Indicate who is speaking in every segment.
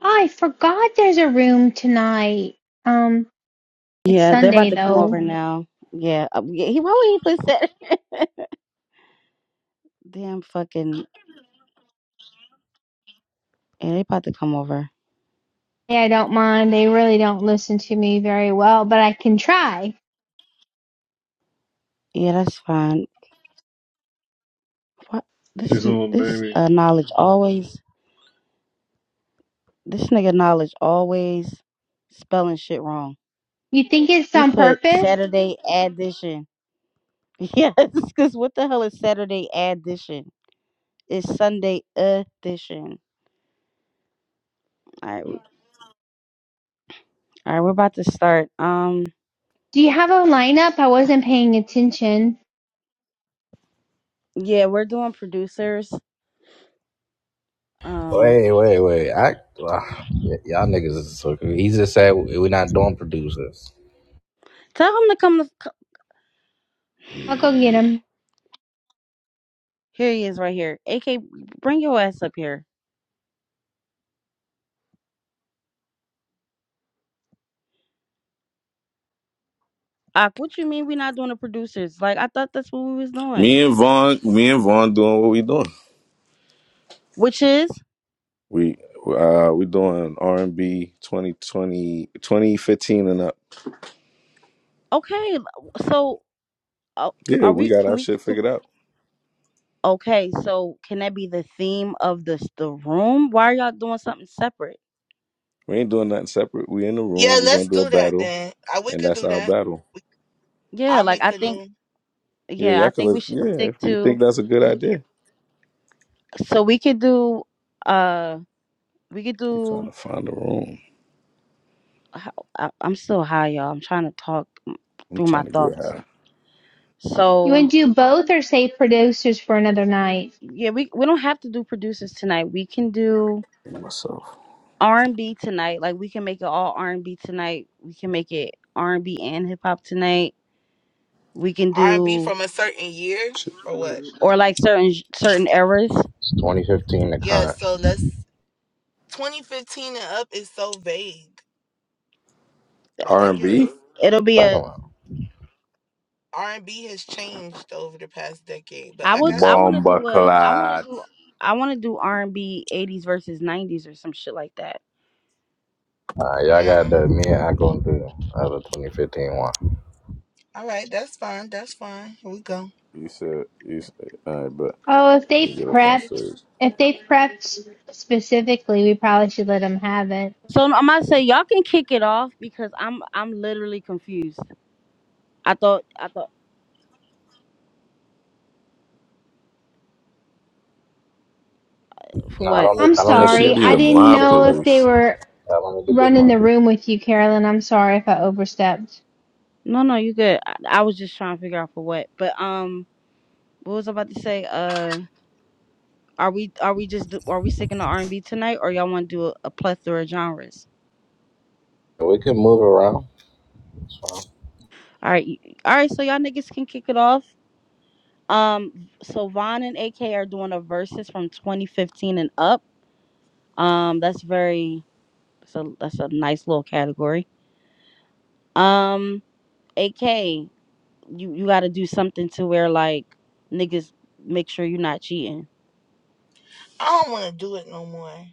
Speaker 1: Oh, I forgot there's a room tonight. Um, it's
Speaker 2: Yeah, they're about
Speaker 1: Sunday
Speaker 2: to come
Speaker 1: though.
Speaker 2: over now. Yeah, uh, yeah he why would he put Saturday? damn fucking yeah, they about to come over.
Speaker 1: Yeah, I don't mind. They really don't listen to me very well, but I can try.
Speaker 2: Yeah, that's fine. What this
Speaker 3: She's a
Speaker 2: n-
Speaker 3: little
Speaker 2: this
Speaker 3: baby.
Speaker 2: uh knowledge always this nigga knowledge always spelling shit wrong.
Speaker 1: You think it's
Speaker 2: He
Speaker 1: on
Speaker 2: put
Speaker 1: purpose?
Speaker 2: Saturday addition. Yes, cause what the hell is Saturday addition? It's Sunday edition. All right, all right, we're about to start. Um,
Speaker 1: Do you have a lineup? I wasn't paying attention.
Speaker 2: yeah, we're doing producers. Um,
Speaker 4: Wait, wait, wait. I, ah, y- y'all niggas is so confused. He just said we're not doing producers.
Speaker 2: tell him to come
Speaker 1: I'll go
Speaker 2: to.
Speaker 1: get 'em.
Speaker 2: Here he is right here. AK, bring your ass up here. Ak, what you mean we not doing the producers? Like I thought that's what we was doing.
Speaker 5: Me and Vaughn, me and Vaughn doing what we doing.
Speaker 2: Which is
Speaker 5: We uh we doing R and B 2020, 2015 and up.
Speaker 2: okay. So uh, c-
Speaker 5: Yeah,
Speaker 2: are
Speaker 5: we
Speaker 2: we?
Speaker 5: got
Speaker 2: Can
Speaker 5: our
Speaker 2: we?
Speaker 5: shit
Speaker 2: Can,
Speaker 5: figured out.
Speaker 2: okay. So can that be the theme of this the room? Why are y'all doing something separate?
Speaker 5: We ain't doing nothing separate. We in the room.
Speaker 6: Yeah,
Speaker 5: we gonna
Speaker 6: let's
Speaker 5: do a
Speaker 6: do that
Speaker 5: battle,
Speaker 6: then. I, we
Speaker 5: and
Speaker 6: could
Speaker 5: that's
Speaker 6: do
Speaker 5: our
Speaker 6: that.
Speaker 5: battle.
Speaker 6: We,
Speaker 2: Yeah.
Speaker 6: I'll
Speaker 2: Like I
Speaker 6: make a
Speaker 2: think.
Speaker 6: new
Speaker 5: Yeah,
Speaker 2: Yeah. I
Speaker 5: y'all can.
Speaker 2: think we
Speaker 5: Listen.
Speaker 2: should
Speaker 5: Yeah,
Speaker 2: stick
Speaker 5: if you
Speaker 2: to.
Speaker 5: think that's a good
Speaker 2: we- if-
Speaker 5: idea,
Speaker 2: So we could do. Uh, we could
Speaker 5: I'm trying
Speaker 2: do.
Speaker 5: to find a room.
Speaker 2: I, I'm still high, y'all. I'm trying to talk
Speaker 5: I'm
Speaker 2: through my
Speaker 5: trying to get
Speaker 2: thoughts.
Speaker 5: high
Speaker 1: You
Speaker 2: So
Speaker 1: want to do both or save producers for another night?
Speaker 2: yeah we we don't have to do producers tonight we can do
Speaker 5: myself.
Speaker 2: r&b tonight like we can make it all r&b tonight we can make it r&b and hip-hop tonight we can
Speaker 6: R and B
Speaker 2: do
Speaker 6: from a certain year
Speaker 5: Shit.
Speaker 6: or what?
Speaker 2: or like certain certain eras
Speaker 4: It's 2015 the
Speaker 6: Yeah,
Speaker 4: current.
Speaker 6: so let's 2015 and up is so vague, but
Speaker 5: R
Speaker 6: I
Speaker 5: and B,
Speaker 6: guess
Speaker 2: it'll be
Speaker 4: Talking
Speaker 2: a
Speaker 4: about.
Speaker 6: R and B has changed over the past decade. But
Speaker 2: i
Speaker 6: I
Speaker 2: would
Speaker 6: got
Speaker 2: i
Speaker 6: you.
Speaker 2: want to
Speaker 5: bomba
Speaker 2: do a i want to
Speaker 5: clad.
Speaker 2: do i want to do r&b 80s versus 90s or some shit like that
Speaker 4: Nah, y'all got
Speaker 6: Mm.
Speaker 4: the me and I going through the other 2015 one.
Speaker 6: All right, that's fine. That's fine. Here we go.
Speaker 5: You said you said. All right, but
Speaker 1: Oh, if they
Speaker 5: we get up on
Speaker 1: prepped,
Speaker 5: stage.
Speaker 1: if they prepped specifically, we probably should let 'em have it.
Speaker 2: so i'm gonna say y'all can kick it off because i'm i'm literally confused i thought i thought for
Speaker 4: Nah, I
Speaker 2: what
Speaker 4: don't need.
Speaker 1: I'm
Speaker 4: I don't
Speaker 5: Yeah,
Speaker 4: need to
Speaker 5: she
Speaker 4: be
Speaker 1: sorry.
Speaker 5: be
Speaker 1: I
Speaker 5: the
Speaker 4: mindful.
Speaker 1: didn't
Speaker 4: I'm
Speaker 5: mob
Speaker 4: just
Speaker 1: know if
Speaker 4: chilling.
Speaker 1: they
Speaker 5: police.
Speaker 1: were
Speaker 4: I don't need to be
Speaker 1: running the
Speaker 4: mindful.
Speaker 1: room with you, Carolyn. I'm sorry if I overstepped.
Speaker 2: no no you good I, I was just trying to figure out for what but um What was I about to say? Uh, are we are we just do, are we sticking to R and B tonight, or y'all want to do a, a plethora of genres?
Speaker 4: We can move around. It's fine.
Speaker 2: All right, all right. So y'all niggas can kick it off. Um, so Von and AK are doing a verses from 2015 and up. Um, that's very that's a that's a nice little category. Um, AK, you you got to do something to where like niggas make sure you're not cheating.
Speaker 6: I don't want to do it no more.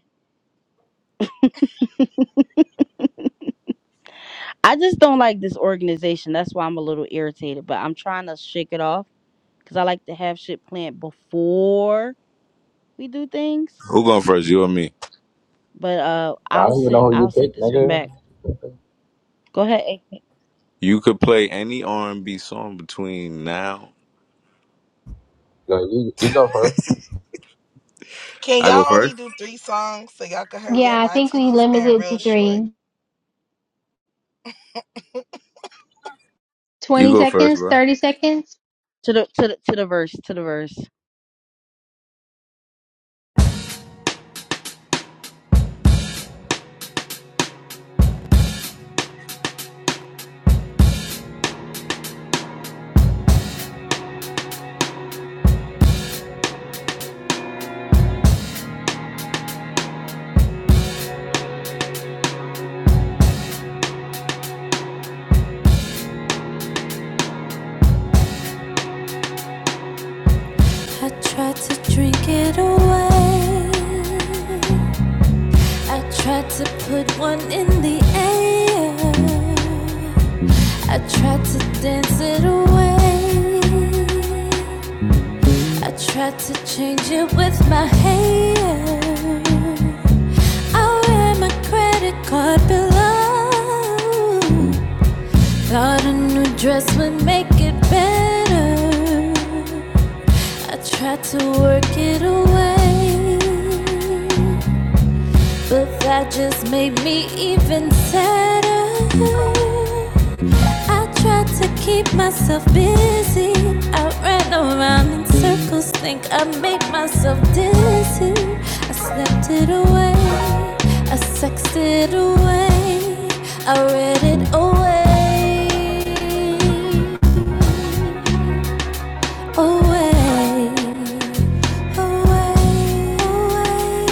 Speaker 2: I just don't like this organization. That's why I'm a little irritated, but I'm trying to shake it off because I like to have shit planned before we do things.
Speaker 5: Who going first? You or me?
Speaker 2: But uh,
Speaker 4: I
Speaker 2: I'll
Speaker 4: don't even
Speaker 2: sit.
Speaker 4: know who you
Speaker 2: I'll sit
Speaker 4: picked,
Speaker 2: this one back.
Speaker 4: nigga.
Speaker 2: Go ahead AK.
Speaker 5: You could play any R and B song between now.
Speaker 4: Go, you, you go first.
Speaker 6: Can
Speaker 5: I go
Speaker 6: y'all only
Speaker 5: first.
Speaker 6: do three songs so y'all can hurry
Speaker 1: Yeah,
Speaker 6: up?
Speaker 1: I
Speaker 6: My
Speaker 1: think we
Speaker 6: attention span
Speaker 1: limited to
Speaker 6: real short.
Speaker 1: three.
Speaker 5: You
Speaker 1: 20
Speaker 5: go first,
Speaker 1: seconds,
Speaker 5: bro.
Speaker 1: 30 seconds.
Speaker 2: to the to the to the verse to the verse.
Speaker 7: I tried to drink it away. I tried to put one in the air. I tried to dance it away. I tried to change it with my hair. I wear my credit card below. Thought a new dress would make it better. I tried to work it away, but that just made me even sadder. I tried to keep myself busy. I ran around in circles, think I made myself dizzy. I slept it away, I sexed it away, I read it away away, away, away, away,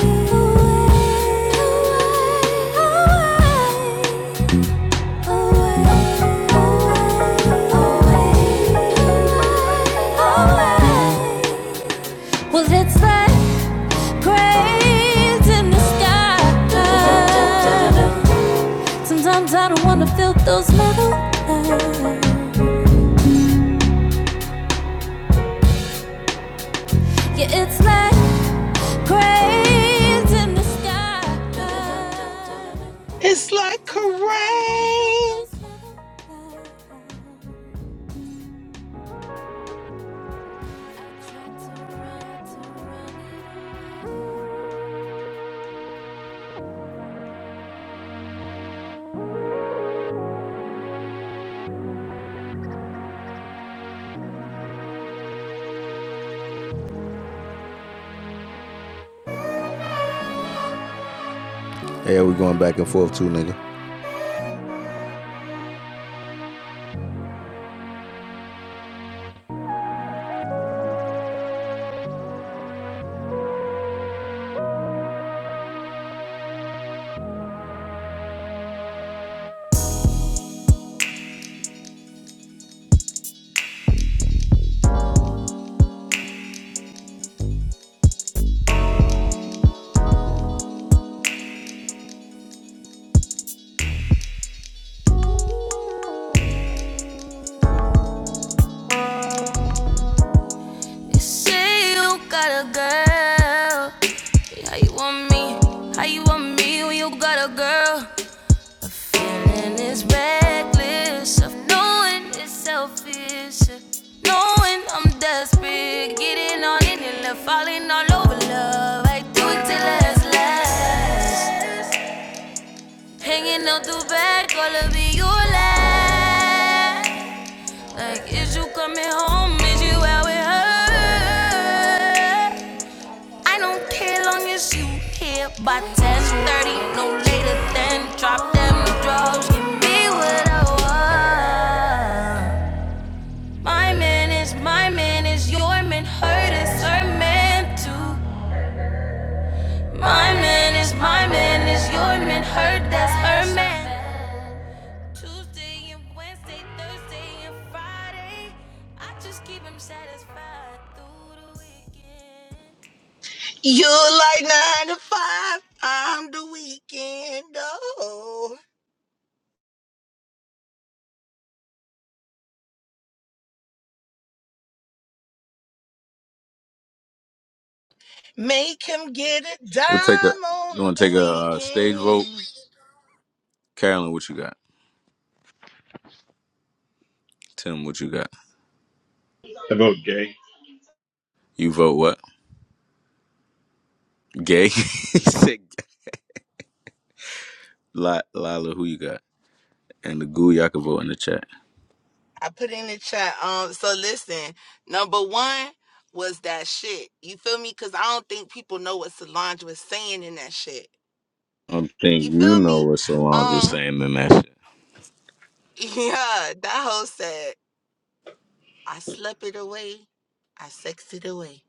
Speaker 7: away. Well, it's that craze in the sky. Sometimes I don't wanna feel those metal eyes. Yeah, it's like. Cranes in the sky.
Speaker 6: It's like
Speaker 7: Sometimes I don't wanna feel
Speaker 6: rain.
Speaker 7: those feelings. I Yeah, we going back and forth too, nigga. You say you got a girl. How you want me? How you want me when you got a girl? Feeling is reckless of knowing it's selfish. Knowing I'm desperate, getting on it and love, falling all over love. I do it till it's last. Hanging out the back, all of it, you last. Like, is you coming home? Is you out with her? I don't care long as you here by 10:30, no later than drop them drugs. Give me what I want. My man is my man is your man. Hurt is her man too. My man is my man is your man. Hurt that's her man. Tuesday and Wednesday, Thursday and Friday, I just keep him satisfied through the weekend.
Speaker 6: You
Speaker 7: You
Speaker 6: like
Speaker 7: like
Speaker 6: nine to
Speaker 7: nine to
Speaker 6: five,
Speaker 7: five.
Speaker 6: I'm the weekend. Oh, make him get a dime
Speaker 5: We'll take a. You
Speaker 6: on
Speaker 5: want to
Speaker 6: the
Speaker 5: take a uh, stage vote?
Speaker 6: weekend.
Speaker 5: Carolyn, what you got? Tim, what you got?
Speaker 3: About gay.
Speaker 5: You vote what? Gay. He said gay. Li- Lila, who you got? And the goo, y'all can vote in the chat.
Speaker 6: I put in the chat. Um, so listen, number one was that shit. You feel me? Cause I don't think people know what Solange was saying in that shit.
Speaker 5: I don't think
Speaker 6: You
Speaker 5: you
Speaker 6: feel
Speaker 5: know
Speaker 6: me?
Speaker 5: what Solange was
Speaker 6: Um,
Speaker 5: saying in that shit.
Speaker 6: yeah, that hoe said, I slept it away, I sexed it away,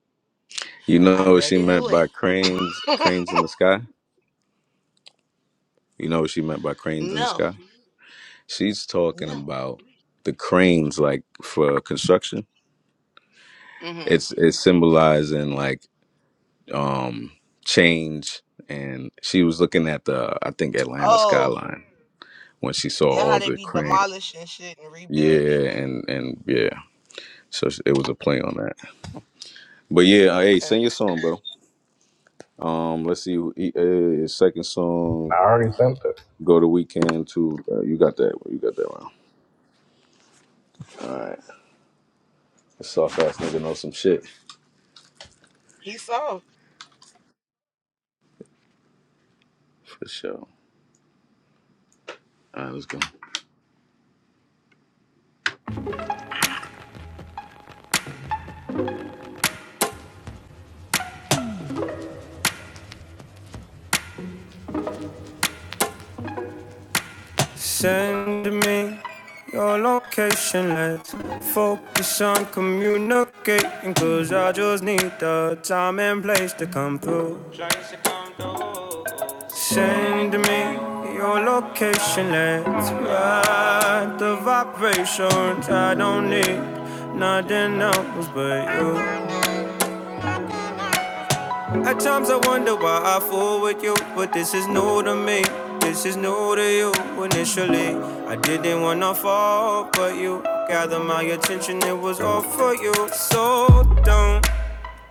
Speaker 5: You
Speaker 6: I
Speaker 5: know what
Speaker 6: read
Speaker 5: she
Speaker 6: it
Speaker 5: meant
Speaker 6: away.
Speaker 5: by cranes, cranes in the sky. You know what she meant by cranes in the
Speaker 6: No,
Speaker 5: sky. She's talking
Speaker 6: no.
Speaker 5: about the cranes, like for construction
Speaker 6: Mm-hmm.
Speaker 5: it's it's symbolizing like um change and she was looking at the i think atlanta
Speaker 6: Oh.
Speaker 5: skyline when she saw
Speaker 6: Yeah, how
Speaker 5: all
Speaker 6: they
Speaker 5: the
Speaker 6: be
Speaker 5: crane
Speaker 6: demolishing shit and rebuilding
Speaker 5: yeah and
Speaker 6: and
Speaker 5: and yeah so it was a play on that but yeah uh, hey
Speaker 6: okay.
Speaker 5: sing your song bro um let's see e- uh, his second
Speaker 4: I
Speaker 5: song
Speaker 4: already sent it.
Speaker 5: go to weekend to uh, you got that you got that round all right let's talk fast nigga know some shit
Speaker 6: He saw.
Speaker 5: for sure all right let's go
Speaker 7: Send me your location, let's focus on communicating. Cause I just need the time and place to come through. Send me your location, let's ride the vibrations. I don't need nothing else but you. At times I wonder why I fool with you, but this is new to me. This is new to you initially. I didn't wanna fall, but you gathered my attention, it was all for you. So don't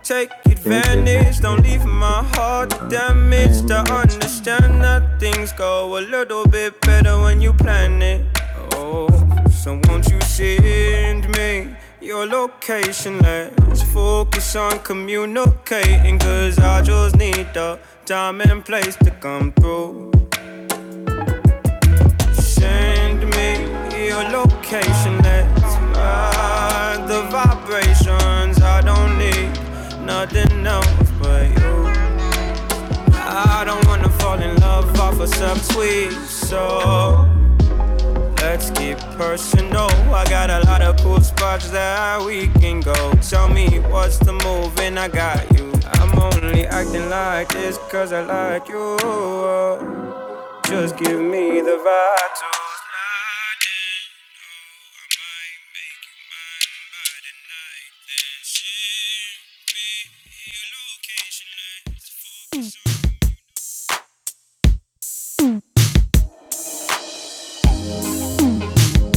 Speaker 7: Take
Speaker 5: Take
Speaker 7: advantage, don't
Speaker 5: advantage,
Speaker 7: leave
Speaker 5: don't take
Speaker 7: my
Speaker 5: my
Speaker 7: heart
Speaker 5: love,
Speaker 7: damaged.
Speaker 5: man,
Speaker 7: I
Speaker 5: man.
Speaker 7: understand that things go a little bit better when you plan it. Oh, so won't you send me your location? Let's focus on communicating, cause I just need the time and place to come through. Send me your location, let's ride the vibrations. I don't need nothing else but you. I don't wanna fall in love off a subtweet, so let's get personal. I got a lot of cool spots that we can go. Tell me what's the move, and I got you. I'm only acting like this cause I like you. Just give me the vibe to slide in. Oh, I might make you mine by the night, then ship me. You look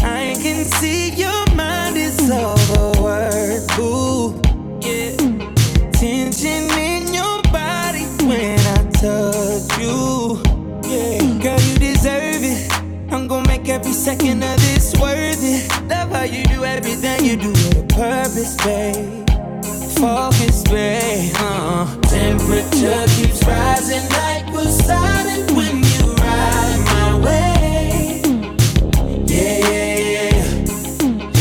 Speaker 7: I can see your mind is overworked. Ooh, yeah. Tension in your body when I touch you. Girl, you deserve it. I'm gonna make every second of this worth it. Love how you do everything you do with a purpose, babe. Focus, babe. Uh-uh. Temperature keeps rising like we're silent when you ride my way. Yeah, yeah, yeah.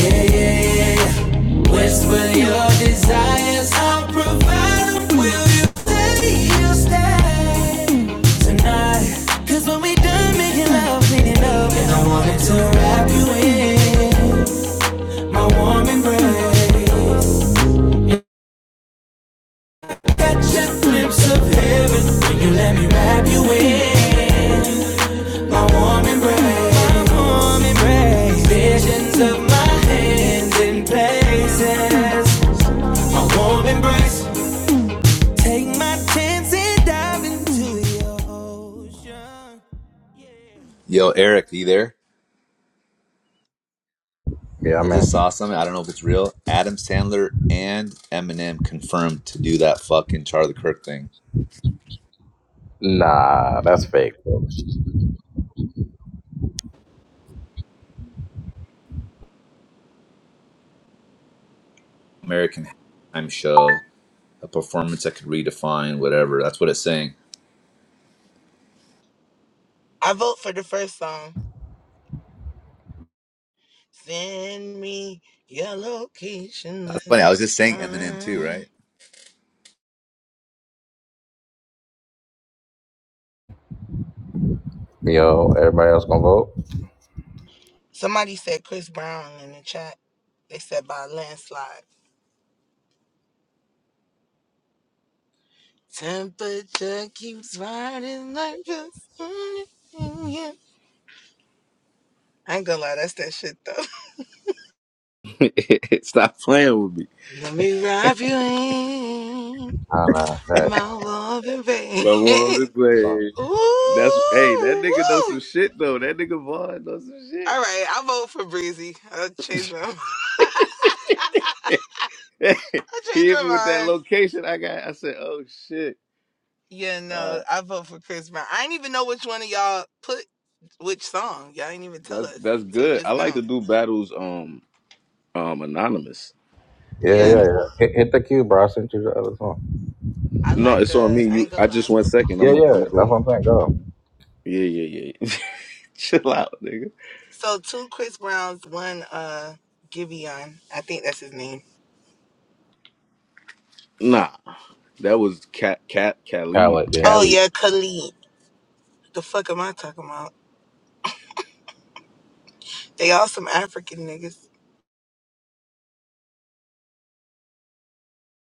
Speaker 7: Yeah, yeah, yeah, yeah. Whisper your desires, I'll provide them. Will you stay? You'll stay tonight. Cause when we done making love, cleaning up, and I wanted to wrap you in my warm embrace. Catch a glimpse of heaven when you let me wrap you in my warm embrace. My warm embrace. Visions of my hands in places. My warm embrace. Take my chance and dive into your ocean.
Speaker 8: Yo, Eric, you there?
Speaker 4: Yeah,
Speaker 8: I just saw
Speaker 4: man.
Speaker 8: something. I don't know if it's real. Adam Sandler and Eminem confirmed to do that fucking Charlie Kirk thing.
Speaker 4: Nah, that's fake.
Speaker 8: American Halftime Show, a performance that could redefine whatever. That's what it's saying.
Speaker 6: I vote for the first song. Send me your location
Speaker 8: That's funny.
Speaker 6: list.
Speaker 8: I was just saying Eminem too,
Speaker 6: Uh,
Speaker 8: right?
Speaker 4: Yo, everybody else gonna vote?
Speaker 6: Somebody said Chris Brown in the chat. They said by a landslide. Temperature keeps rising like the sun. in here. I ain't gonna lie, that's that shit though.
Speaker 5: Stop playing with me.
Speaker 6: Let me wrap you in
Speaker 4: I don't know. Hey.
Speaker 6: my love and pain.
Speaker 5: My woman be playing.
Speaker 6: Ooh,
Speaker 5: That's hey, that nigga know
Speaker 6: woo.
Speaker 5: some shit though. That nigga Vaughn knows some
Speaker 6: All
Speaker 5: shit.
Speaker 6: right, I vote for Breezy. I changed my I
Speaker 5: he
Speaker 6: changed
Speaker 5: hit
Speaker 6: my
Speaker 5: me with that
Speaker 6: mind.
Speaker 5: location. I got. I said, oh shit.
Speaker 6: Yeah,
Speaker 5: All
Speaker 6: no,
Speaker 5: right,
Speaker 6: I vote for Chris Brown. I didn't even know which one of y'all put which song. Y'all didn't even tell
Speaker 5: that's
Speaker 6: us.
Speaker 5: that's
Speaker 6: So
Speaker 5: good. I
Speaker 6: just
Speaker 5: like to
Speaker 6: now.
Speaker 5: do battles um um anonymous.
Speaker 4: Yeah,
Speaker 5: Where
Speaker 6: Yeah.
Speaker 4: yeah,
Speaker 5: we,
Speaker 4: yeah. Hit, hit the cue, bro. I sent you the other song.
Speaker 6: I
Speaker 5: no,
Speaker 6: like
Speaker 5: it's on
Speaker 6: uh
Speaker 5: me.
Speaker 6: I
Speaker 5: You,
Speaker 6: ain't gonna
Speaker 5: I
Speaker 6: lie, I
Speaker 5: just went
Speaker 6: vote for
Speaker 5: second. I'm
Speaker 4: Yeah,
Speaker 6: Chris
Speaker 5: gonna
Speaker 4: yeah.
Speaker 5: I'm
Speaker 6: Brown.
Speaker 5: gonna go.
Speaker 4: That's what I'm saying. Go.
Speaker 5: Yeah, yeah, yeah. Chill out, nigga.
Speaker 6: So two Chris Browns, one uh Giveon. I think that's his name.
Speaker 5: Nah, that was cat cat Khalid
Speaker 4: Khaled, yeah.
Speaker 6: Oh
Speaker 5: Khalid.
Speaker 6: yeah, Khalid. The fuck am I talking about? They all some African niggas.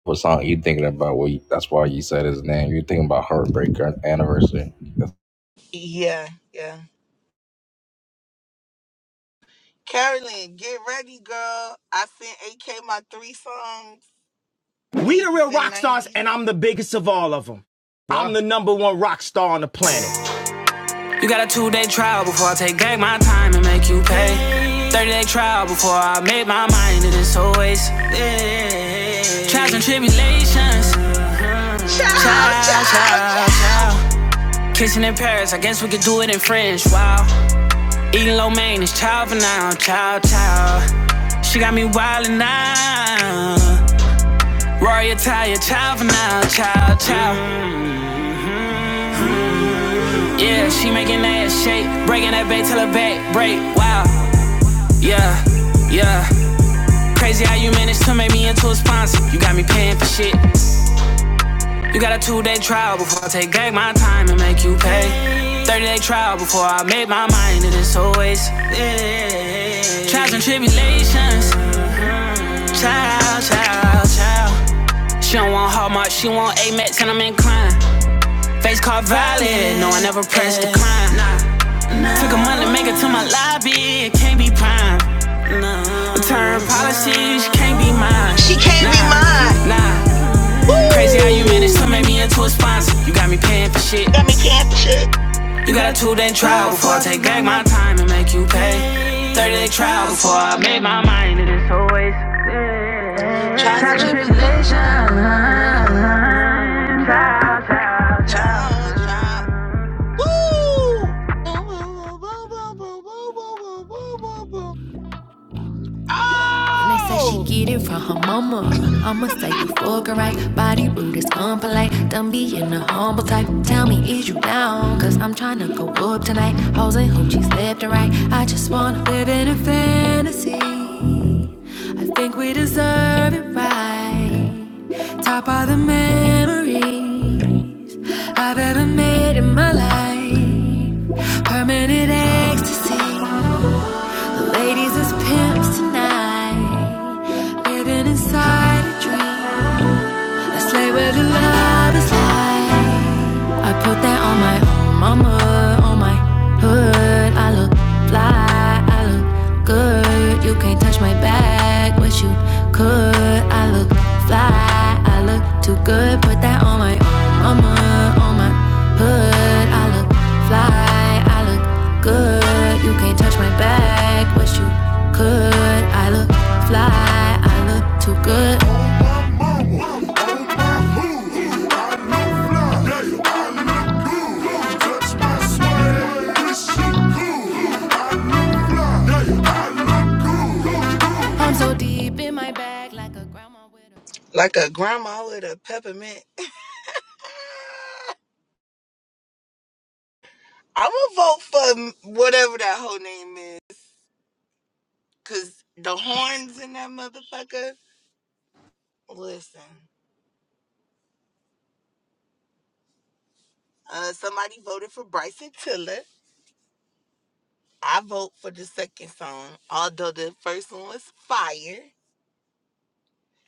Speaker 4: What song you thinking about? Well, you, that's why you said his name. you thinking about Heartbreak An- Anniversary.
Speaker 6: Yeah, yeah. Carolyn, get ready, girl. I sent AK my three songs,
Speaker 7: We the real
Speaker 6: 80s and
Speaker 7: rock stars,
Speaker 6: 90s.
Speaker 7: and I'm the biggest of all of them. I'm the number one rock star on the planet. You got a two day trial before I take back my time and make you pay. 30 day trial before I make my mind, and it's always yeah. trials and tribulations.
Speaker 6: Ciao,
Speaker 7: Child,
Speaker 6: ciao,
Speaker 7: child,
Speaker 6: ciao.
Speaker 7: child. Kissing in Paris, I guess we could do it in French. Wow. Eating lo mein is child for now. Child, child. She got me wildin' now. Rory Italia, child for now, child, child. Yeah, she making that ass shake, breaking that back till her back break. Wow, yeah, yeah. Crazy how you managed to make me into a sponsor. You got me paying for shit. You got a two-day trial before I take back my time and make you pay. 30-day trial before I make my mind to this always. yeah. Trials and tribulations, child, child, child. She don't want hard mark, she want Amex, and I'm inclined. Face card valid, no, I never pressed decline. Took a month to make it to my lobby, it can't be prime. Return policies can't be mine.
Speaker 6: She can't be mine.
Speaker 7: Nah, nah. Crazy how you managed to
Speaker 6: Woo!
Speaker 7: make me into a sponsor. You got me paying for shit.
Speaker 6: Got me paying for shit.
Speaker 7: You got a two day trial before I take back my time and make you pay. 30 day trial before I make my
Speaker 6: Trials and tribulations. Ciao, ciao. Woo!
Speaker 7: When they say she
Speaker 6: Oh!
Speaker 7: get it from her mama, I'ma say you fucking right. Body rude is unpolite. Done being a humble type. Tell me, is you down? Cause I'm tryna go up tonight. Hoes and hoochies left and right. I just wanna live in a fantasy. I think we deserve it right. Top all the memories I've ever made in my life. Permanent ecstasy ladies as pimps tonight, living inside a dream. I slay where the light is light. I put that on my mama, on my hood. I look fly, I look good. You can't touch my bag, but you could. I look fly, I look too good. Put that on my mama, on my hood. I look fly, I look good. You can't touch my bag, but you could. I look fly, I look too good. I'm so deep in my bag, like.
Speaker 6: Like a grandma with a peppermint. I'm gonna vote for whatever that whole name is. Cause the horns in that motherfucker. Listen, uh, somebody voted for Bryson Tiller. I vote for the second song, although the first one was fire.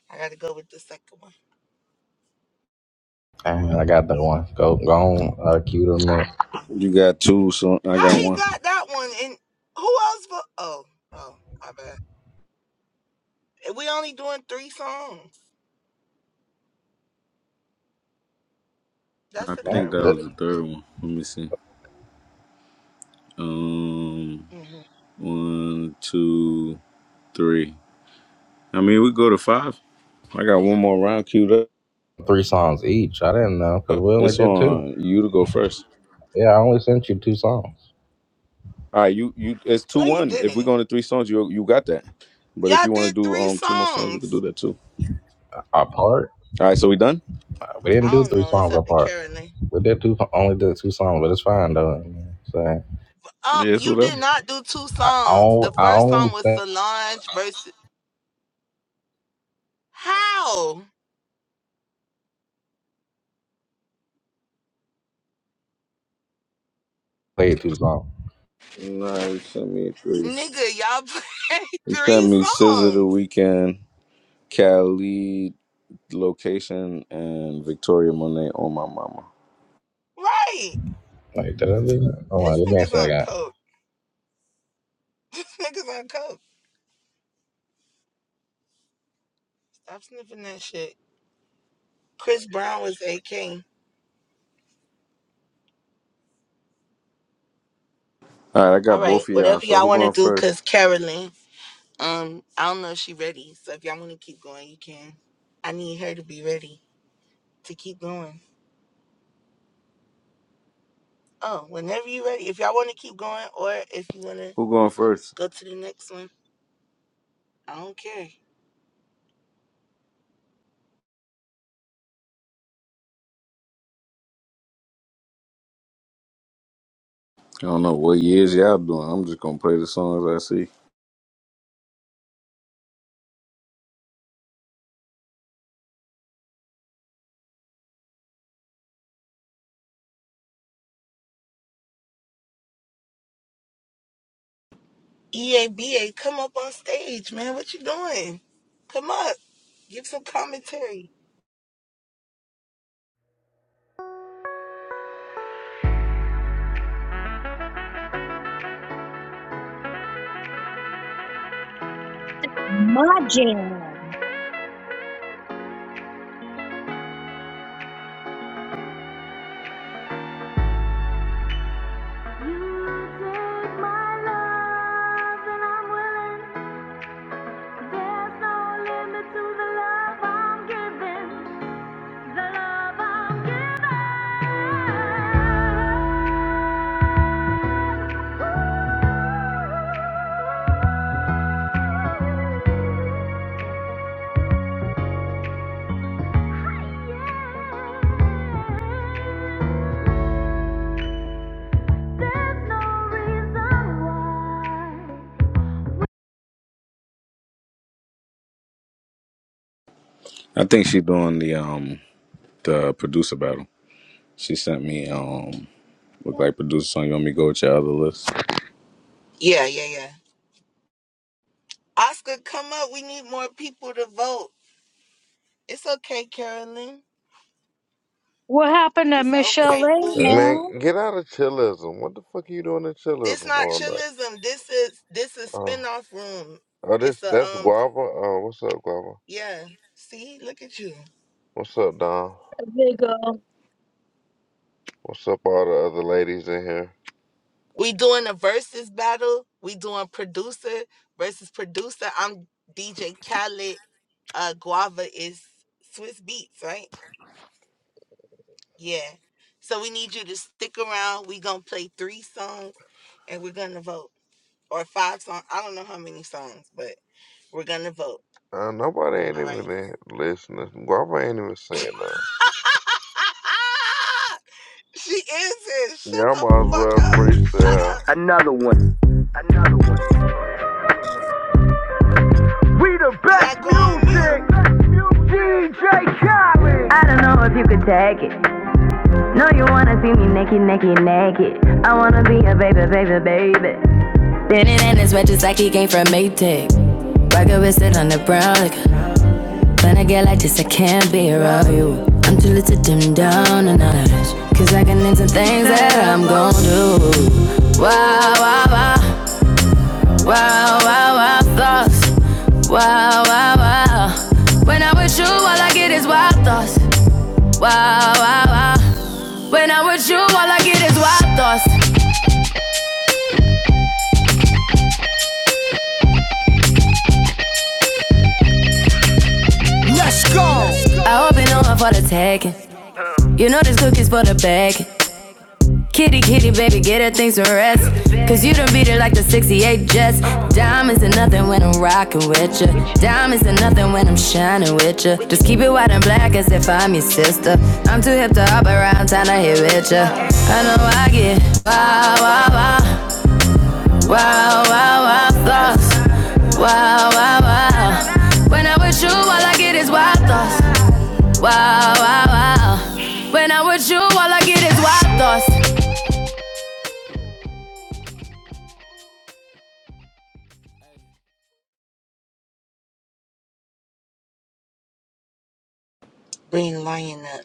Speaker 6: I gotta go with the second one.
Speaker 4: And I got that one. Go, go on. Uh, cue them in.
Speaker 5: You got two, so I
Speaker 6: How
Speaker 5: got
Speaker 6: he
Speaker 5: one.
Speaker 6: got that one and who else? Vo- oh, oh, I bet. And We only doing three songs. That's
Speaker 5: I
Speaker 6: the
Speaker 4: No,
Speaker 5: think
Speaker 6: third
Speaker 5: that
Speaker 4: that,
Speaker 6: one.
Speaker 5: was the third one. Let me see. Um,
Speaker 6: hmm
Speaker 5: one, two, three. I mean, we go to five. I got one more round queued up.
Speaker 4: three songs each. I didn't know because we only
Speaker 5: It's
Speaker 4: did two.
Speaker 5: on you to go first.
Speaker 4: Yeah, I only sent you two songs
Speaker 5: All right, you you. It's two
Speaker 6: No, you
Speaker 5: one. If we're
Speaker 6: didn't.
Speaker 5: going to three songs, you you got that. But if
Speaker 6: Y'all
Speaker 5: you want to
Speaker 6: did
Speaker 5: do
Speaker 6: three
Speaker 5: um two more songs, we can do
Speaker 6: songs.
Speaker 5: that too.
Speaker 4: apart.
Speaker 5: All right, so we done.
Speaker 4: We didn't
Speaker 6: I
Speaker 4: do
Speaker 6: don't
Speaker 4: three
Speaker 6: know. It's
Speaker 4: songs
Speaker 6: up to
Speaker 4: apart.
Speaker 6: Carolyn.
Speaker 4: We did two. Only did two songs, but it's fine though. So
Speaker 6: Um,
Speaker 5: Yes,
Speaker 6: you
Speaker 5: whatever.
Speaker 6: did not do two
Speaker 4: I, I
Speaker 6: songs.
Speaker 4: only
Speaker 6: The
Speaker 4: I
Speaker 6: first
Speaker 4: only
Speaker 6: song was
Speaker 4: sent-
Speaker 6: Solange versus How?
Speaker 4: played two songs.
Speaker 5: Nah, you sent me three.
Speaker 6: Nigga, y'all play
Speaker 5: You sent
Speaker 6: three
Speaker 5: me Scissor the
Speaker 6: songs.
Speaker 5: Weekend, Cali location, and Victoria Monet on my mama.
Speaker 6: Right.
Speaker 4: Like, da, da, da. da. Hold on,
Speaker 6: This
Speaker 4: let me
Speaker 6: nigga's
Speaker 4: answer that
Speaker 6: on
Speaker 4: guy.
Speaker 6: coke. This nigga's on coke. Stop sniffing that shit. Chris Brown was AK.
Speaker 5: All right, I
Speaker 6: All
Speaker 5: got
Speaker 6: right,
Speaker 5: both of y'all.
Speaker 6: whatever
Speaker 5: So
Speaker 6: y'all
Speaker 5: who
Speaker 6: want to
Speaker 5: going
Speaker 6: do,
Speaker 5: first?
Speaker 6: because Carolyn, um, I don't know if she ready. So if y'all want to keep going, you can. I need her to be ready to keep going. Oh, whenever you ready. If y'all want to keep going or if you want to
Speaker 5: Who going first?
Speaker 6: go to the next one, I don't care.
Speaker 5: I don't know what years y'all doing. I'm just gonna play the songs I see.
Speaker 6: EABA, come up on stage, man. What you doing? Come up. Give some commentary.
Speaker 9: My jam.
Speaker 5: I think she doing the um the producer battle. She sent me um look like producer song. You want me to go with your other list?
Speaker 6: Yeah, yeah, yeah. Oscar, come up. We need more people to vote. It's okay, Carolyn.
Speaker 9: What happened to
Speaker 6: It's
Speaker 9: Michelle
Speaker 6: okay,
Speaker 9: A,
Speaker 6: boo boo.
Speaker 10: Man,
Speaker 9: man?
Speaker 10: get out of chillism. What the fuck are you doing in
Speaker 6: It's
Speaker 10: chillism
Speaker 6: not
Speaker 10: all night?
Speaker 6: chillism. This is this is
Speaker 10: Uh,
Speaker 6: spinoff room.
Speaker 10: oh, this
Speaker 6: It's a
Speaker 10: that's
Speaker 6: um
Speaker 10: Guava. Uh, what's up, Guava?
Speaker 6: yeah. See, look at you.
Speaker 10: What's up, Don?
Speaker 9: They go,
Speaker 10: What's up, all the other ladies in here?
Speaker 6: We doing a versus battle. We doing producer versus producer. I'm DJ Khaled. Uh Guava is Swiss Beats, right? Yeah. So we need you to stick around. We're going to play three songs and we're going to vote. Or five songs. I don't know how many songs, but we're going to vote.
Speaker 10: Uh, nobody ain't
Speaker 6: All
Speaker 10: even
Speaker 6: right.
Speaker 10: in listening. Guava ain't even saying nothing.
Speaker 6: she is it. Shut
Speaker 10: Yeah, I
Speaker 6: the
Speaker 10: might as well
Speaker 6: fuck up. Shut
Speaker 10: freestyle.
Speaker 6: up. You got to go on mute.
Speaker 7: I don't know if you could take it. No, you wanna see me naked, naked, naked. I wanna be a baby, baby, baby. Spinning in his wedges like he came from Maytag. Rocket with it on the brown. Like, when I get like this, I can't be around you. I'm too little to dim down and honest. Cause I can into things that I'm gon' do. Wow, wow, wow. Wow, wow, wow, thoughts. Wow, wow, wow. When I'm with you, all I get is wild thoughts. Wow, wow, wow. When I'm with you, all I get is wild thoughts. Let's go. I hope you know I'm for the taking. You know this cookie's for the bag. Kitty, kitty, baby, get her things to rest. Cause you done beat it like the 68 Jets. Diamonds are nothing when I'm rocking with ya. Diamonds are nothing when I'm shining with ya. Just keep it white and black as if I'm your sister. I'm too hip to hop around, time to hit with ya. I know I get wow, wow, wow, wow, wow, wow, thoughts. Wow, wow, wow. When I'm with you, all I get is wild thoughts. Wow, wow, wow. When I'm with you, all I get is wild thoughts.
Speaker 6: Bring Lion up.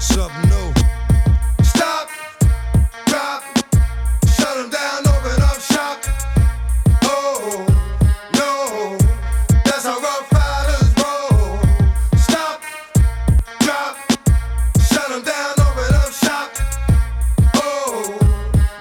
Speaker 7: Something stop. drop. Shut 'em down, open up shop. Oh, no. That's how rough riders roll. Stop, drop. Shut 'em down, open up shop. Oh,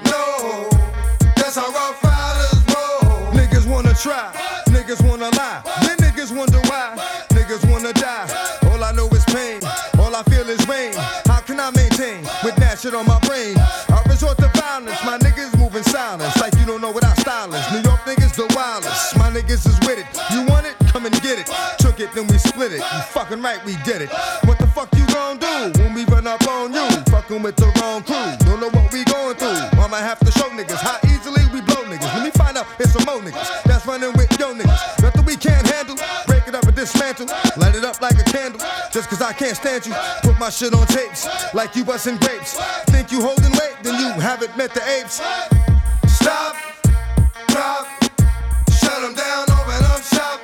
Speaker 7: no, that's how our fathers roll. Niggas wanna try, What? niggas wanna lie, what? then niggas wonder why, what? niggas wanna die. what? All I know is pain, what? all I feel is rain. what? How can I maintain what? with that shit on my brain? what? I resort to violence, what? my niggas moving silence, what? like you don't know what I style is. New York New York niggas the wildest. My niggas is with it. You want it? Come and get it. Took it, then we split it. You fucking right, we did it. What the fuck you gon' do when we run up on you? Fucking with the wrong crew. Don't know what we going through. I'ma have to show niggas how easily we blow niggas. Let me find out if some more niggas that's running with yo niggas. Nothing we can't handle. Break it up and dismantle. Light it up like a candle. Just cause I can't stand you. Put my shit on tapes like you bustin' grapes. Think you holding weight? Then you haven't met the apes. Stop drop. Shut 'em down, open up shop.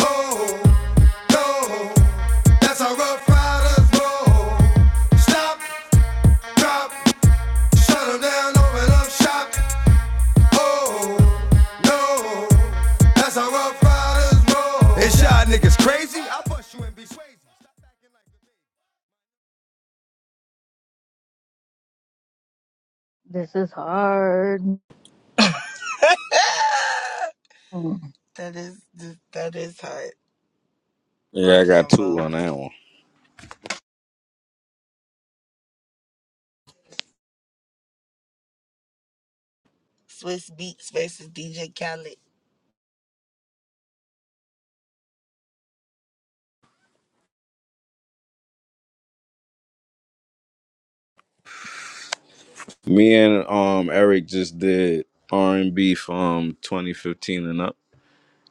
Speaker 7: Oh, no. That's how Rough Riders roll. Stop, drop. Shut 'em down, open up shop. Oh, no. That's how Rough Riders roll. It's y'all niggas crazy? I bust you and be crazy. Stop acting like.
Speaker 9: this is hard. Mm.
Speaker 6: That is, that is hard. I
Speaker 5: Yeah, I got
Speaker 6: can't
Speaker 5: two
Speaker 6: vote.
Speaker 5: on that one.
Speaker 6: Swiss Beats versus DJ Khaled.
Speaker 5: Me and um Eric just did R and B from 2015 and up,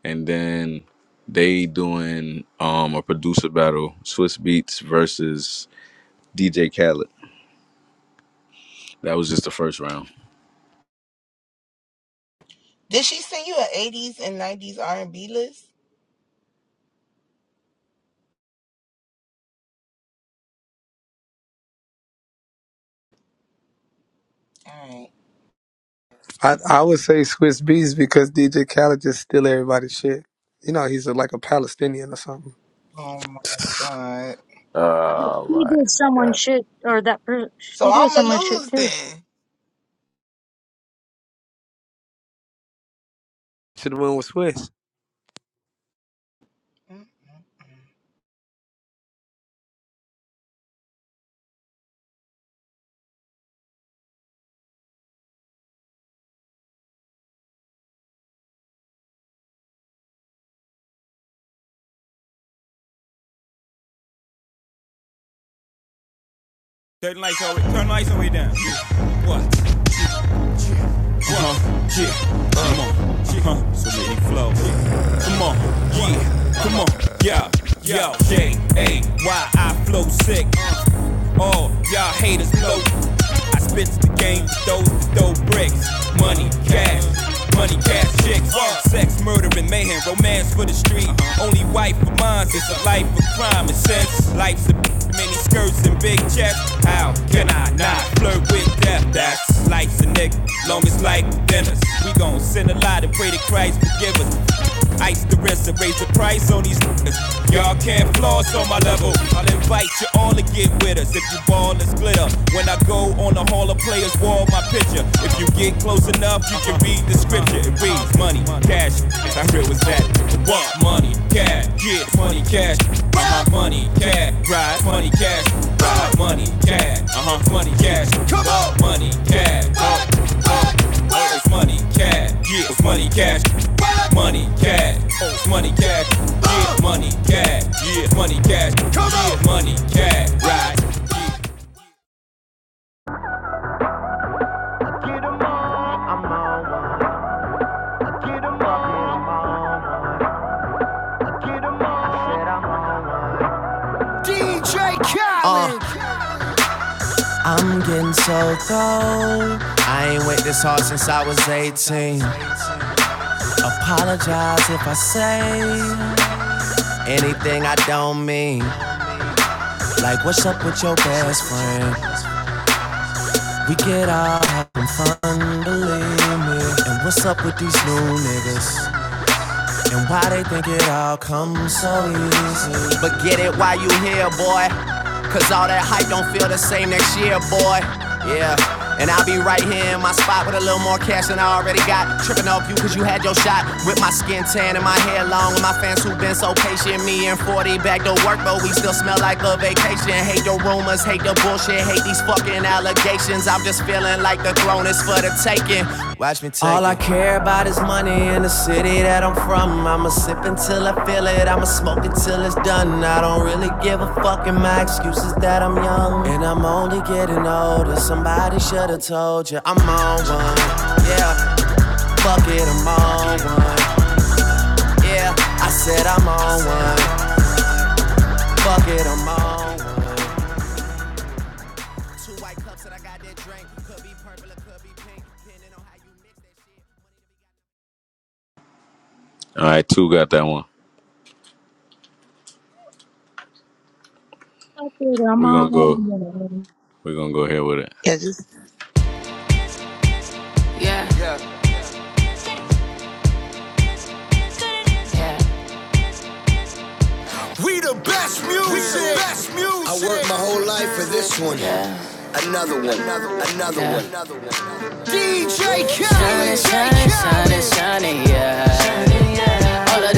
Speaker 5: and then they doing um a producer battle, Swiss Beats versus DJ Khaled. That was just the first round.
Speaker 6: Did she send you an 80s and 90s R&B list? All right.
Speaker 11: I, I would say Swiss Beats because DJ Khaled just steal everybody's shit. You know, he's a, like a Palestinian or something.
Speaker 6: Oh my God.
Speaker 9: But
Speaker 5: All
Speaker 9: she
Speaker 5: right.
Speaker 9: did someone
Speaker 5: Got it.
Speaker 9: shit, or that per-
Speaker 6: So
Speaker 9: she did
Speaker 6: I'ma
Speaker 9: someone shit
Speaker 6: lose
Speaker 9: too.
Speaker 6: then.
Speaker 11: Should have went with Swiss.
Speaker 7: Come on, baby. What can I say? Ice the rest and raise the price on these niggas. Y'all can't floss on my level. I'll invite you all to get with us if you ball is glitter. When I go on the Hall of Players wall, my picture. If you get close enough, you can read the scripture. It reads money, cash. How real was that? What money, cash, get money, cash. Uh-huh. Money, cash, ride money, cash. Ride money, cash. Uh-huh. Money, cash. Come on, money, cash. Uh, uh, uh, it's money, cash. Get it's money, cash. Money cash, oh, money cash, yeah, money cash, yeah, money cash, yeah, money cash. I'm getting so cold. I ain't went this hard since I was 18. Apologize if I say anything I don't mean. Like, what's up with your best friend? We get out having fun, believe me. And what's up with these new niggas? And why they think it all comes so easy? But get it while you here, boy. Cause all that hype don't feel the same next year, boy. Yeah. And I'll be right here in my spot with a little more cash than I already got. Tripping off you cause you had your shot. With my skin tan and my hair long. With my fans who've been so patient. Me and 40 back to work, but we still smell like a vacation. Hate the rumors, hate the bullshit, hate these fucking allegations. I'm just feeling like the throne is for the taking. All I care about is money in the city that I'm from. I'ma sip until I feel it, I'ma smoke it till it's done. I don't really give a fuck, and my excuse is that I'm young. And I'm only getting older, somebody should've told you I'm on one. Yeah, fuck it, I'm on one. Yeah, I said I'm on one. Fuck it, I'm on one. Two white cups that I got that drink, could be purple, it could be pink, depending on how you mix that
Speaker 5: All right, two got that one.
Speaker 9: Fuck it, I'm
Speaker 5: We're gonna
Speaker 9: on.
Speaker 5: go.
Speaker 9: man.
Speaker 5: We're gonna go here with it.
Speaker 6: Yeah, just
Speaker 7: shit. Yeah. Yeah. Yeah. I worked my whole life for this one. Another one, another one, another one, another one. This shine, shine, shine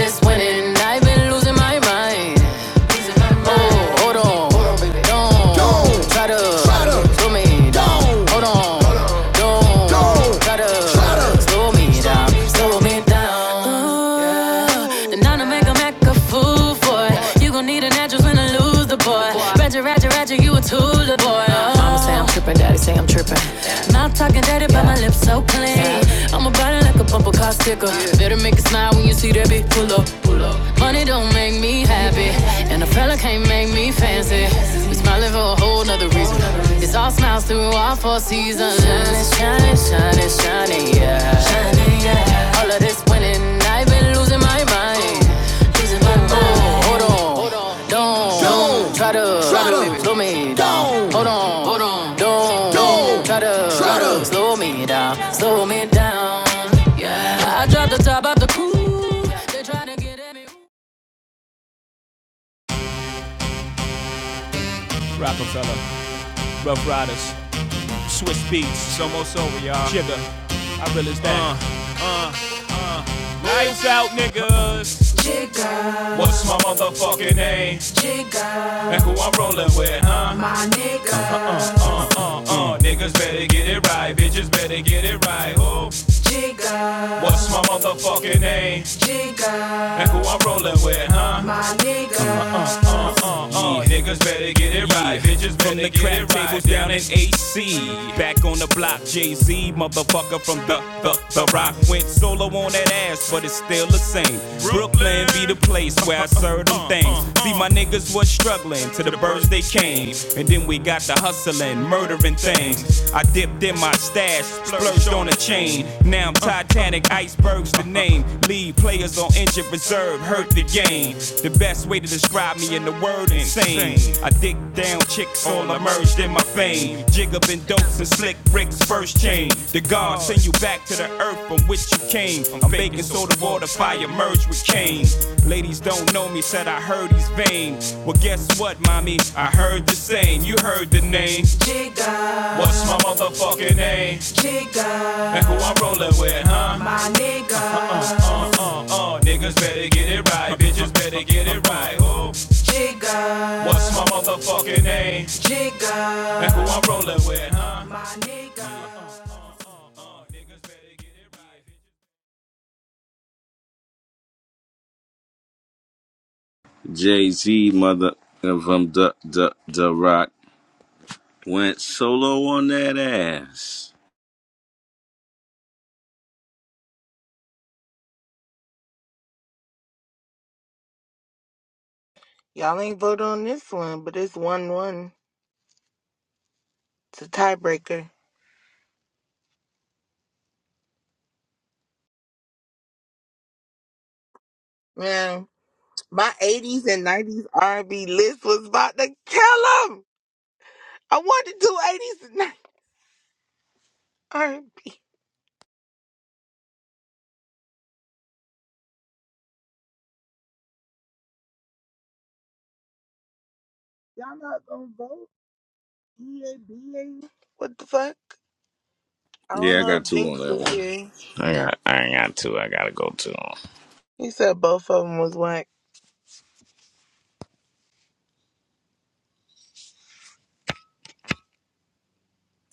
Speaker 7: is winning at my mind. Oh, hold on, hold on. Slow me down, slow me down. Then I'ma going to make a Mac a fool for it. You gon' need an address when I lose the boy. Roger, Roger, Roger, you a tool, the boy. Oh. Mama say I'm trippin', daddy say I'm trippin'. Mouth talking dirty, but my lips are I'm about it like a bumper car sticker. Better make it smile when you see that bitch pull up. Money don't make me happy, and a fella can't make me fancy. We smiling for a whole nother reason. It's all smiles through all four seasons. Shining, shining, shining, shining, yeah. Shining, yeah. All of this winning, I've been losing my mind. Losing my mind. Oh, hold on, hold on. Don't, don't try to, try to slow me down. Hold on, hold on. Don't slow me down. Top of the cool. Rockefeller, Rough Riders, Swiss Beats, It's almost over, y'all. Jigger. I realized Uh, that. uh, uh, lights out, niggas. What's my motherfucking name? And who I'm rolling with, huh? Uh, niggas better get it right, bitches better get it right. Oh, what's my motherfucking name? And who I'm rolling with, huh? Oh, niggas better get it right. Bitches From better the get it right. From the crap tables down in AC. Back on the block, Jay Z, motherfucker from the, the, the rock. Went solo on that ass, but it's still the same. Brooklyn be the place where I serve them things. See, my niggas was struggling till the birds they came. And then we got the hustling, murdering things. I dipped in my stash, splurged on a chain. Now I'm Titanic iceberg Berg's the name. Leave players on injured reserve, hurt the game. The best way to describe me in the word insane. I dick down chicks, all emerged in my fame. Jigger been dopes and slick bricks, first chain. The God send you back to the earth from which you came. I'm baking soda water, fire merged with Cain. Ladies don't know me, said I heard he's vain. Well, guess what, mommy? I heard the same. You heard the name. What's my motherfucking name? And who I'm rolling with, huh? Niggas better get it right, bitches better get it right. motherfucking name.
Speaker 5: Jay Z, mother of um, the the the Rock went solo on that ass.
Speaker 6: Y'all ain't vote on this one, but it's one one. It's a tiebreaker. Man, my eighties and nineties R and B list was about to kill 'em. I wanted to do eighties and nineties R and B. Y'all not gonna vote? EABA? What the fuck? I don't
Speaker 5: Yeah, I
Speaker 6: know
Speaker 5: got
Speaker 6: if
Speaker 5: two on
Speaker 6: Jinx
Speaker 5: that
Speaker 6: was
Speaker 5: one.
Speaker 6: here.
Speaker 5: I got I ain't got two. I gotta go two.
Speaker 6: He said both of them was whack.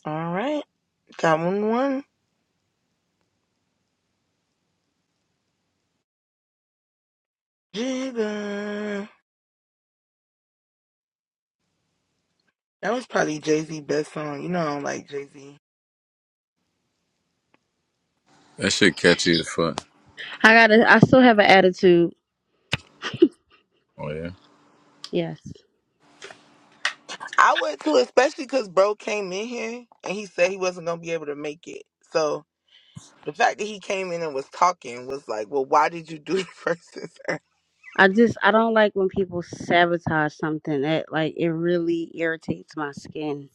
Speaker 6: All right, got one one. Jigga. That was probably Jay Z best song. You know I don't like Jay Z.
Speaker 5: That shit catchy as fuck.
Speaker 2: I gotta. I still have an attitude.
Speaker 5: Oh yeah.
Speaker 2: Yes.
Speaker 6: I would too, especially because bro came in here and he said he wasn't gonna be able to make it. So the fact that he came in and was talking was like, well, why did you do the first and second?
Speaker 2: I just I don't like when people sabotage something. That like it really irritates my skin,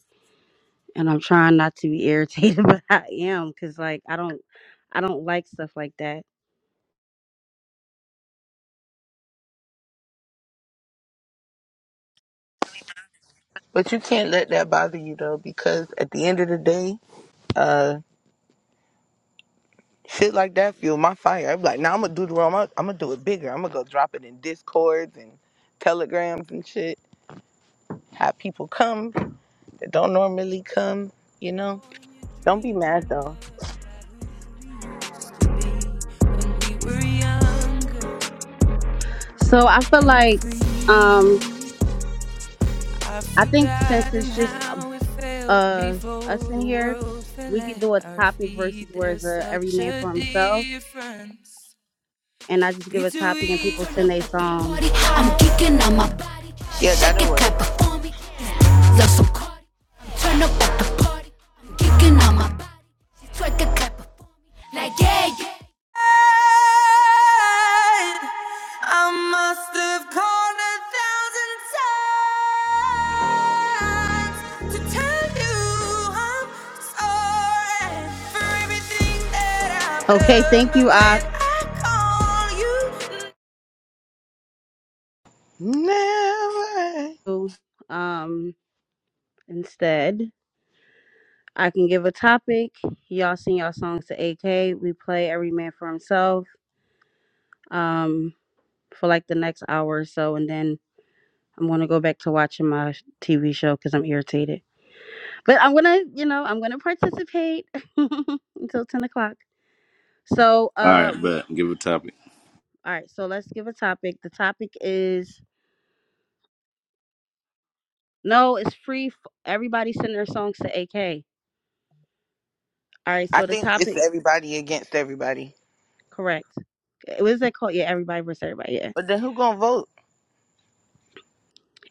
Speaker 2: and I'm trying not to be irritated, but I am because like I don't I don't like stuff like that.
Speaker 6: But you can't let that bother you though, because at the end of the day, uh, shit like that fuel my fire. I'm like, now nah, I'm gonna do the wrong. I'm gonna do it bigger. I'm gonna go drop it in discords and telegrams and shit. Have people come that don't normally come. You know, don't be mad though.
Speaker 7: When we were younger
Speaker 2: So I feel
Speaker 7: and
Speaker 2: like um
Speaker 7: free, I've
Speaker 2: I think since
Speaker 7: forgotten
Speaker 2: it's just
Speaker 7: how it felt
Speaker 2: uh
Speaker 7: before
Speaker 2: us in
Speaker 7: the
Speaker 2: here,
Speaker 7: world fell
Speaker 2: we could
Speaker 7: at
Speaker 2: do a
Speaker 7: our
Speaker 2: topic versus
Speaker 7: feet.
Speaker 2: where it's
Speaker 7: There's
Speaker 2: a every
Speaker 7: such
Speaker 2: man
Speaker 7: a
Speaker 2: for himself,
Speaker 7: difference
Speaker 2: and I just give a topic and
Speaker 7: between
Speaker 2: people send a song.
Speaker 7: I'm geeking on my body. She
Speaker 6: Yeah,
Speaker 7: shake
Speaker 6: that'll
Speaker 7: it,
Speaker 6: work.
Speaker 7: clap it for me. Love some Cardi. I'm turn up at the party. I'm geeking on my body. She twerk it, clap it for me. Like yeah, yeah. I must have called a thousand times to tell you I'm sorry for everything that I've
Speaker 2: Okay,
Speaker 7: done.
Speaker 2: thank
Speaker 7: But
Speaker 2: you,
Speaker 7: when
Speaker 2: Aku.
Speaker 7: I
Speaker 6: Never.
Speaker 2: Um, instead I can give a topic. Y'all send y'all songs to AK. We play every man for himself. Um, for like the next hour or so, and then I'm gonna go back to watching my TV show because I'm irritated. but I'm gonna, you know, I'm gonna participate until ten o'clock. So,
Speaker 5: All
Speaker 2: uh,
Speaker 5: right,
Speaker 2: we-
Speaker 5: but give a topic.
Speaker 2: all right. So let's give a topic. The topic is no, it's free. F- everybody send their songs to AK. All right.
Speaker 6: I
Speaker 2: So the
Speaker 6: think it's
Speaker 2: topic,
Speaker 6: everybody against everybody.
Speaker 2: correct? Uh, What is that called? Yeah, everybody versus everybody. Yeah,
Speaker 6: But then who gonna vote?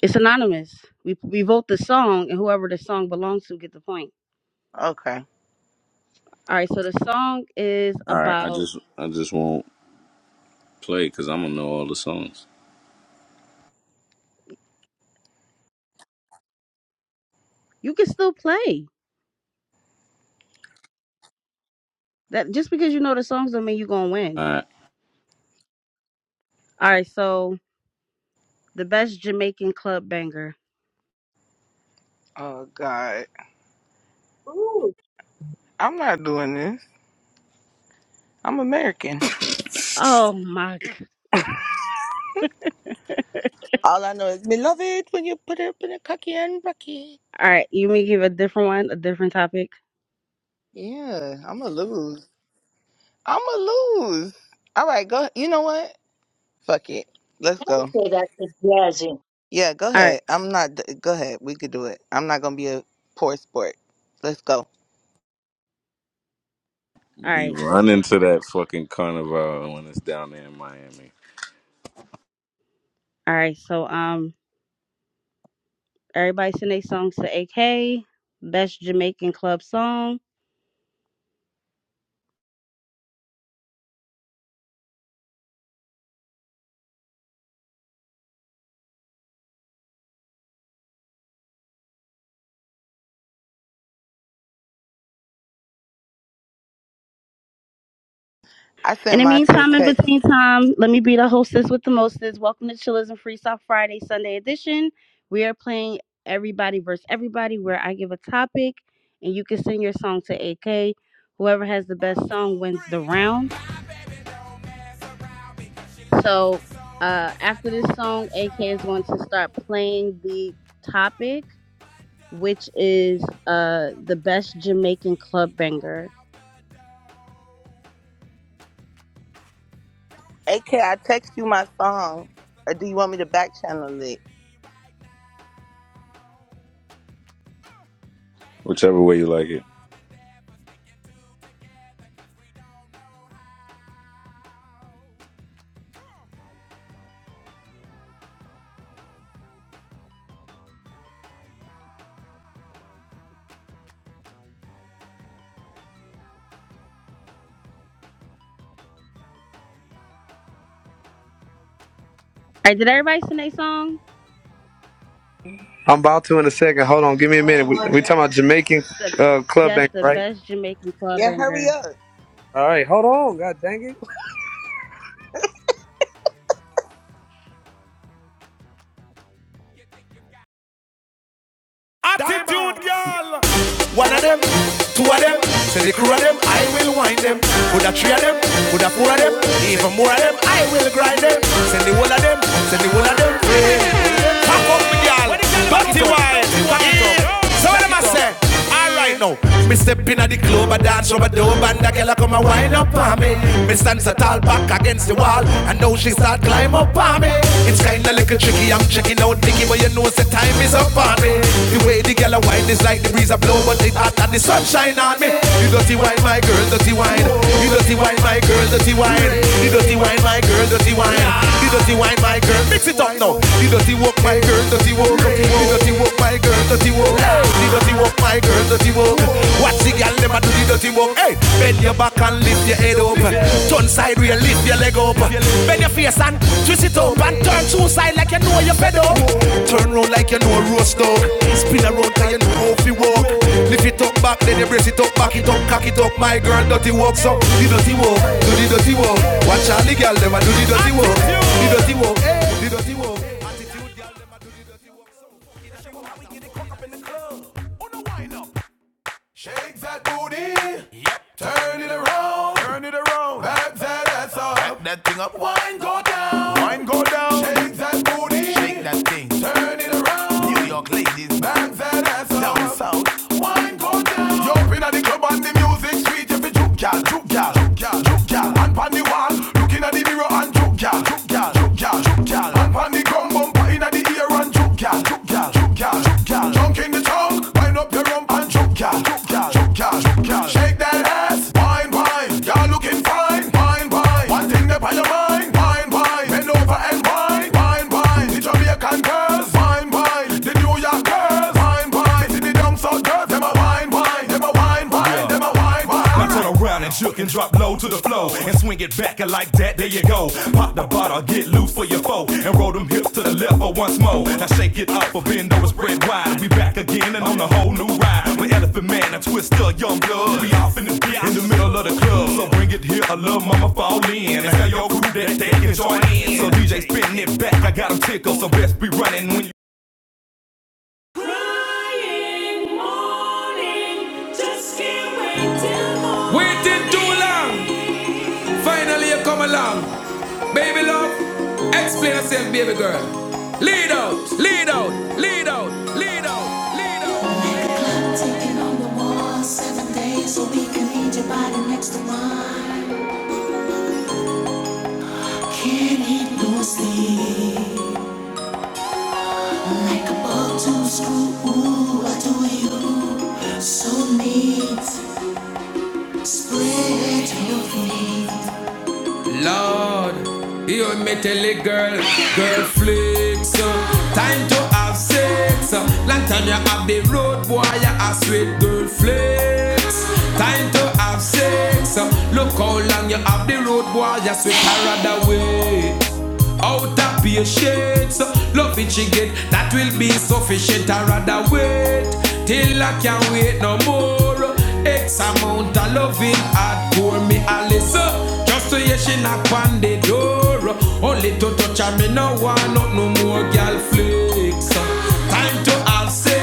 Speaker 2: it's anonymous. We we vote the song, and whoever the song belongs to get the point.
Speaker 6: Okay.
Speaker 2: All right. So the song is
Speaker 5: All right, I
Speaker 2: about.
Speaker 5: just I just won't play because I'm gonna know all the songs.
Speaker 2: You can still play. That just because you know the songs don't mean you're gonna win.
Speaker 5: All
Speaker 2: All right. So the best Jamaican club banger.
Speaker 6: Oh God,
Speaker 9: Ooh,
Speaker 6: I'm not doing this. I'm American.
Speaker 5: right,
Speaker 2: Oh my. g-
Speaker 6: All I know is me love it when you put it up in a cocky and rocky.
Speaker 2: All right, you may give a different one, a different topic.
Speaker 6: Yeah, I'ma lose. I'ma lose. All right, go. You know what? Fuck it. Let's
Speaker 9: I
Speaker 6: go.
Speaker 9: say that to Jazzy.
Speaker 6: Yeah, go
Speaker 2: All right,
Speaker 6: ahead. I'm not. d- Go ahead. We could do it. I'm not gonna be a poor sport. Let's go.
Speaker 2: all
Speaker 5: be
Speaker 2: right. So, s-
Speaker 5: running to that fucking carnival when it's down there in Miami.
Speaker 2: all right. So, um, everybody send their songs to AK. Best Jamaican club song.
Speaker 6: I
Speaker 2: In
Speaker 6: sent
Speaker 2: the
Speaker 6: mine through
Speaker 2: meantime, in
Speaker 6: text.
Speaker 2: between time, let me be the hostess with the mostest. Welcome to Chillers and Freestyle Friday Sunday edition. We are playing Everybody versus Everybody, where I give a topic and you can send your song to AK. Whoever has the best song wins the round. So uh, after this song, AK is going to start playing the topic, which is uh, the best Jamaican club banger.
Speaker 6: AK, I text you my song. Or do you want me to back channel it?
Speaker 5: Whichever way you like it.
Speaker 2: All right, did everybody sing a song?
Speaker 11: I'm about to in a second. Hold on, give me a minute. We we talking about Jamaican
Speaker 2: The
Speaker 11: uh, club
Speaker 2: yes,
Speaker 11: bank,
Speaker 2: the
Speaker 11: right?
Speaker 2: best Jamaican club
Speaker 6: Yeah, hurry
Speaker 2: banger.
Speaker 6: up.
Speaker 11: All right, hold on. God dang it.
Speaker 7: call you, One of them, two of them, say the crew of them, I will wind them. Put a three of them, put a four of them, even more of them, I will grind them. Send the whole of them, send the whole of them, friend pack up, me girl. Batty wide. So what am I say? All right now. Me step in at the club, I dance rubber dub, and the girl come a wind up on me. Me stand so tall back against the wall, and now she start climb up on me. It's kinda little tricky, I'm checking out Nicky, but you know the time is up on me. The way the girl a wine is like the breeze a blow, but it hot and the sunshine on me. You dirty wine, my girl, dirty wine. You the dirty wine, my girl, dirty wine. The dirty wine, my girl, dirty wine. The dirty wine, my girl. Mix it up now. The dirty walk, my girl, dirty walk. The dirty walk, my girl, dirty walk. The dirty walk, my girl, dirty walk. Watch the girl, never do the dirty walk. Hey, bend your back and lift your head up. Turn side real, lift your leg up. Bend your face and twist it up and turn two side like you know you're fed up. Turn round like you know a roast dog. Spin around like you know how to walk. Lift it up back, then you brace it up, back it up, cock it up. My girl, dirty walks up, the dirty walk, do the dirty walk. Watch all the girl, them a do the dirty walk, the dirty walk, the dirty walk. Attitude, girl, them a do the dirty walk. So, show them how we get it cock up in the club. On the wind up, Shake that booty. Yep. Turn it around. Turn it around. Back that ass up. back that thing up. Wine go down. Wine go down. Shake that booty. Shake that thing. Turn it around. New York Bang Down south. Wine go down Yo, in the club on the music street You be juke gal, juke gal, juke gal, juke gal And pan the wall, looking at the mirror and juke gal, juke gal, juke gal, juke gal And pan the ground bumper in the ear and juke gal, juke gal, juke gal, juke gal Junk in the town, wind up your rump and juke gal, Shook, girl, shake that ass. Wine, wine, you're looking fine. Wine, wine, one thing that by your mind. Wine, wine, bend over and wine. Wine, wine, the Jamaican girls. Wine, wine, the New York girls. Wine, wine, see the down south girls. Them a wine, wine, them a wine, wine, them a wine, Now wine. turn around and jerk and drop low to the floor and swing it back a like that, there you go. Pop the bottle, get loose for your foe, and roll them hips to the left for once more. Now shake it up, or bend over, spread wide. We back again and on a whole new ride. With Elephant Man and Twister, Young Blood. We off in the in the middle of the club. So bring it here, a little mama fall in. And tell your crew that they can join in. So DJ spin it back, I got 'em tickled. So best be running when you. Waiting too long. Finally, you come along. Baby love, explain yourself, baby girl. Lead out, lead out, lead out, lead out. Body next to mine, can't hit no sleep. Like a ball to screw, ooh, I do you so neat. Spread your feet. Well, so Great girl flex, time to have sex. Look how long you have the road, boy. You sweet her way. Out of patience, love it she get. That will be sufficient. I rather wait till I can't wait no more. X amount of loving hardcore me a listen. Just to hear she knock on the door. Only to touch her, me no want not no more girl flex. Time to have sex.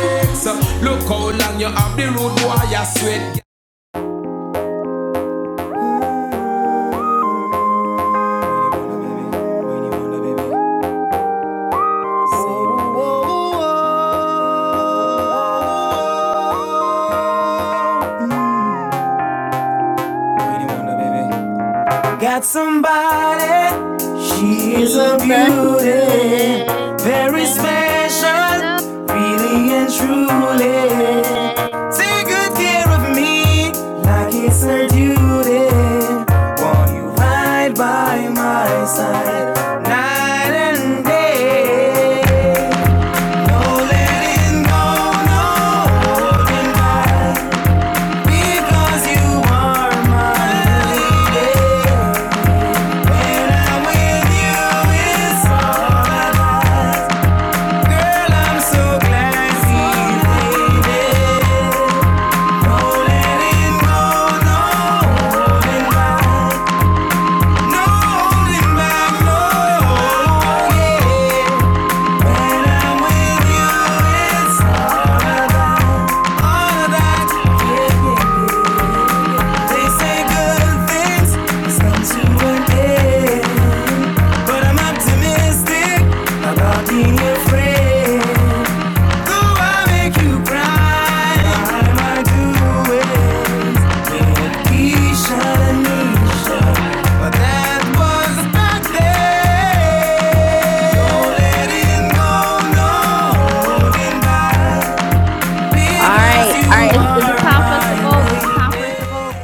Speaker 7: Got somebody, she is
Speaker 2: She's
Speaker 7: a
Speaker 2: a
Speaker 7: beauty,
Speaker 2: cutie,
Speaker 7: very
Speaker 2: very
Speaker 7: special,
Speaker 2: special,
Speaker 7: really
Speaker 2: really
Speaker 7: and
Speaker 2: and
Speaker 7: truly.
Speaker 2: truly.
Speaker 7: Take good care of me, like it's her duty. Want you right by my side, night and day. No letting go, no holding back, because you are my lady. But I'm optimistic about being your friend.
Speaker 2: All right, all right. Is, is it time for us to vote? Is it time for us to vote?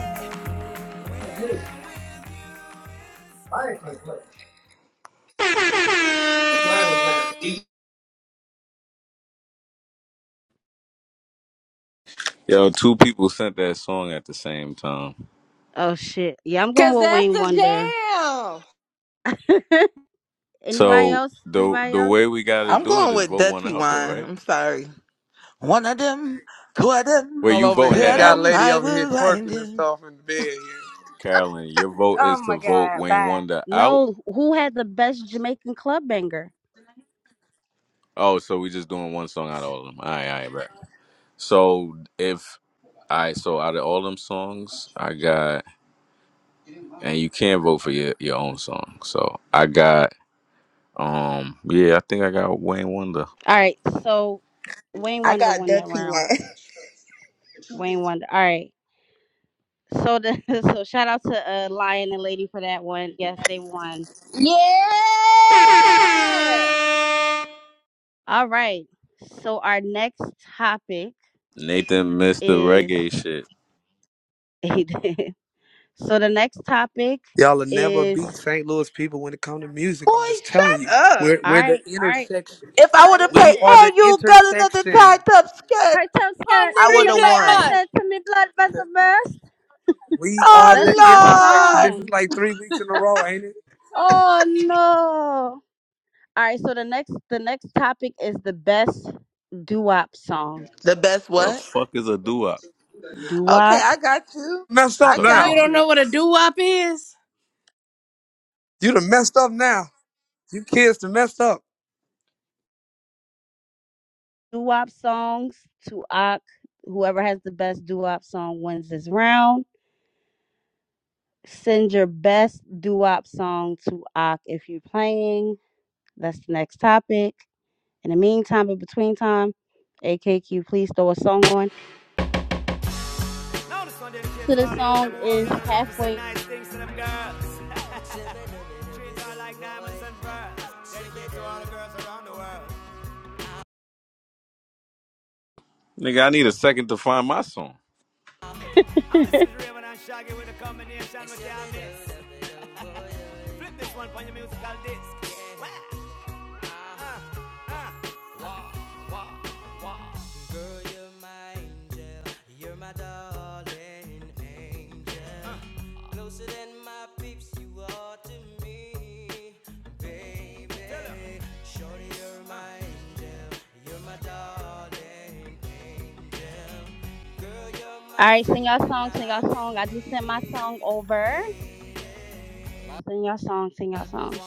Speaker 5: Yo, two people sent that song at the same time.
Speaker 2: Oh shit! Yeah, I'm going
Speaker 12: Cause
Speaker 2: with
Speaker 12: that's
Speaker 2: Wayne
Speaker 12: the
Speaker 2: Wonder.
Speaker 12: jam.
Speaker 2: Anybody
Speaker 5: So
Speaker 2: else?
Speaker 5: the
Speaker 2: Anybody
Speaker 5: the
Speaker 2: else?
Speaker 5: way we gotta
Speaker 6: I'm
Speaker 5: do it
Speaker 6: going
Speaker 5: is
Speaker 6: with
Speaker 5: vote one
Speaker 6: Dutchy
Speaker 5: out though,
Speaker 6: wine.
Speaker 5: right?
Speaker 6: I'm sorry. One of them, two of them,
Speaker 5: Wait,
Speaker 12: All
Speaker 5: you
Speaker 12: over
Speaker 5: voting
Speaker 6: three
Speaker 12: here,
Speaker 5: that
Speaker 6: of
Speaker 12: got a
Speaker 5: out?
Speaker 6: them,
Speaker 12: lady
Speaker 6: I
Speaker 12: over here
Speaker 6: will find
Speaker 12: twerking and
Speaker 6: him.
Speaker 12: stuff in the bed here.
Speaker 5: Carolyn, your vote
Speaker 12: Oh
Speaker 5: is to
Speaker 12: my
Speaker 5: vote
Speaker 12: god,
Speaker 5: Wayne
Speaker 12: bye.
Speaker 5: Wonder out.
Speaker 2: No. Who had the best Jamaican club banger?
Speaker 5: Oh, so we just doing one song out of all of them. All right, all right, right. So if I so out of all them songs, I got and you can't vote for your, your own song. So I got um yeah, I think I got Wayne Wonder.
Speaker 2: All right. So Wayne
Speaker 6: I
Speaker 2: Wonder
Speaker 6: got
Speaker 2: won that
Speaker 6: Dutchy
Speaker 2: round.
Speaker 6: wine.
Speaker 2: Wayne Wonder. All right. So the so shout out to uh, Lion and Lady for that one. Yes, they won.
Speaker 12: Yeah.
Speaker 2: All right. So our next topic
Speaker 5: Nathan missed the
Speaker 2: is
Speaker 5: reggae shit.
Speaker 2: so the next topic
Speaker 11: Y'all will never
Speaker 2: is
Speaker 11: beat
Speaker 2: all
Speaker 11: St. Louis people when it comes to music.
Speaker 6: Boy,
Speaker 11: I'm just
Speaker 6: shut
Speaker 11: telling you.
Speaker 6: up.
Speaker 11: We're we're the
Speaker 2: right, all right,
Speaker 11: intersection.
Speaker 6: If I
Speaker 2: all right.
Speaker 6: would have played,
Speaker 11: We
Speaker 2: Listen,
Speaker 11: are
Speaker 6: hey,
Speaker 11: the
Speaker 6: you got another tied
Speaker 11: intersection.
Speaker 6: up skirt,
Speaker 2: right toe
Speaker 11: On
Speaker 2: skirt,
Speaker 6: I
Speaker 2: you
Speaker 6: would
Speaker 11: the
Speaker 2: make
Speaker 6: have
Speaker 2: my
Speaker 11: replay,
Speaker 2: eyes
Speaker 6: won.
Speaker 11: man.
Speaker 2: sad to me blood vessel burst.
Speaker 11: We are
Speaker 2: That's
Speaker 11: the
Speaker 2: my
Speaker 11: intersection.
Speaker 6: Oh, Lord.
Speaker 11: This is
Speaker 2: song.
Speaker 11: like three weeks in a row, ain't
Speaker 2: Oh
Speaker 11: it?
Speaker 2: no. All right, so the next the next topic is the best doo-wop song.
Speaker 6: The best
Speaker 5: The
Speaker 6: what?
Speaker 5: fuck is a doo-wop?
Speaker 6: Okay,
Speaker 2: Doo-wop,
Speaker 6: I got you.
Speaker 11: messed
Speaker 5: What you
Speaker 6: I
Speaker 11: up
Speaker 5: talking
Speaker 11: now. You
Speaker 6: got
Speaker 5: about?
Speaker 11: don't
Speaker 6: you.
Speaker 11: know what a doo wop is? You done messed up now. You kids done messed up.
Speaker 2: doo-wop songs to Ak. Whoever has the best doo-wop song wins this round. Send your best doo-wop song to Ak if you're playing. That's the next topic. In the meantime, in between time, AKQ, please throw a song on. So the song is halfway.
Speaker 5: Nigga, I need a second to find my song.
Speaker 7: Shaggy with a combination with the Flip this one on your musical disc.
Speaker 2: All right, sing your song, sing your song. I just sent my song over. Sing your song, sing your song.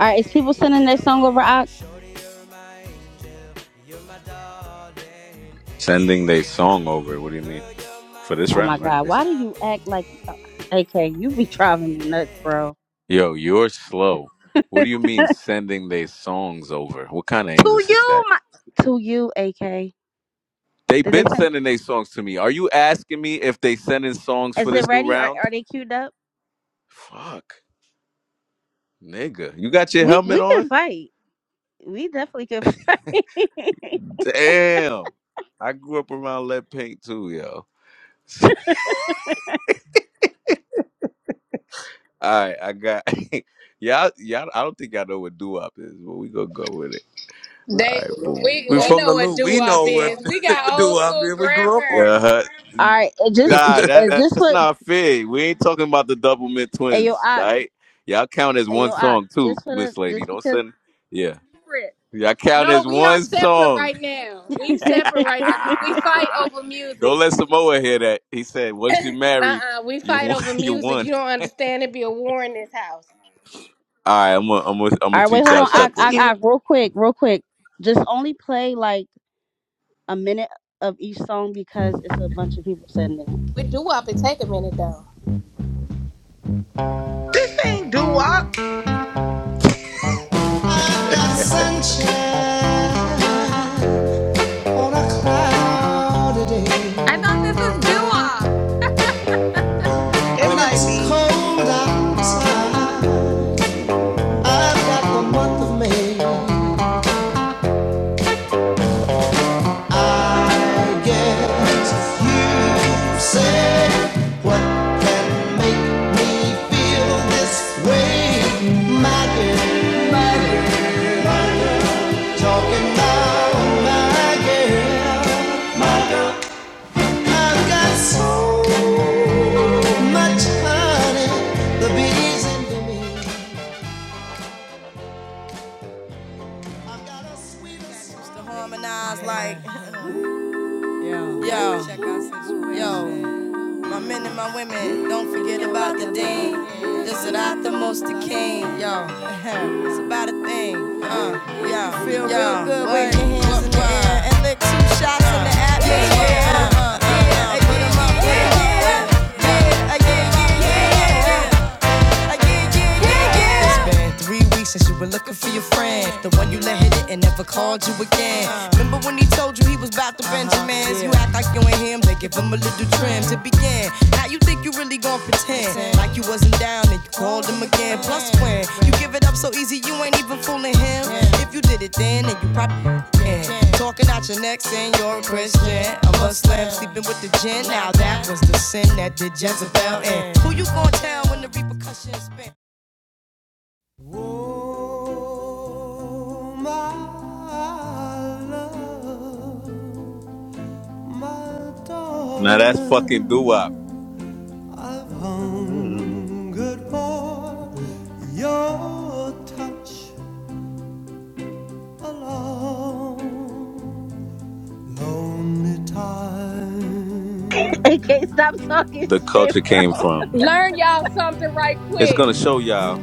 Speaker 2: All right, is people sending their song over? Ak?
Speaker 5: Sending they song over. What do you mean? For this
Speaker 2: Oh my
Speaker 5: round, right?
Speaker 2: God,
Speaker 5: They
Speaker 2: why do you act like uh, AK? You be driving me nuts, bro.
Speaker 5: Yo, you're slow. What
Speaker 2: to
Speaker 5: do you mean sending they songs over? What kind of English is
Speaker 2: you,
Speaker 5: that?
Speaker 2: my to you, AK.
Speaker 5: They've
Speaker 2: Did they
Speaker 5: been
Speaker 2: send?
Speaker 5: sending they songs to me. Are you asking me if they sending songs
Speaker 2: Is
Speaker 5: for
Speaker 2: it
Speaker 5: this new
Speaker 2: ready? Are
Speaker 5: round?
Speaker 2: are they queued up?
Speaker 5: Fuck. Nigga, you got your
Speaker 2: We
Speaker 5: helmet
Speaker 2: we can
Speaker 5: on?
Speaker 2: fight. We definitely can fight.
Speaker 5: Damn. I grew up around lead paint too, yo. All right, I got y'all. Y'all, I don't think y'all know what doo-wop is, but we gonna go with it. All
Speaker 12: They
Speaker 5: right, boom.
Speaker 12: we
Speaker 11: We That
Speaker 12: we
Speaker 11: from the
Speaker 12: know what
Speaker 11: loop.
Speaker 12: doo
Speaker 11: We
Speaker 12: wop
Speaker 11: know what
Speaker 12: is. We got
Speaker 11: do
Speaker 12: old
Speaker 11: wop
Speaker 12: school
Speaker 11: is. We grew up on it.
Speaker 12: grandparents.
Speaker 5: Yeah.
Speaker 2: All right, uh, just
Speaker 5: Nah,
Speaker 2: uh,
Speaker 5: that,
Speaker 2: just
Speaker 5: that's
Speaker 2: for
Speaker 5: not fair. We ain't talking about the double mint
Speaker 2: Ayo
Speaker 5: twins,
Speaker 2: Ak,
Speaker 5: right? Y'all count as one
Speaker 2: Ayo Ak,
Speaker 5: song too,
Speaker 2: just for the
Speaker 5: Miss Lady.
Speaker 2: just
Speaker 5: Don't send. Yeah,
Speaker 12: Separate.
Speaker 5: y'all count
Speaker 12: No,
Speaker 5: as
Speaker 12: we are
Speaker 5: one
Speaker 12: separate
Speaker 5: song.
Speaker 12: right now. We separate right now because we
Speaker 2: because.
Speaker 12: fight over
Speaker 5: Don't
Speaker 12: music.
Speaker 5: let Samoa hear that. He said, "Once you're married,
Speaker 12: Uh-uh, we
Speaker 5: you
Speaker 12: fight
Speaker 5: won.
Speaker 12: over
Speaker 5: You
Speaker 12: music.
Speaker 5: won."
Speaker 12: You don't understand. It be a war in this house.
Speaker 5: All right, I'm gonna, I'm gonna, I'm gonna
Speaker 2: All right, wait,
Speaker 5: teach
Speaker 2: hold
Speaker 6: I
Speaker 5: y'all
Speaker 2: on. I,
Speaker 6: text
Speaker 5: separate.
Speaker 2: I, I,
Speaker 6: you.
Speaker 2: real quick, real quick. Just only play like a minute of each song because it's a bunch of people sending
Speaker 12: With doo wop, it take a minute though.
Speaker 6: This ain't doo wop.
Speaker 13: I thought this was doo-wop.
Speaker 6: It might be.
Speaker 7: I guess you said what can make me feel this way. I get by talking about I've got so much honey, the bees into me. I was like, yo, yo, my men and my women, don't forget about the dean. This is not the most the king, yo. it's about a thing. Feel real good, waving hands in the air, and take two shots in the atmosphere. Yeah, yeah, yeah, yeah, yeah, yeah, yeah, yeah, yeah, yeah. Like, yeah, yeah, yeah, yeah. It's been three weeks since you were looking for your friend. The one you let hit it and never called you again. Remember when he told you he was about to Benjamins? You act like you ain't him, they give him a little trim to begin. Now you think you really gon' pretend like you wasn't down and you called him again. Plus, when you give it up so easy, you ain't even fooling him. If you did it then, then you probably can. Talking out your neck saying you're a Christian. A Muslim sleeping with the gin. Now that was the sin that did Jezebel in. Who you gonna tell when the repercussions?
Speaker 5: Now that's fucking doo wop.
Speaker 7: Oh, touch
Speaker 2: it. They can't stop talking
Speaker 5: The
Speaker 2: shit,
Speaker 5: culture
Speaker 2: bro.
Speaker 5: came from.
Speaker 12: Learn y'all something right
Speaker 5: It's
Speaker 12: quick.
Speaker 5: gonna show y'all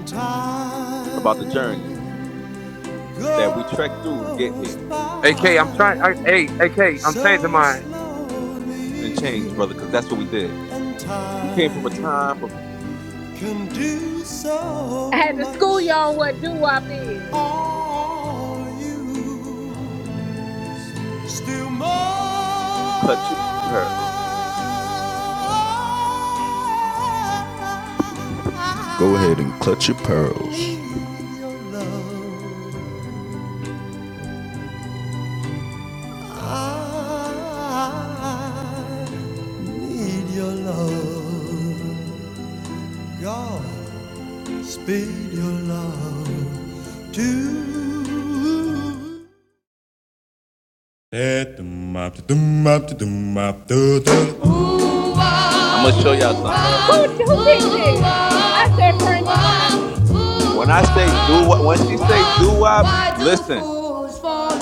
Speaker 5: about the journey.
Speaker 7: time
Speaker 5: that we trekked through to get
Speaker 7: goes
Speaker 5: here
Speaker 11: AK, I'm trying. I,
Speaker 7: by
Speaker 11: hey, AK, am changing
Speaker 7: so
Speaker 11: mine.
Speaker 5: and
Speaker 7: slowly,
Speaker 5: change, brother, because that's what we did.
Speaker 7: and
Speaker 5: We came from a
Speaker 7: time
Speaker 5: time of
Speaker 7: can do so
Speaker 12: I had to
Speaker 7: much.
Speaker 12: school you on what doo wop is.
Speaker 7: Are you still mine?
Speaker 5: clutch your pearls.
Speaker 7: Go ahead and clutch your pearls. I need your love. God, speed your love to. oh,
Speaker 5: I'm gonna show y'all
Speaker 12: Who
Speaker 5: something.
Speaker 12: who picked this? I said Frankie Lyman.
Speaker 5: When I say do what, when she say do wop,
Speaker 7: Why do
Speaker 5: listen.
Speaker 7: fools fall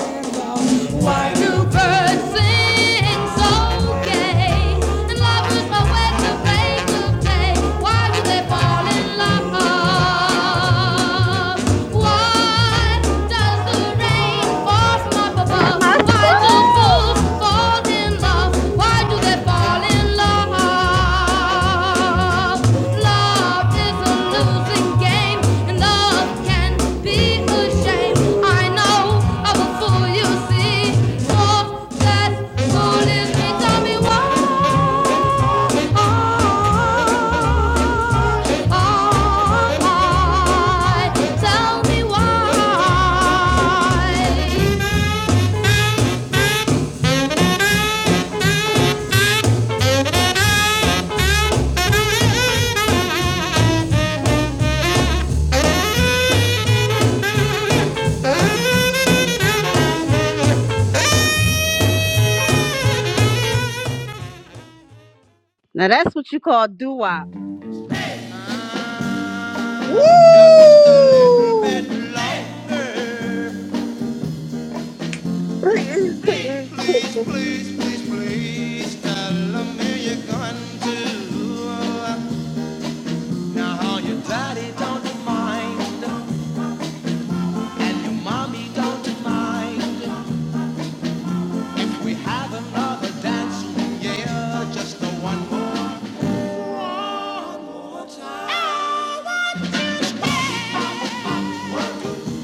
Speaker 2: This is my song. Now that's what you call doo wop.
Speaker 6: Woo!
Speaker 7: Just a little bit longer.
Speaker 6: Please,
Speaker 7: Please,
Speaker 6: please,
Speaker 7: please, please,
Speaker 6: please.
Speaker 7: please, please tell them you're going to. Now, your daddy don't mind, and your mommy don't mind. We have another dance, yeah, just the one more. One more time. I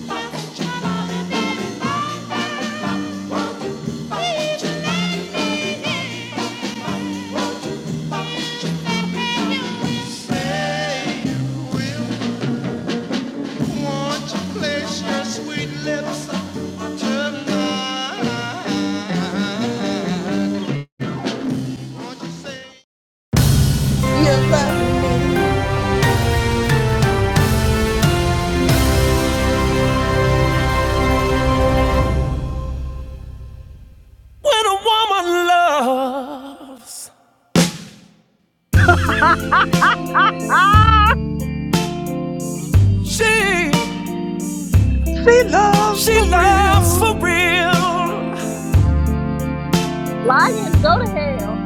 Speaker 7: want that you love me, baby, love me, you love me, in? Say you will, won't you place your sweet lips tonight?
Speaker 6: You love me.
Speaker 7: Mama love,
Speaker 2: All
Speaker 7: me,
Speaker 6: She loves
Speaker 7: she
Speaker 6: for
Speaker 7: loves for
Speaker 6: real.
Speaker 7: real.
Speaker 12: Lion, go to hell.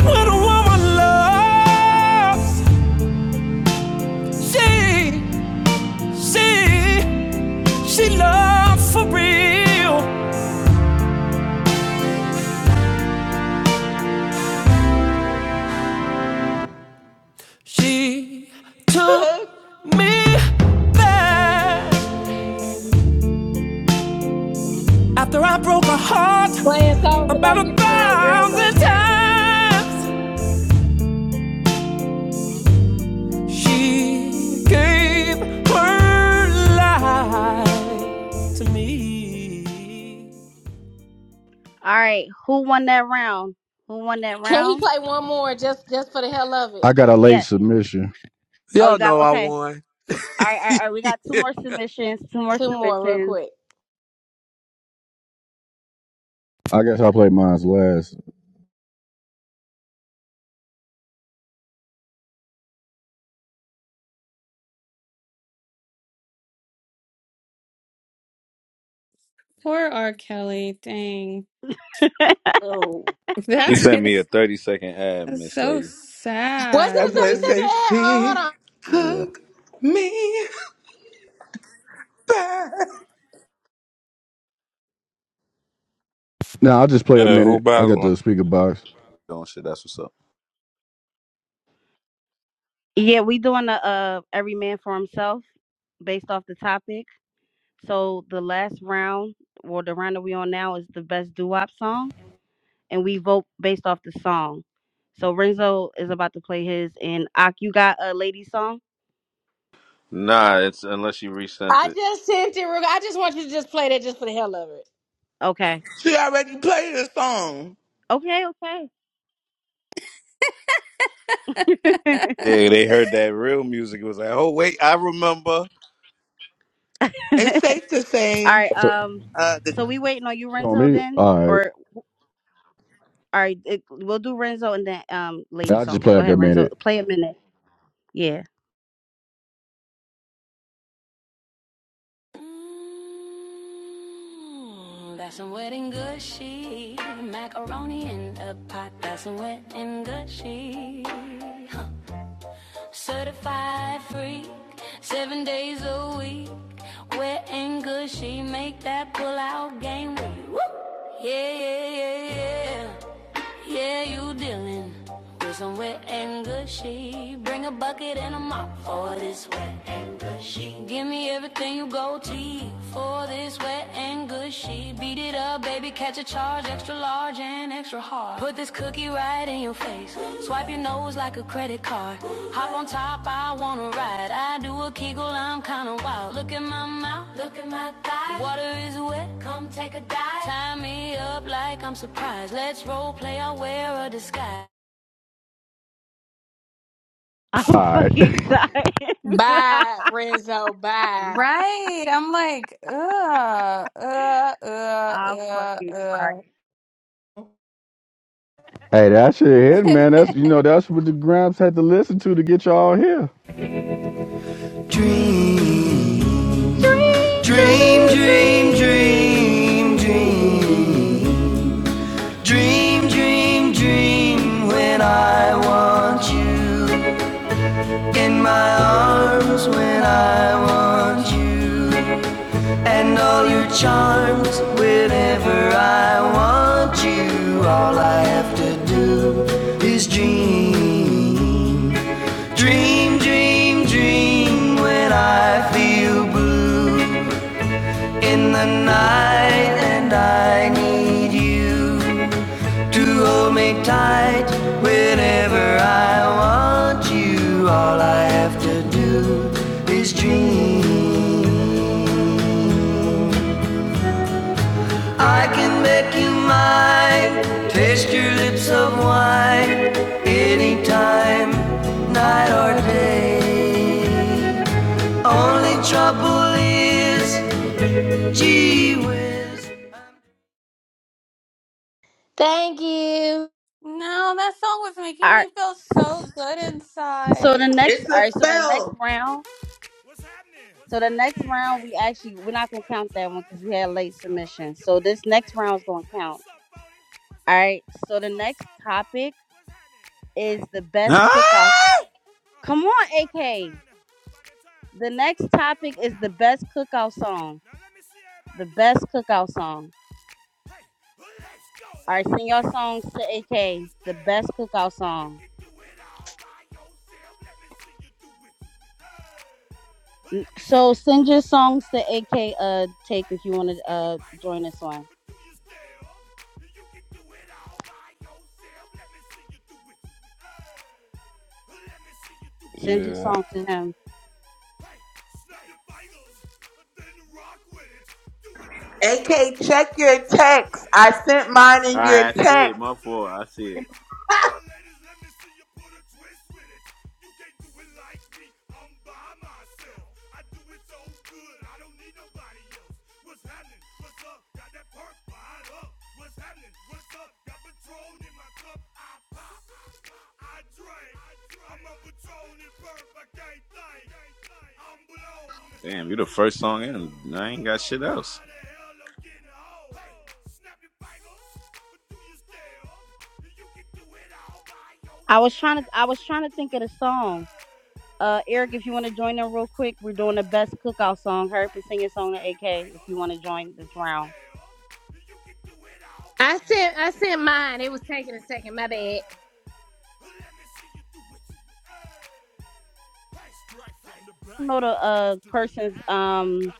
Speaker 7: When a woman loves, she See, she loves for real. She
Speaker 6: Took,
Speaker 7: found
Speaker 12: Playing songs about fifteen year old girls don't count.
Speaker 7: that
Speaker 2: right, who won that round? Who won that
Speaker 12: Can he
Speaker 2: round?
Speaker 12: play one more just just for the hell of it?
Speaker 14: I got a late
Speaker 2: Yeah.
Speaker 14: submission.
Speaker 2: Oh, you
Speaker 11: Y'all
Speaker 2: got
Speaker 11: know I
Speaker 2: okay.
Speaker 11: won.
Speaker 2: All right, all right, all right. We got two more submissions. Two more
Speaker 12: Two more real
Speaker 2: submissions.
Speaker 12: quick.
Speaker 14: I guess I'll play mine's last.
Speaker 13: Poor R. Kelly. Dang.
Speaker 9: Oh, I
Speaker 5: You
Speaker 13: That
Speaker 5: sent me a
Speaker 13: is
Speaker 5: 30 second ad,
Speaker 13: that's
Speaker 5: Miss
Speaker 13: so
Speaker 5: Lady.
Speaker 12: Was it
Speaker 13: sad,
Speaker 6: that
Speaker 12: a
Speaker 6: boy
Speaker 12: thirty
Speaker 13: man.
Speaker 12: second
Speaker 6: say
Speaker 12: ad? Oh hold
Speaker 6: she
Speaker 12: on.
Speaker 5: Yeah.
Speaker 6: took me back.
Speaker 14: Now I'll just play a
Speaker 15: Hey, who
Speaker 14: minute. I got
Speaker 15: battling?
Speaker 14: the speaker box.
Speaker 5: Don't shit. That's what's up.
Speaker 2: Yeah, we doing a uh every man for himself based off the topic. So the last round, or the round that we on now, is the best doo wop song, and we vote based off the song. So Renzo is about to play his, and Ak, you got a lady song?
Speaker 5: Nah, it's unless you resent
Speaker 12: I
Speaker 5: it.
Speaker 12: just sent it real I just want you to just play that just for the hell of it.
Speaker 2: Okay,
Speaker 6: She already played the song.
Speaker 2: okay, okay.
Speaker 5: Yeah, they heard that real music. It was like, oh wait, I remember.
Speaker 6: It's safe to
Speaker 2: all
Speaker 6: say,
Speaker 2: right.
Speaker 14: So
Speaker 2: Um,
Speaker 6: uh, the,
Speaker 2: so we waiting on you,
Speaker 14: on
Speaker 2: Renzo,
Speaker 14: me,
Speaker 2: then,
Speaker 14: all right.
Speaker 2: or all right, it, we'll do Renzo and then um, lady
Speaker 14: I'll just
Speaker 2: song.
Speaker 14: play
Speaker 2: Go
Speaker 14: like a
Speaker 2: ahead, Renzo,
Speaker 14: minute.
Speaker 2: play a minute. Yeah,
Speaker 16: Mm, That's some wet and gushy macaroni in a pot. That's some wet and gushy. Huh. Certified freak, seven days a week. Wet and gushy, make that pull out game Woo! Yeah, yeah, yeah, yeah. Yeah, you dealing with some wet and gushy. Bring a bucket and a mop for this wet and gushy. Give me everything you go to for this wet and gushy. Beat it up, baby, catch a charge, extra large and extra hard. Put this cookie right me right in your face. Swipe your nose like a credit card. Hop on top, I wanna ride. I do a kegel, I'm kinda wild. Look at my mouth, look at my thighs. Water is wet, come take a dive. Tie me up like I'm surprised. Let's role play, I'll wear a disguise.
Speaker 2: I'm
Speaker 14: All right.
Speaker 2: fucking
Speaker 14: hey,
Speaker 2: tired.
Speaker 12: Bye, Renzo. Bye.
Speaker 13: Right. I'm like, ugh, uh,
Speaker 2: I'm
Speaker 13: uh,
Speaker 2: fucking
Speaker 13: uh,
Speaker 2: tired.
Speaker 13: uh.
Speaker 14: that shit hit, man. That's you know that's what the Gramps had to listen to to get y'all here.
Speaker 7: Dream,
Speaker 2: Dream,
Speaker 7: dream, dream, dream,
Speaker 2: dream, dream,
Speaker 7: dream,
Speaker 2: dream.
Speaker 7: dream, dream, dream. When I want you in my arms, when I want you. And all your charms, whenever I want you, all I have to do is dream. Dream, dream, dream when I feel blue in the night and I need you to hold me tight whenever I want you. All I have to do is dream. I can make you mine. Taste your lips of wine anytime, night or day. Only trouble is, gee whiz.
Speaker 12: Thank you.
Speaker 13: no, that song was
Speaker 2: All
Speaker 13: making
Speaker 2: right.
Speaker 13: me feel so good
Speaker 2: So
Speaker 13: inside.
Speaker 2: the next,
Speaker 6: it's
Speaker 2: all right.
Speaker 6: a
Speaker 2: So the next
Speaker 6: spell.
Speaker 2: round.
Speaker 7: What's
Speaker 2: So the next
Speaker 7: happening?
Speaker 2: round,
Speaker 7: Hey, Hey!
Speaker 2: we actually we're not
Speaker 7: it's your
Speaker 2: gonna
Speaker 7: boy Lil
Speaker 2: count that one
Speaker 7: Jon.
Speaker 2: because we had
Speaker 7: Lil
Speaker 2: late
Speaker 7: Jon. The pick
Speaker 2: submission.
Speaker 7: your
Speaker 2: So
Speaker 7: meat
Speaker 2: this next round is
Speaker 7: click.
Speaker 2: gonna count.
Speaker 7: What's up, Phony? What's
Speaker 2: All right.
Speaker 7: happening?
Speaker 2: So the
Speaker 7: What's up,
Speaker 2: next
Speaker 7: Sean Paul?
Speaker 2: topic
Speaker 7: What's happening?
Speaker 2: is
Speaker 7: Hey,
Speaker 2: the
Speaker 7: now,
Speaker 2: best
Speaker 5: Ah!
Speaker 7: ladies and
Speaker 2: cookout.
Speaker 7: gentlemen,
Speaker 2: Come
Speaker 7: uh-huh,
Speaker 2: on,
Speaker 7: it's about that
Speaker 2: AK.
Speaker 7: time. now. It's about that time.
Speaker 2: The
Speaker 7: Turn
Speaker 2: next
Speaker 7: this thing
Speaker 2: topic
Speaker 7: on
Speaker 2: is the
Speaker 7: out.
Speaker 2: best cookout song.
Speaker 7: Now let me see everybody
Speaker 2: The
Speaker 7: do this.
Speaker 2: best cookout song.
Speaker 7: Hey, let's go.
Speaker 2: All right,
Speaker 7: Snap your
Speaker 2: sing your
Speaker 7: fingers,
Speaker 2: songs to
Speaker 7: but do you
Speaker 2: AK. The
Speaker 7: still?
Speaker 2: best cookout
Speaker 7: You
Speaker 2: song.
Speaker 7: can do it all by yourself. Let me see you do it. Let me see
Speaker 2: So
Speaker 7: you do
Speaker 2: send
Speaker 7: it.
Speaker 2: your songs to AK uh take if you want to
Speaker 7: Snap your
Speaker 2: uh
Speaker 7: fingers.
Speaker 2: join this one.
Speaker 7: But do you still? You can do it all by yourself. Let me see you do it. Let me see you do it.
Speaker 2: Send your
Speaker 15: Yeah,
Speaker 7: Hey.
Speaker 2: song to him.
Speaker 7: Hey, snap your vitals, then rock with it. Do it, do it, do it,
Speaker 6: AK,
Speaker 7: do it.
Speaker 6: check
Speaker 7: Go
Speaker 6: your
Speaker 7: drop with
Speaker 6: text.
Speaker 7: it.
Speaker 6: I
Speaker 7: Do
Speaker 6: sent
Speaker 7: a
Speaker 6: mine
Speaker 7: step
Speaker 5: All
Speaker 6: in
Speaker 5: right,
Speaker 7: with
Speaker 6: your
Speaker 5: I
Speaker 7: it.
Speaker 5: see it.
Speaker 6: text.
Speaker 5: My
Speaker 7: Put your
Speaker 5: fault. I
Speaker 7: hips
Speaker 5: see
Speaker 7: with
Speaker 5: it.
Speaker 7: it. All my ladies, let me see you put a twist with it. You can't do it like me. I'm by myself. I do it so good. I don't need nobody else. What's happening? What's up? Got that perk fired up. What's happening? What's up? Got Patron in my cup. I I drink. I'm up a drone and burp, I can't think. I'm blown,
Speaker 5: Damn, you the
Speaker 7: too
Speaker 5: first song
Speaker 7: gold.
Speaker 5: in. I ain't
Speaker 7: Don't
Speaker 5: got
Speaker 7: know
Speaker 5: shit
Speaker 7: how
Speaker 5: else.
Speaker 7: the hell I'm getting home. Hey, snap your fingers, but do you still? You can do it all by
Speaker 2: I was
Speaker 7: yourself.
Speaker 2: trying to
Speaker 7: Let me
Speaker 2: I was
Speaker 7: see you
Speaker 2: trying to
Speaker 7: do
Speaker 2: think of
Speaker 7: it.
Speaker 2: the song. Uh
Speaker 7: Well,
Speaker 2: Eric,
Speaker 7: Let
Speaker 2: if you
Speaker 7: me
Speaker 2: want to
Speaker 7: see you
Speaker 2: join in
Speaker 7: do
Speaker 2: real
Speaker 7: it.
Speaker 2: quick, we're doing the best cookout song. Hurry up and sing your song to AK if you want to join this round.
Speaker 12: I sent I sent mine. It was taking a second, my bad.
Speaker 7: Hey,
Speaker 2: I don't know the uh person's um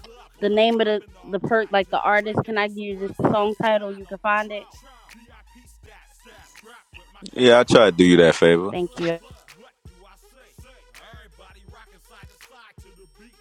Speaker 7: the club.
Speaker 2: the
Speaker 7: We've been
Speaker 2: name of the
Speaker 7: mobbing all
Speaker 2: the per
Speaker 7: day.
Speaker 2: like the artist.
Speaker 7: Drinking
Speaker 2: Can I
Speaker 7: on
Speaker 2: give
Speaker 7: some
Speaker 2: you just
Speaker 7: rust.
Speaker 2: the song title?
Speaker 7: John
Speaker 2: You
Speaker 7: on
Speaker 2: can find it.
Speaker 7: patrol. VIP stats. Strapped with my
Speaker 5: Yeah, I
Speaker 7: chrome.
Speaker 5: tried to do you
Speaker 7: Look
Speaker 5: that
Speaker 7: around the
Speaker 5: favor.
Speaker 2: Thank
Speaker 7: club.
Speaker 2: you. All
Speaker 7: What do I say? Everybody rocking side to side to the beat.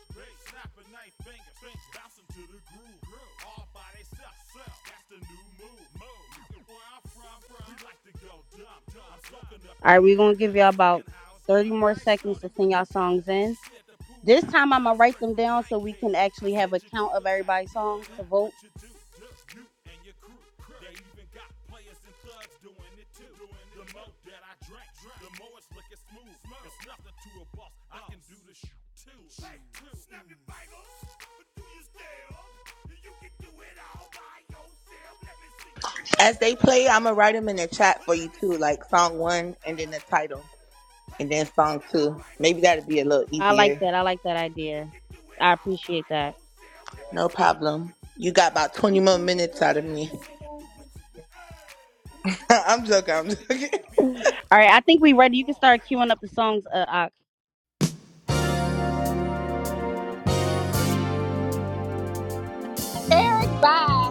Speaker 7: Snapping their fingers. Bouncing to the groove. All by themselves. That's the new move. Where I'm from, from. We like to go dumb. I'm smoking up the
Speaker 2: right,
Speaker 7: the
Speaker 2: we're
Speaker 7: game.
Speaker 2: gonna give y'all
Speaker 7: I'm
Speaker 2: about
Speaker 7: seeing how it's
Speaker 2: thirty
Speaker 7: done.
Speaker 2: more
Speaker 7: I ain't
Speaker 2: seconds to
Speaker 7: shorty what
Speaker 2: sing y'all
Speaker 7: they call it.
Speaker 2: songs in.
Speaker 7: She said the pool
Speaker 2: This
Speaker 7: palace.
Speaker 2: time I'm gonna write
Speaker 7: Straight
Speaker 2: them
Speaker 7: from
Speaker 2: down so we
Speaker 7: Blankhead.
Speaker 2: can
Speaker 7: I
Speaker 2: actually have
Speaker 7: said
Speaker 2: a
Speaker 7: you're
Speaker 2: count of
Speaker 7: good at it.
Speaker 2: everybody's song to
Speaker 7: Good do
Speaker 2: vote.
Speaker 7: what you do. do. You and your crew. They even got players and thugs doing it too. the more that I drink, the more it's looking smooth. It's nothing to a boss. I can do the shit too. Hey, snap your fingers, but do you still? You can do it all by yourself. Let me see you do it.
Speaker 6: As they play, I'm gonna write them in the chat
Speaker 7: Hey,
Speaker 6: for
Speaker 7: let
Speaker 6: you
Speaker 7: me
Speaker 6: too,
Speaker 7: see
Speaker 6: like
Speaker 7: you do
Speaker 6: song
Speaker 7: it.
Speaker 6: one
Speaker 7: Hey.
Speaker 6: and then the title and then song two. Maybe that'll be a little
Speaker 2: I like
Speaker 6: easier.
Speaker 2: that. I like that idea. I appreciate that.
Speaker 6: No problem. You got about 20 more minutes out of me. I'm joking. I'm joking.
Speaker 2: All right, I think we ready. You can start queuing up the songs. Uh, uh,
Speaker 12: Eric, bye.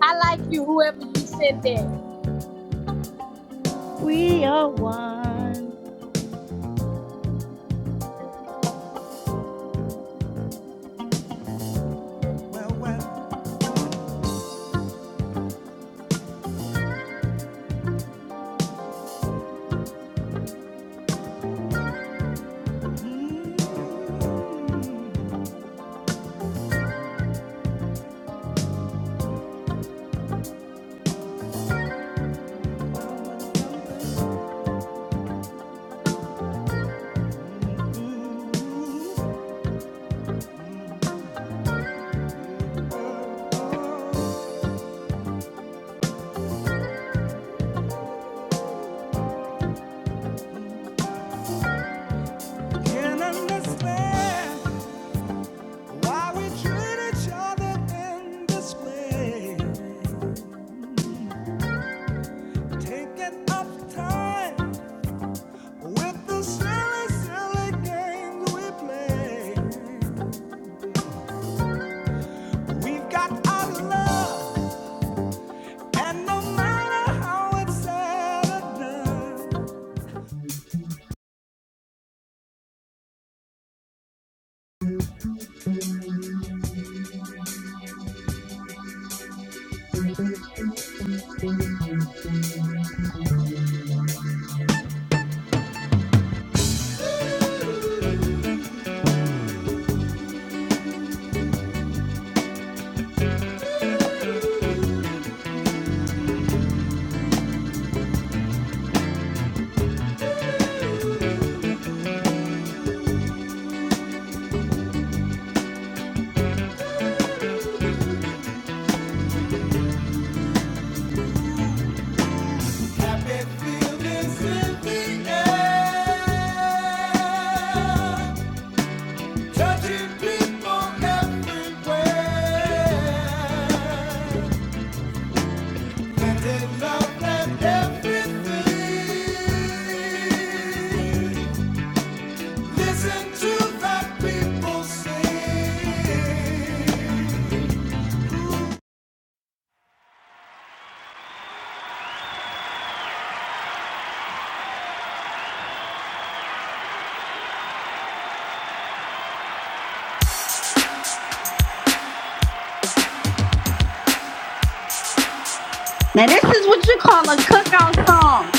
Speaker 12: I like you, whoever you sent that.
Speaker 2: we are one.
Speaker 7: Can't understand why we treat each other in this way. Thinking of the silly, silly place. Matter how we educate people everywhere. Love that every people sing.
Speaker 2: Now this is what you call a cookout song.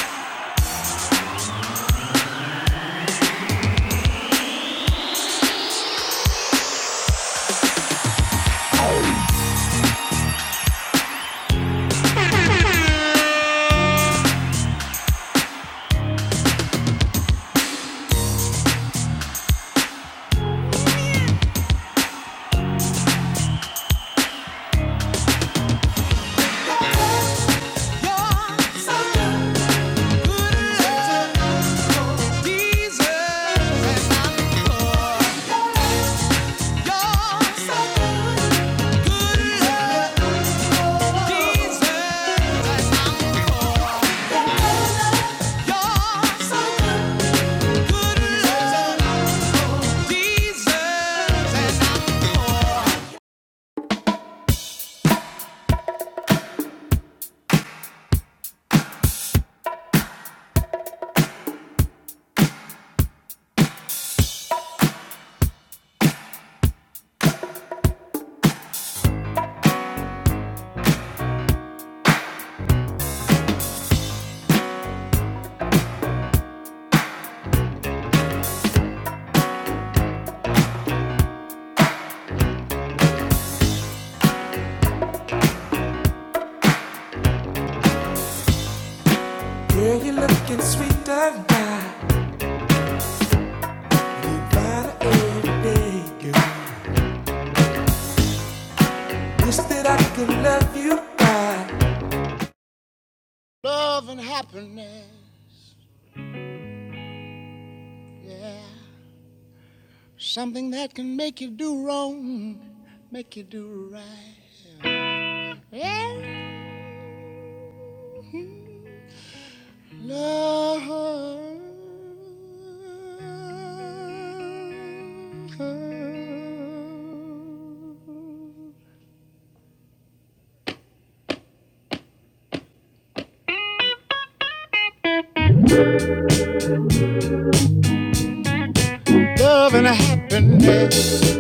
Speaker 7: Jesus, oh, so good. Good love. Jesus, oh, so good. Good love. Jesus. Something that can make you do wrong, make you do right. Yeah. Love. Love and happiness.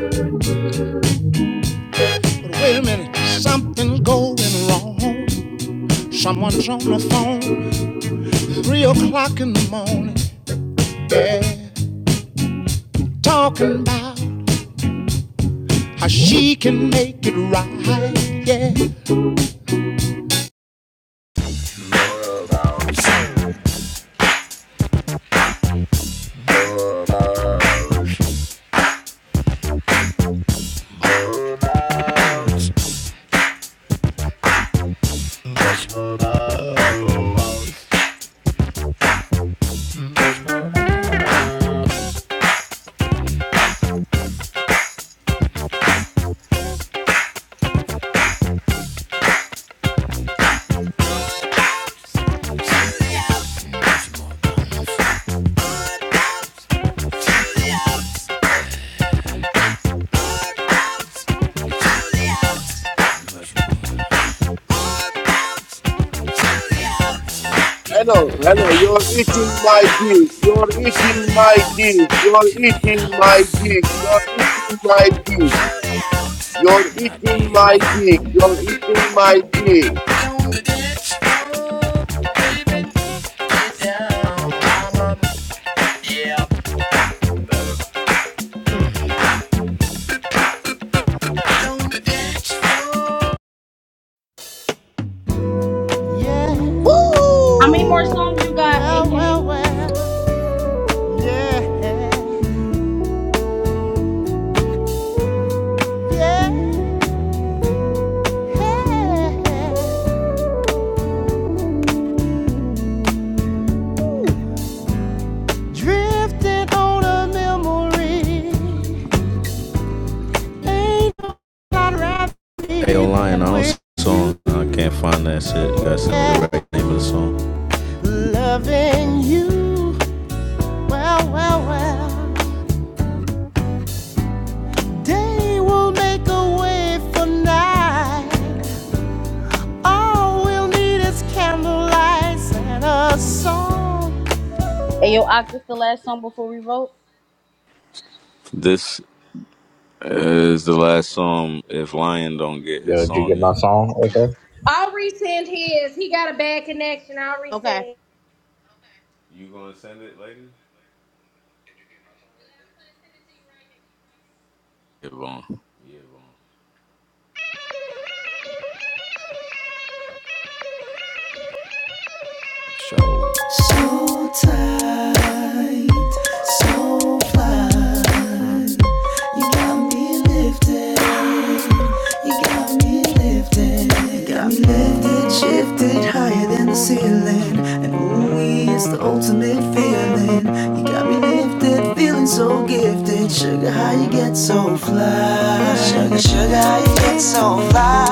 Speaker 7: But wait a minute, something's going wrong. Someone's on the phone, three o'clock in the morning. Yeah, talking about how she can make it right. Yeah,
Speaker 17: Hello, hello, you're eating my dick, you're eating my dick, you're eating my dick, you're eating my dick, you're eating my dick, you're eating my dick.
Speaker 6: Woo!
Speaker 7: Yeah.
Speaker 2: How many more songs you got,
Speaker 7: Well,
Speaker 2: AK?
Speaker 7: well, well. Yeah, yeah. no right Hey, Lion, I don't song. I can't find that shit. You gotta send me the right name of the song. Loving you, well, well, well. Day will make a way for night. All we'll need is candlelight and a song.
Speaker 2: Hey, yo, Ak, this the last song before we vote.
Speaker 7: This
Speaker 5: This
Speaker 7: is
Speaker 5: is the
Speaker 7: the last
Speaker 5: last
Speaker 7: song.
Speaker 5: song.
Speaker 7: If
Speaker 5: If
Speaker 7: Lion
Speaker 5: Lion
Speaker 7: don't
Speaker 5: don't
Speaker 7: get
Speaker 5: get
Speaker 7: this
Speaker 5: his
Speaker 4: Yo, did
Speaker 7: song,
Speaker 4: you
Speaker 5: song
Speaker 4: get
Speaker 7: in.
Speaker 4: my
Speaker 5: in,
Speaker 4: song? Okay.
Speaker 12: I'll resend his. He got a bad connection. I'll
Speaker 2: Okay.
Speaker 12: resend.
Speaker 5: give on.
Speaker 7: lifted, got me lifted, shifted higher than the ceiling. And ooh, it's the ultimate feeling. You got me lifted, feeling so gifted. Sugar, how you get so fly? Sugar, sugar, how you get so fly?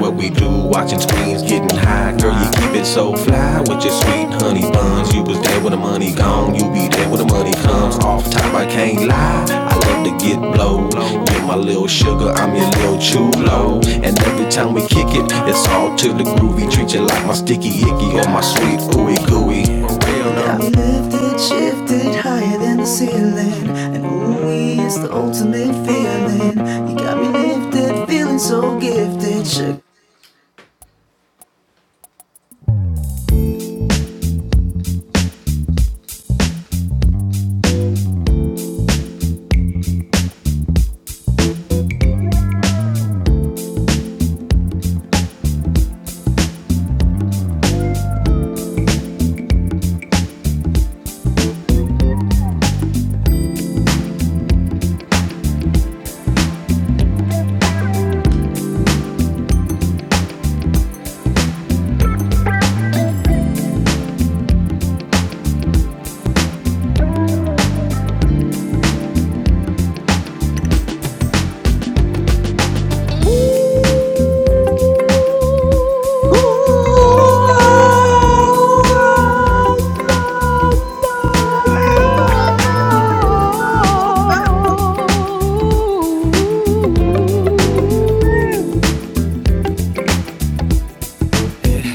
Speaker 7: What we do, watching screens, getting high. Girl, you keep it so fly with your sweet honey buns. You was there when the money gone, you be there when the money comes. Off top, I can't lie. I love to get blowed. You're my little sugar, I'm your little chulo. And every time we kick it, it's all to the groovy. Treat you like my sticky icky or my sweet ooey gooey. Yeah, we lifted, shifted higher than the ceiling. And ooey, it's the ultimate feeling. You got me lifted, feeling so gifted. Shook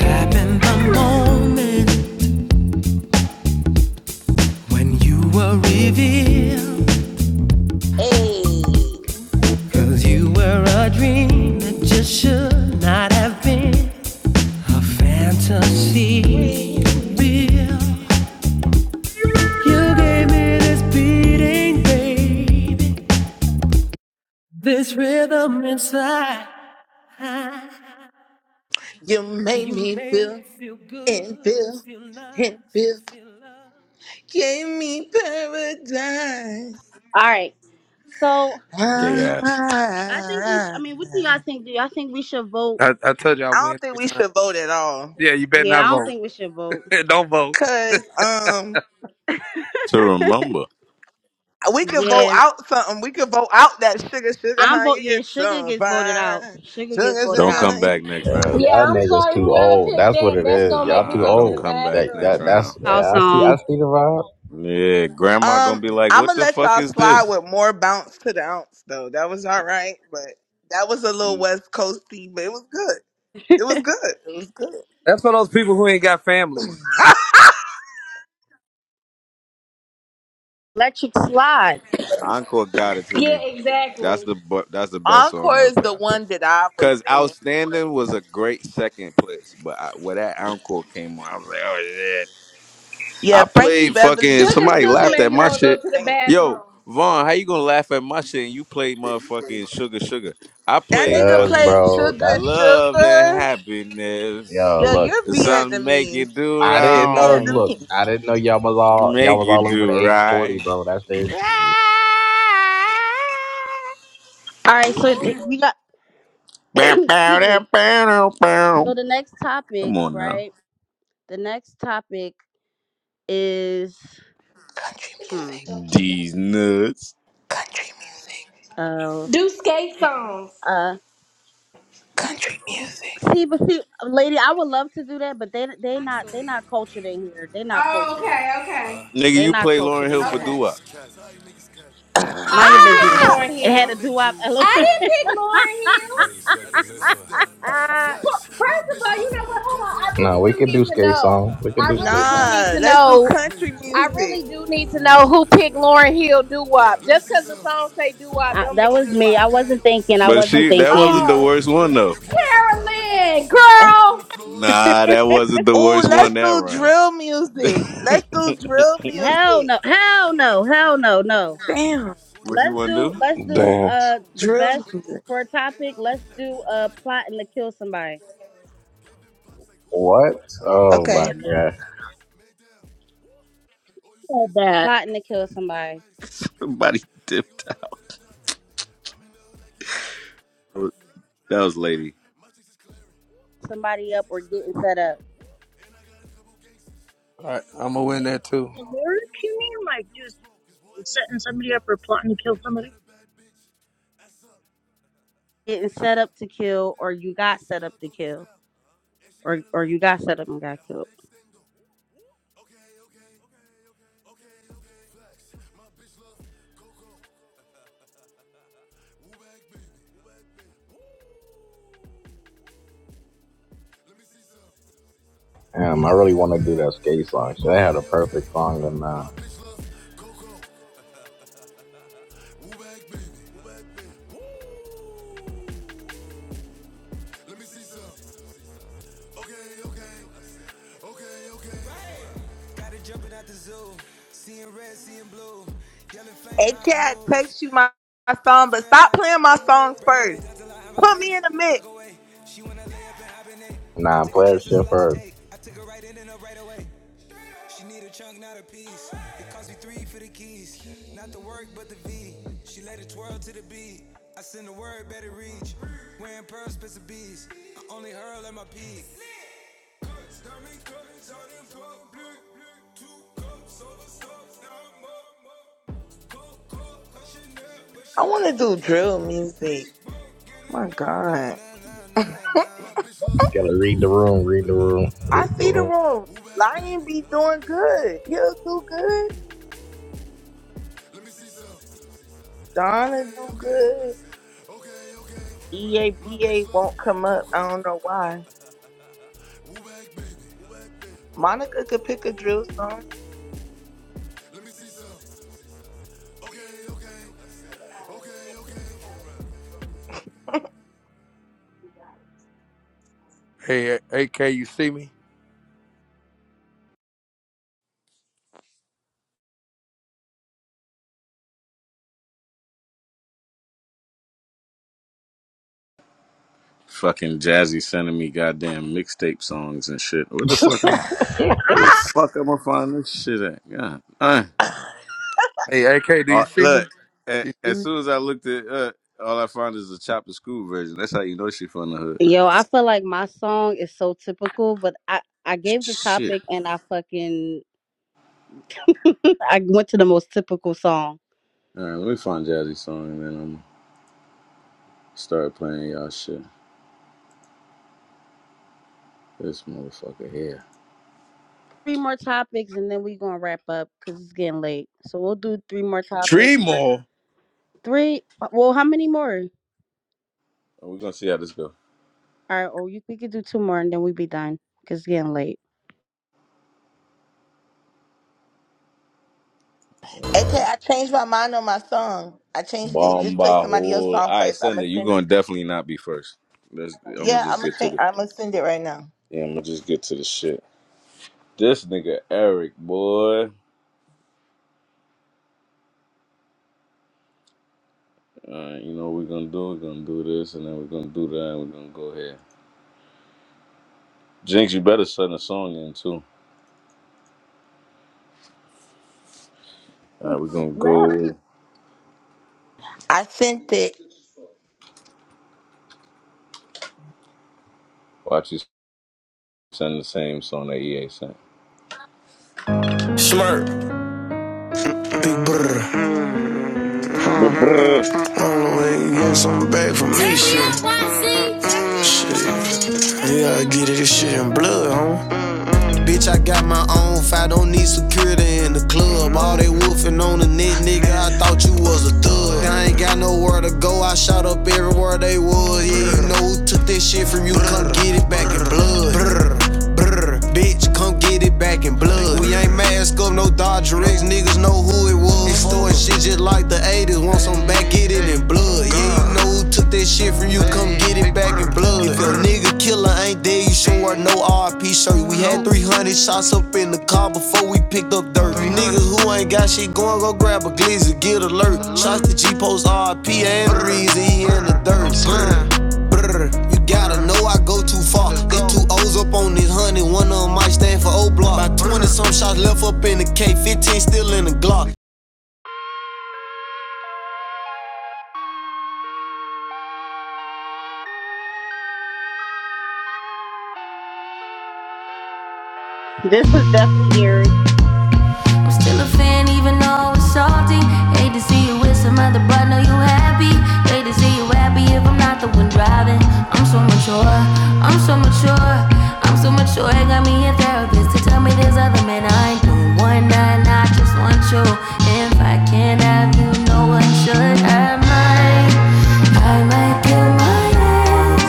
Speaker 7: Happened the moment when you were revealed.
Speaker 6: Hey,
Speaker 7: Cause you were a dream that just should not have been a fantasy.
Speaker 6: real.
Speaker 7: Real. You gave me this beating, baby. This rhythm inside. Well,
Speaker 6: You made
Speaker 7: You
Speaker 6: me
Speaker 7: made
Speaker 6: feel
Speaker 7: me feel
Speaker 6: and
Speaker 7: good and
Speaker 6: feel
Speaker 7: feel
Speaker 6: and
Speaker 7: nice and
Speaker 6: feel.
Speaker 7: feel love.
Speaker 6: Gave me paradise.
Speaker 2: All right. So
Speaker 5: Gay ass.
Speaker 2: I think we. Sh- I
Speaker 6: Ah.
Speaker 2: mean, what do y'all think? Do y'all think we should vote?
Speaker 11: I, I told you I
Speaker 6: I
Speaker 11: win
Speaker 6: don't think
Speaker 11: three
Speaker 6: we
Speaker 11: times.
Speaker 6: should vote at all.
Speaker 11: Yeah, you better
Speaker 2: Yeah,
Speaker 11: not
Speaker 2: I don't
Speaker 11: vote.
Speaker 2: think we should vote.
Speaker 11: Don't vote.
Speaker 6: Cause um
Speaker 5: To remember,
Speaker 6: we could
Speaker 2: Yeah.
Speaker 6: vote out something. We could vote out that sugar sugar
Speaker 2: I'm
Speaker 6: honey.
Speaker 2: vote.
Speaker 6: You
Speaker 2: Yeah,
Speaker 6: get
Speaker 2: Sugar
Speaker 6: some
Speaker 2: gets voted out.
Speaker 6: fine.
Speaker 2: Sugar gets
Speaker 6: Sugar sugar
Speaker 2: voted
Speaker 5: don't
Speaker 2: out.
Speaker 5: come
Speaker 6: honey.
Speaker 5: back next
Speaker 4: Uh,
Speaker 5: round.
Speaker 12: Yeah,
Speaker 4: y'all
Speaker 12: I'm
Speaker 4: niggas
Speaker 12: sorry,
Speaker 4: too
Speaker 12: whoever
Speaker 4: old.
Speaker 12: picked
Speaker 4: That's what
Speaker 12: that.
Speaker 4: it
Speaker 12: That's
Speaker 4: is.
Speaker 12: gonna make
Speaker 4: Y'all
Speaker 12: me
Speaker 4: too
Speaker 5: Nah,
Speaker 12: go to
Speaker 5: don't
Speaker 12: the
Speaker 4: old.
Speaker 5: come back
Speaker 4: That,
Speaker 5: next
Speaker 12: bathroom.
Speaker 4: that that's
Speaker 5: round.
Speaker 2: Our
Speaker 4: yeah, I see I
Speaker 2: song,
Speaker 4: see the vibe.
Speaker 5: Yeah, grandma gonna
Speaker 6: Um,
Speaker 5: be like,
Speaker 6: I'ma
Speaker 5: "What the
Speaker 6: let
Speaker 5: fuck
Speaker 6: y'all
Speaker 5: is
Speaker 6: slide
Speaker 5: this?"
Speaker 6: with more bounce to the ounce though. That was all right, but that was a little West Coasty, but it was good. It was good. It was good.
Speaker 11: That's for those people who ain't got families.
Speaker 2: Electric Slide.
Speaker 5: Encore got it to me.
Speaker 12: Yeah,
Speaker 5: That's
Speaker 12: exactly.
Speaker 5: the bu- that's the best song
Speaker 6: Encore
Speaker 5: that was
Speaker 6: is
Speaker 5: played,
Speaker 6: the
Speaker 5: I think.
Speaker 6: one that I was
Speaker 5: Cause
Speaker 6: leaning for.
Speaker 5: outstanding was a great second place, but I, when that encore came on, I was like, "Oh yeah."
Speaker 6: Yeah,
Speaker 5: I
Speaker 6: Frankie
Speaker 5: played
Speaker 6: Beverly
Speaker 5: fucking
Speaker 6: is
Speaker 12: Sugar,
Speaker 5: somebody
Speaker 12: sugar
Speaker 5: laughed
Speaker 6: cliche,
Speaker 12: made
Speaker 5: at
Speaker 12: me
Speaker 6: but
Speaker 5: my
Speaker 6: I
Speaker 12: want to
Speaker 5: shit.
Speaker 12: go
Speaker 6: couldn't
Speaker 12: to the
Speaker 6: think.
Speaker 5: Yo,
Speaker 12: bathroom.
Speaker 5: Vaughn, how you gonna laugh at my shit and you played motherfucking sugar sugar? I
Speaker 6: That
Speaker 5: played
Speaker 6: nigga
Speaker 4: Cause
Speaker 5: fucking
Speaker 6: played
Speaker 4: bro,
Speaker 6: Sugar
Speaker 4: that
Speaker 5: love and
Speaker 6: Sugar.
Speaker 5: happiness.
Speaker 4: yo
Speaker 6: Yo,
Speaker 4: look.
Speaker 6: you're
Speaker 5: Something make you
Speaker 6: Vietnamese.
Speaker 5: do
Speaker 4: I
Speaker 6: You're
Speaker 4: didn't know.
Speaker 5: wrong,
Speaker 4: Look,
Speaker 6: Vietnamese.
Speaker 4: I didn't know y'all was all y'all
Speaker 5: make
Speaker 4: was
Speaker 5: you
Speaker 4: all over the
Speaker 5: do
Speaker 4: age forty,
Speaker 5: right.
Speaker 4: bro. That's the issue.
Speaker 2: All right, so th- we got.
Speaker 5: Bow, bow,
Speaker 2: excuse
Speaker 5: dow,
Speaker 2: me.
Speaker 5: bow, dow,
Speaker 2: So the next topic,
Speaker 5: Come on now.
Speaker 2: right? The next topic is
Speaker 6: Country
Speaker 2: hmm.
Speaker 6: music,
Speaker 5: These nuts.
Speaker 6: country music,
Speaker 2: Uh,
Speaker 12: Do skate songs.
Speaker 2: uh.
Speaker 6: country music.
Speaker 2: See, but see, lady, I would love to do that, but they they not they not cultured in here. They not
Speaker 12: Oh,
Speaker 2: cultured.
Speaker 12: okay, okay,
Speaker 5: Nigga,
Speaker 2: They
Speaker 5: you
Speaker 2: not
Speaker 5: play Lauren
Speaker 2: cultured in
Speaker 5: Hill
Speaker 7: That's How
Speaker 5: for
Speaker 7: the
Speaker 2: here.
Speaker 12: okay.
Speaker 5: doo
Speaker 7: niggas cat. That's how the Niggas cat.
Speaker 12: I
Speaker 2: Mind your
Speaker 12: didn't pick
Speaker 2: business.
Speaker 6: Ah!
Speaker 12: Lauren
Speaker 7: Niggas
Speaker 2: It had
Speaker 12: Hill.
Speaker 2: a
Speaker 7: spraying they
Speaker 2: doo wop element.
Speaker 12: I didn't
Speaker 7: juice.
Speaker 12: pick Lauren Hill.
Speaker 7: Ain't expecting this not one. that.
Speaker 2: I,
Speaker 12: Well,
Speaker 7: Facts.
Speaker 12: First
Speaker 7: My
Speaker 12: of
Speaker 7: bitch
Speaker 12: all,
Speaker 7: love
Speaker 12: you know what? Hold on. I
Speaker 7: Coco.
Speaker 4: No,
Speaker 12: really
Speaker 4: we
Speaker 12: do
Speaker 4: could do
Speaker 12: need to
Speaker 4: skate
Speaker 12: know.
Speaker 4: song. We could
Speaker 12: I
Speaker 4: do
Speaker 7: Woo
Speaker 12: really
Speaker 4: skate
Speaker 12: do
Speaker 4: song.
Speaker 7: bag
Speaker 12: need
Speaker 6: Nah,
Speaker 12: to
Speaker 7: baby.
Speaker 6: let's do
Speaker 12: know.
Speaker 6: country
Speaker 12: I
Speaker 6: music.
Speaker 12: really do need to know who picked Lauren Hill doo wop. Just because the song say doo wop, don't
Speaker 2: that
Speaker 12: make it
Speaker 2: was
Speaker 12: doo
Speaker 2: me. I
Speaker 12: wop.
Speaker 2: wasn't thinking. I
Speaker 5: But
Speaker 2: wasn't
Speaker 5: she that
Speaker 2: thinking.
Speaker 5: wasn't the
Speaker 12: Oh,
Speaker 5: worst one though.
Speaker 12: Carolyn,
Speaker 7: I'm from
Speaker 12: girl.
Speaker 7: the floors when
Speaker 5: Nah,
Speaker 7: niggas.
Speaker 5: that wasn't the
Speaker 6: Oh,
Speaker 5: worst one
Speaker 6: let's
Speaker 5: that
Speaker 6: do
Speaker 5: round.
Speaker 6: drill music. Let's do drill
Speaker 2: Hell
Speaker 6: music.
Speaker 2: no, hell no, hell no, no.
Speaker 6: Damn,
Speaker 5: what you
Speaker 2: Let's
Speaker 5: want to
Speaker 2: do
Speaker 5: do?
Speaker 2: let's do
Speaker 15: damn.
Speaker 2: uh the
Speaker 6: drill
Speaker 2: best
Speaker 6: music.
Speaker 2: for a topic. Let's do uh plotting to kill somebody.
Speaker 4: What? Oh my
Speaker 6: Okay.
Speaker 4: god.
Speaker 9: said that.
Speaker 2: Plotting to kill somebody.
Speaker 5: Somebody dipped out. That was lady.
Speaker 2: Somebody up or getting set up.
Speaker 11: All right, I'm gonna win that too.
Speaker 9: The lyric, you mean like just setting somebody up or plotting to kill somebody?
Speaker 2: Getting set up to kill or you got set up to kill. Or or you got set up and got killed.
Speaker 4: Damn, I really want to do that skate song. Should I had a perfect song and uh,
Speaker 6: Hey, cat, text you my, my song, but stop playing my songs first. Put me in the mix.
Speaker 4: nah, play that shit for.
Speaker 6: I want to do drill music. My God.
Speaker 4: Gotta read the room, read the room,
Speaker 6: I
Speaker 4: read the
Speaker 6: see the
Speaker 4: room.
Speaker 6: room. Lion be doing good. He'll do good. Donna do good. EABA won't come up. I don't know why. Monica could pick a drill song.
Speaker 11: Hey, AK, you see me?
Speaker 5: Fucking Jazzy sending me goddamn mixtape songs and shit. Where the fuck am? Where the fuck am I find this shit at? God, uh,
Speaker 11: Hey, AK, do
Speaker 5: uh,
Speaker 11: you see me?
Speaker 5: look. a-
Speaker 11: you see
Speaker 5: as
Speaker 11: me?
Speaker 5: soon as I looked at, uh, all I found is the Chopper School version. That's how you know she from the hood.
Speaker 2: Yo, I feel like my song is so typical, but I I gave the
Speaker 5: Shit.
Speaker 2: topic and I fucking I went to the most typical song.
Speaker 5: All right, let me find Jazzy song and then I'm start playing y'all shit. This motherfucker here.
Speaker 2: three more topics and then we gonna wrap up because it's getting late. So we'll do three more
Speaker 5: Tree
Speaker 2: topics.
Speaker 5: more.
Speaker 2: Three. uh, Well, how many more?
Speaker 5: We're gonna see how this go.
Speaker 2: All right, or you, we could do two more and then we be done because it's getting late.
Speaker 5: I
Speaker 6: AK,
Speaker 5: gotta
Speaker 6: I changed my mind on my song. I changed it.
Speaker 5: Bomb
Speaker 6: Just play
Speaker 5: by
Speaker 6: somebody else's
Speaker 5: hole.
Speaker 6: song
Speaker 5: All right,
Speaker 6: first. I'ma
Speaker 5: Sunday, you
Speaker 6: send
Speaker 5: gonna
Speaker 6: it.
Speaker 5: definitely not be first. Let's, I'm gonna
Speaker 6: Yeah,
Speaker 5: just
Speaker 6: I'ma
Speaker 5: get to
Speaker 6: change
Speaker 5: the.
Speaker 6: I'ma send it right now.
Speaker 5: Yeah, I'm gonna just get to the shit. This nigga Eric, boy. All right, you know what we're gonna do? We're gonna do this, and then we're gonna do that, and we're gonna go here. Jinx, you better send a song in too. All right, we're gonna
Speaker 9: Left.
Speaker 5: go.
Speaker 6: I sent it.
Speaker 5: Watch you send the same song that EA sent.
Speaker 7: Big brother,
Speaker 5: But bruh.
Speaker 7: on the way, get some back from me, shit. Yeah, I get it, this shit in blood, homie. Bitch, I got my own fight, don't need security in the club. All they wolfing on the net, nigga, I thought you was a thug. I ain't got nowhere to go, I shot up everywhere they was. Yeah, you know who took this shit from you, come get it back in blood. Brr, brr, bitch, come get it back in blood. We ain't mask up, no Dodger X, niggas know who it was. Extorting shit just like the 80s, want some back, get it in blood. Yeah, you know who took took that shit from you, come get it back in blood. If your nigga killer ain't there, you sure are no R.I.P. shirt. We had 300 shots up in the car before we picked up dirt. You niggas who ain't got shit going, go grab a glizzy, get alert. Shots to G Post R.I.P. and the reason he in the dirt. Brr, brr, you gotta know I go too far. Get two O's up on this honey, one of them might stand for O block. About 20 some shots left up in the K, 15 still in the Glock.
Speaker 2: This was definitely Eric.
Speaker 7: a fan even though it's salty. Hate to see you with some other, but know you happy. Hate to see you happy if I'm not the one driving. I'm so mature, I'm so mature, I'm so mature. It got me a therapist to tell me there's other men I ain't doing one night. I just want you. If I can't have you. No one should have mine. I might kill my ex.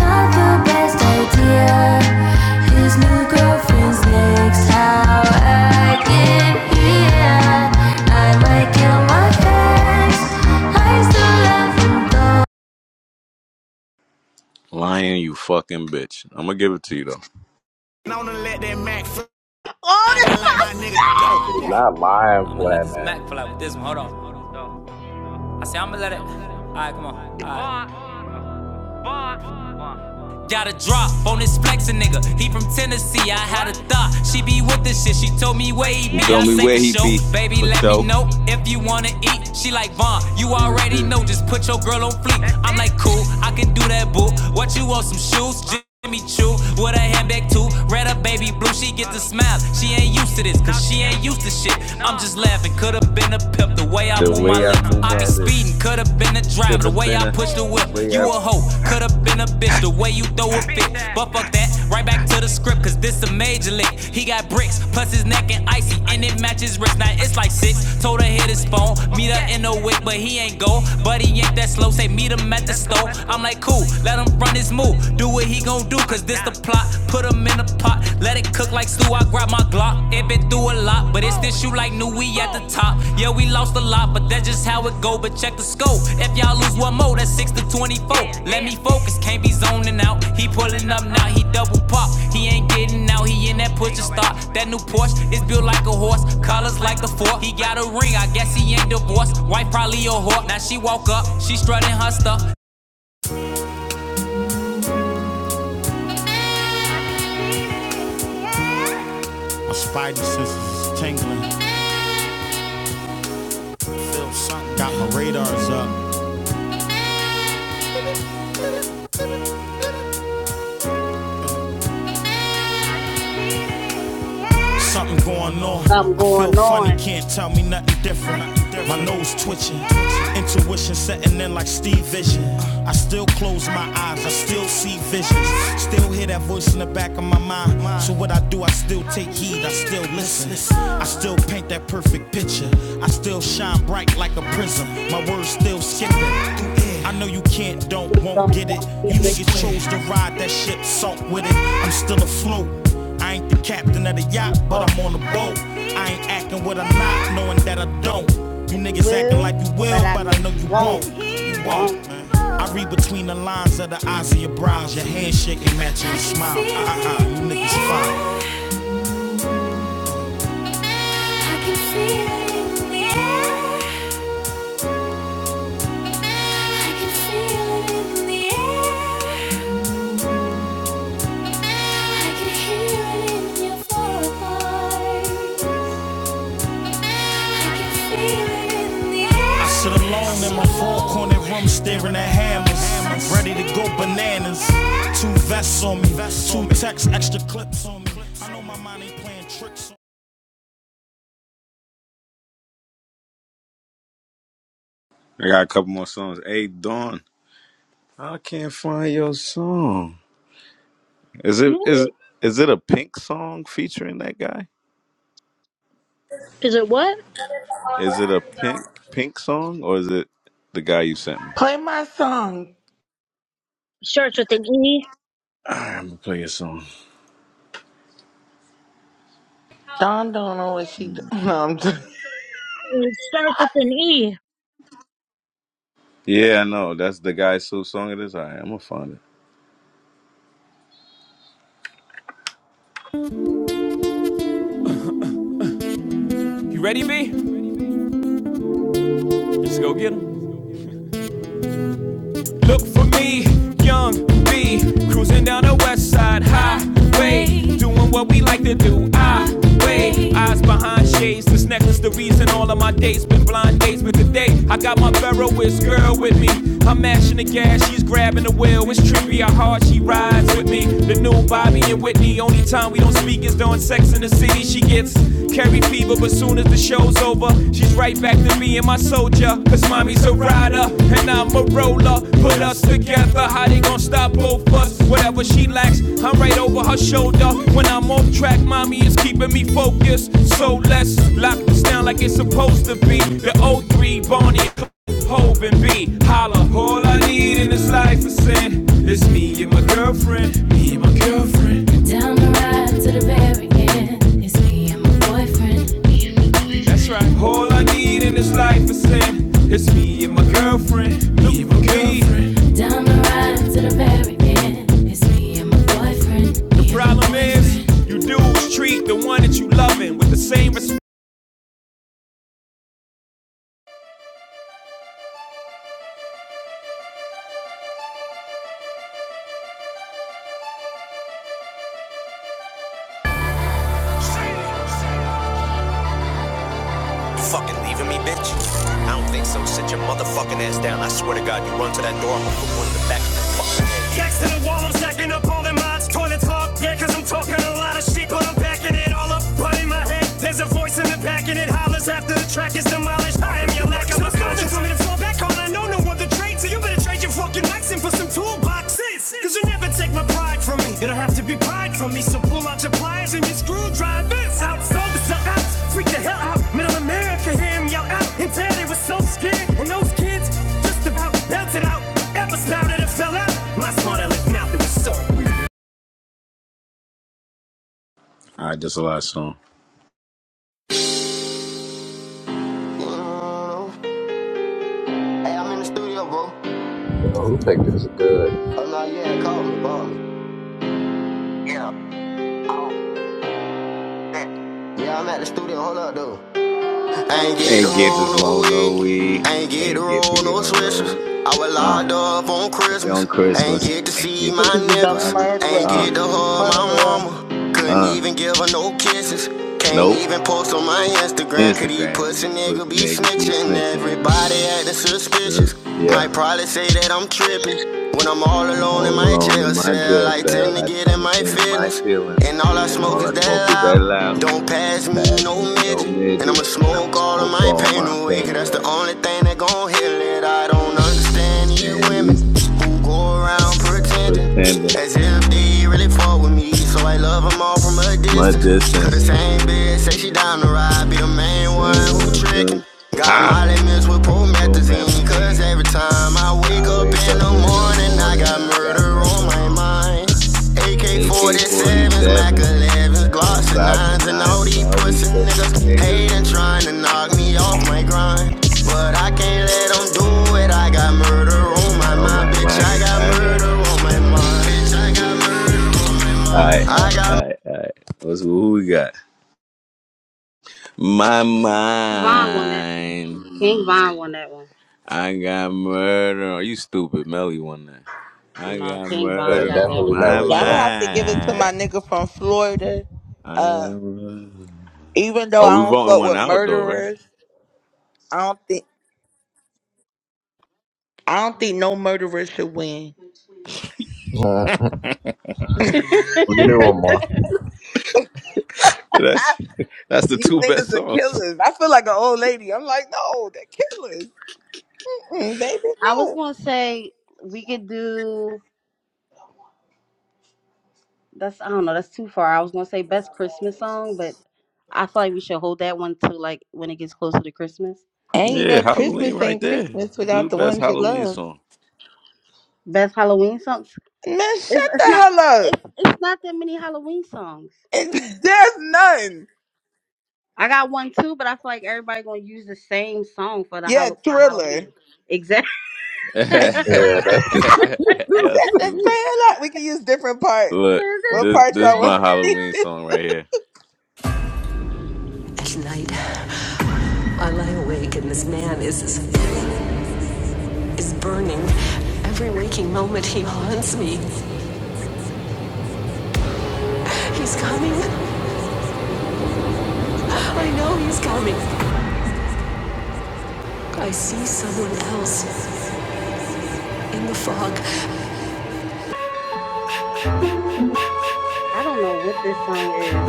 Speaker 7: Not the best idea. His new girlfriend's next. How I get here? I might kill my ex. I still love him.
Speaker 5: Lion, you fucking bitch. I'm gonna give it to you though.
Speaker 7: going to let that Mac fly
Speaker 2: Oh, that's
Speaker 7: just like
Speaker 2: my
Speaker 7: my nigga
Speaker 2: son.
Speaker 4: not
Speaker 7: dope.
Speaker 4: lying
Speaker 7: I'ma let
Speaker 4: playing
Speaker 7: this
Speaker 4: that.
Speaker 7: Mac fly with this one. Hold on. I say I'ma let it. Alright, come on. Alright. Got a drop on this flexin' nigga. He from Tennessee. I had a thought. She be with this shit. She told me where he
Speaker 5: You
Speaker 7: be.
Speaker 5: tell
Speaker 7: I
Speaker 5: me
Speaker 7: say for
Speaker 5: where he
Speaker 7: sure.
Speaker 5: be
Speaker 7: Baby,
Speaker 5: for
Speaker 7: let me
Speaker 5: show.
Speaker 7: know if you wanna eat. She like Vaughn. You
Speaker 5: The,
Speaker 7: already
Speaker 5: the,
Speaker 7: know. Just put your girl on fleek. I'm like cool. I can do that, boo. What you want? Some shoes? Jimmy Choo shoe with a handbag too. Red a baby blue, she get the smile. She ain't used to this, cause she ain't used to shit. I'm just laughing, could've been a pimp the way I
Speaker 5: The
Speaker 7: move my
Speaker 5: way I
Speaker 7: lip.
Speaker 5: move
Speaker 7: I
Speaker 5: my
Speaker 7: be
Speaker 5: lips.
Speaker 7: speeding, could've been a driver
Speaker 5: Could
Speaker 7: the
Speaker 5: have
Speaker 7: way
Speaker 5: been
Speaker 7: I
Speaker 5: a,
Speaker 7: push the
Speaker 5: a
Speaker 7: whip.
Speaker 5: way
Speaker 7: You a
Speaker 5: out.
Speaker 7: hoe, could've been a bitch the way you throw a fit. But fuck that, right back to the script, cause this a major lick. He got bricks, plus his neck and icy, and it matches wrist. Now it's like six. Told her hit his phone, meet her in the wick, but he ain't go. But he ain't that slow, say meet him at the store. I'm like, cool, let him run run his move. Do what he gon' do, cause this the plot. Put him in a pot, let it cook like stew. I grab my Glock. It been through a lot, but it's this shoe like new. We at the top. Yeah, we lost a lot, but that's just how it go. But check the scope. If y'all lose one more, that's 6 to 24. Let me focus, can't be zoning out. He pulling up now, he double pop. He ain't getting out, he in that push a stop. That new Porsche is built like a horse, colors like the fork. He got a ring, I guess he ain't divorced. Wife probably a whore. Now she woke up, she strutting her stuff. Spidey senses is tingling. Got my radars up. Something
Speaker 2: Something going on.
Speaker 7: inches. Do I still paint that perfect picture? I still shine bright like a prism. My words don't skip I know you can't, don't,
Speaker 2: You
Speaker 7: won't
Speaker 2: don't
Speaker 7: get it.
Speaker 2: want to
Speaker 7: You
Speaker 2: get it
Speaker 7: niggas chose to ride that ship, salt with it. I'm still afloat. I ain't the captain of the
Speaker 2: on the
Speaker 7: yacht, but
Speaker 2: boat.
Speaker 7: I'm on the boat. I ain't acting what I'm not, knowing that I don't. You
Speaker 2: Like you
Speaker 7: niggas acting like
Speaker 2: will,
Speaker 7: you
Speaker 2: but
Speaker 7: will,
Speaker 2: I
Speaker 7: but
Speaker 2: know
Speaker 7: I know
Speaker 2: you
Speaker 7: you
Speaker 2: won't.
Speaker 7: won't.
Speaker 2: You
Speaker 7: You won't,
Speaker 2: won't.
Speaker 7: man. I read between the lines of the eyes of your brows. Your handshake ain't matching your smile. Uh-uh, you niggas fine. I can feel it in the air. I can feel it in the air. I sit alone in my four corner room staring at hammers. Ready to go bananas. Two vests on me, two texts, extra clips on me. I know my mind ain't playing tricks on
Speaker 5: I got a couple more songs. Hey Dawn, I can't find your song. Is it
Speaker 9: hmm?
Speaker 5: is is it a Pink song featuring that guy?
Speaker 9: Is it what?
Speaker 5: Is it a Pink Pink song or is it the guy you sent me?
Speaker 6: Play my song.
Speaker 9: Starts with an E.
Speaker 5: All right, I'm gonna play your song.
Speaker 6: Don don't know what she do. No, I'm just
Speaker 9: It starts with an E.
Speaker 5: Yeah, I know that's the guy's whose song it is. All right, I'm gonna find it.
Speaker 7: me. You ready, B? Let's go get 'em. Look for me, young B, cruising down the west side highway, doing what we like to do. I wait, eyes behind shades. This necklace, the reason all of my days been blind days. But today, I got my Veroist girl with me. I'm mashing the gas, she's grabbing the wheel. It's trippy how hard she rides with me. The new Bobby and Whitney, only time we don't speak is during sex in the city. She gets carry fever, but soon as the show's over over. She's right back to me and my soldier. Cause mommy's a rider and I'm a roller. Put us together, how they gon' stop both us? Whatever she lacks, I'm right over her shoulder. When I'm off track, mommy is keeping me focused. So let's lock this down like it's supposed to be. The '03 3 Barney, Hope and B, holla. All I need in this life is sin. It's me and my girlfriend, me and my girlfriend. Back to the very end. It's me and my boyfriend. That's right. All I need in this life is sin. It's me and my girlfriend. Me and my girlfriend. Problem is, you dudes treat the one that you loving with the same respect. Leaving me, bitch? I don't think so. Sit your motherfucking ass down. I swear to God, you run to that door, I'm gonna put one in the back next to the wall, I'm stacking up all them mods. Toilet talk, yeah, cause I'm talking a lot of shit, but I'm packing it all up. But in my head, there's a voice in the back, and it hollers after the track is demolished. I am your lack of conscience. I'm gonna fall back on, I know no other trade, so you better trade your fucking accent for some toolboxes. Cause you never take my pride. Be pried from me, so pull out your pliers and your screwdrivers out. Sold the out, freak the hell out. Middle America, hear him yell out. And tell they were so scared. And those kids just about belted out. Ever spouted and fell out. My smart aleck mouth, it was so weird.
Speaker 5: All right, that's a last song.
Speaker 7: Hey, I'm in the studio, bro.
Speaker 4: Yo, who think this is good?
Speaker 7: Oh no, yeah, call me, bro. Yeah. Yeah, I'm at the studio. Hold up, dude. I ain't get to
Speaker 5: Ain't get this
Speaker 7: roll no
Speaker 5: low no
Speaker 7: weed.
Speaker 5: weed.
Speaker 7: I ain't get to
Speaker 5: Ain't get the
Speaker 7: roll no
Speaker 5: girl
Speaker 7: swishers.
Speaker 5: no.
Speaker 7: I was
Speaker 5: Uh,
Speaker 7: locked up on
Speaker 5: on
Speaker 7: Christmas. I ain't
Speaker 5: Christmas.
Speaker 7: get to
Speaker 5: Ain't
Speaker 7: see
Speaker 5: get
Speaker 7: my
Speaker 6: Cause
Speaker 5: the
Speaker 6: he's a
Speaker 7: niggas.
Speaker 5: mama.
Speaker 7: I ain't
Speaker 6: murderer.
Speaker 5: Uh,
Speaker 7: get to hug my
Speaker 6: Murderer.
Speaker 7: mama. Couldn't
Speaker 5: uh.
Speaker 7: even give her no
Speaker 5: uh,
Speaker 7: kisses. Can't
Speaker 5: Nope.
Speaker 7: even post on my Instagram. Could he
Speaker 5: Instagram,
Speaker 7: pussy
Speaker 5: these
Speaker 7: nigga
Speaker 5: pussy
Speaker 7: be
Speaker 5: niggas be
Speaker 7: snitching?
Speaker 5: snitching.
Speaker 7: Everybody
Speaker 5: Uh,
Speaker 7: acting
Speaker 5: the-
Speaker 7: suspicious. Might
Speaker 5: yeah,
Speaker 7: probably say that I'm tripping. When I'm all
Speaker 5: I'm
Speaker 7: alone
Speaker 5: all
Speaker 7: in my
Speaker 5: alone in
Speaker 7: jail
Speaker 5: my
Speaker 7: cell,
Speaker 5: jail
Speaker 7: I
Speaker 5: cell.
Speaker 7: tend to
Speaker 5: I
Speaker 7: get in
Speaker 5: tend
Speaker 7: my
Speaker 5: again in my
Speaker 7: feelings. And
Speaker 5: feelings,
Speaker 7: all I
Speaker 5: and
Speaker 7: smoke
Speaker 5: all
Speaker 7: is
Speaker 5: I smoke
Speaker 7: that
Speaker 5: is that
Speaker 7: loud.
Speaker 5: loud.
Speaker 7: Don't pass
Speaker 5: Don't
Speaker 7: me
Speaker 5: pass
Speaker 7: no
Speaker 5: me no
Speaker 7: midget. And
Speaker 5: midget,
Speaker 7: I'ma
Speaker 5: and I'ma
Speaker 7: smoke all of
Speaker 5: smoke
Speaker 7: my
Speaker 5: all
Speaker 7: pain
Speaker 5: my
Speaker 7: away.
Speaker 5: pain
Speaker 7: Cause that's the
Speaker 5: away.
Speaker 7: only thing that gon' heal it. I don't
Speaker 5: And I don't
Speaker 7: understand these
Speaker 5: understand
Speaker 7: women
Speaker 5: these
Speaker 7: who go around
Speaker 5: people
Speaker 7: pretending
Speaker 5: pretending
Speaker 7: as if they really fuck with me. So I love them all from a
Speaker 5: my
Speaker 7: distance. Cause the
Speaker 5: distance.
Speaker 7: same bitch say she down to ride. Be the
Speaker 5: The
Speaker 7: main one who
Speaker 5: single,
Speaker 7: trickin'. Got
Speaker 5: ha,
Speaker 7: Molly mixed with
Speaker 5: full
Speaker 7: promethazine. Cause
Speaker 5: magazine.
Speaker 7: every time I wake
Speaker 5: I
Speaker 7: up
Speaker 5: wake
Speaker 7: in
Speaker 5: up
Speaker 7: the
Speaker 5: in the
Speaker 7: morning,
Speaker 5: morning, I got murder on my
Speaker 7: mine.
Speaker 5: mind. AK 47s,
Speaker 7: Niggas
Speaker 5: 11
Speaker 7: and
Speaker 5: Glocks,
Speaker 7: nines
Speaker 5: and
Speaker 7: and
Speaker 5: 9s,
Speaker 7: all
Speaker 5: and
Speaker 7: these
Speaker 5: all these
Speaker 7: pussy
Speaker 5: pussy
Speaker 7: niggas hate
Speaker 5: niggas.
Speaker 7: trying to knock me off my grind. But I can't roll
Speaker 5: Murder
Speaker 7: my
Speaker 5: on
Speaker 7: mind,
Speaker 5: my
Speaker 7: bitch. I
Speaker 5: mind.
Speaker 7: got
Speaker 5: I got murder on my Alright, alright, alright, alright. What's who we got? My
Speaker 2: King Von won that one.
Speaker 5: mind.
Speaker 2: King Von won that one.
Speaker 5: I got murder. on- You stupid, Melly one that. I
Speaker 2: No,
Speaker 5: got
Speaker 2: King
Speaker 4: Yeah,
Speaker 2: Von
Speaker 5: murder
Speaker 2: got
Speaker 5: on
Speaker 4: definitely
Speaker 2: that
Speaker 5: my
Speaker 4: Nelly,
Speaker 6: Yeah, I'm gonna
Speaker 4: bro.
Speaker 6: have to give it to my
Speaker 5: mind.
Speaker 6: nigga from Florida.
Speaker 5: I got
Speaker 6: Uh,
Speaker 5: murder.
Speaker 6: even though
Speaker 5: Oh,
Speaker 6: I
Speaker 5: we
Speaker 6: don't
Speaker 5: voting
Speaker 6: fuck
Speaker 5: one
Speaker 6: with
Speaker 5: out though, right?
Speaker 6: murderers, I don't think I don't think no murderer should win.
Speaker 4: Uh, we can do one
Speaker 2: one.
Speaker 4: more.
Speaker 5: That's that's the
Speaker 6: These
Speaker 5: two best
Speaker 6: niggas are
Speaker 5: songs.
Speaker 6: killers. I feel like an old lady. I'm like, no, they're killers, Mm, baby.
Speaker 2: I was
Speaker 6: No,
Speaker 2: gonna say we could do that's I don't know, that's too far. I was gonna say best Christmas song, but I feel like we should hold that one till like when it gets closer to Christmas.
Speaker 6: and you
Speaker 5: Yeah,
Speaker 6: know,
Speaker 5: Halloween
Speaker 6: Christmas
Speaker 5: right
Speaker 6: ain't
Speaker 5: there.
Speaker 6: Christmas
Speaker 5: Do the
Speaker 6: without the
Speaker 5: best
Speaker 6: ones you
Speaker 5: Halloween
Speaker 6: love.
Speaker 5: song.
Speaker 2: Best Halloween songs.
Speaker 6: Man,
Speaker 2: It's
Speaker 6: shut
Speaker 2: it's
Speaker 6: the
Speaker 2: not
Speaker 6: hell up.
Speaker 2: it's it's not that many Halloween songs.
Speaker 6: It- There's none.
Speaker 2: I got one too, but I feel like everybody gonna use the same song for the
Speaker 6: Yeah,
Speaker 2: Hall- for Halloween.
Speaker 6: thriller.
Speaker 2: Exactly.
Speaker 6: That's
Speaker 4: Yeah, that's yeah,
Speaker 5: Y'all
Speaker 6: the
Speaker 5: stupid.
Speaker 6: trailer. We can use different parts.
Speaker 5: Look,
Speaker 6: What
Speaker 5: this
Speaker 6: part
Speaker 5: this is
Speaker 6: y'all
Speaker 5: my
Speaker 6: want?
Speaker 5: Halloween song right here.
Speaker 7: At night, I lie awake and this man is, is, is burning. Every waking moment, he haunts me. He's coming. I know he's coming. I see someone else in the fog.
Speaker 2: I don't know what this song is.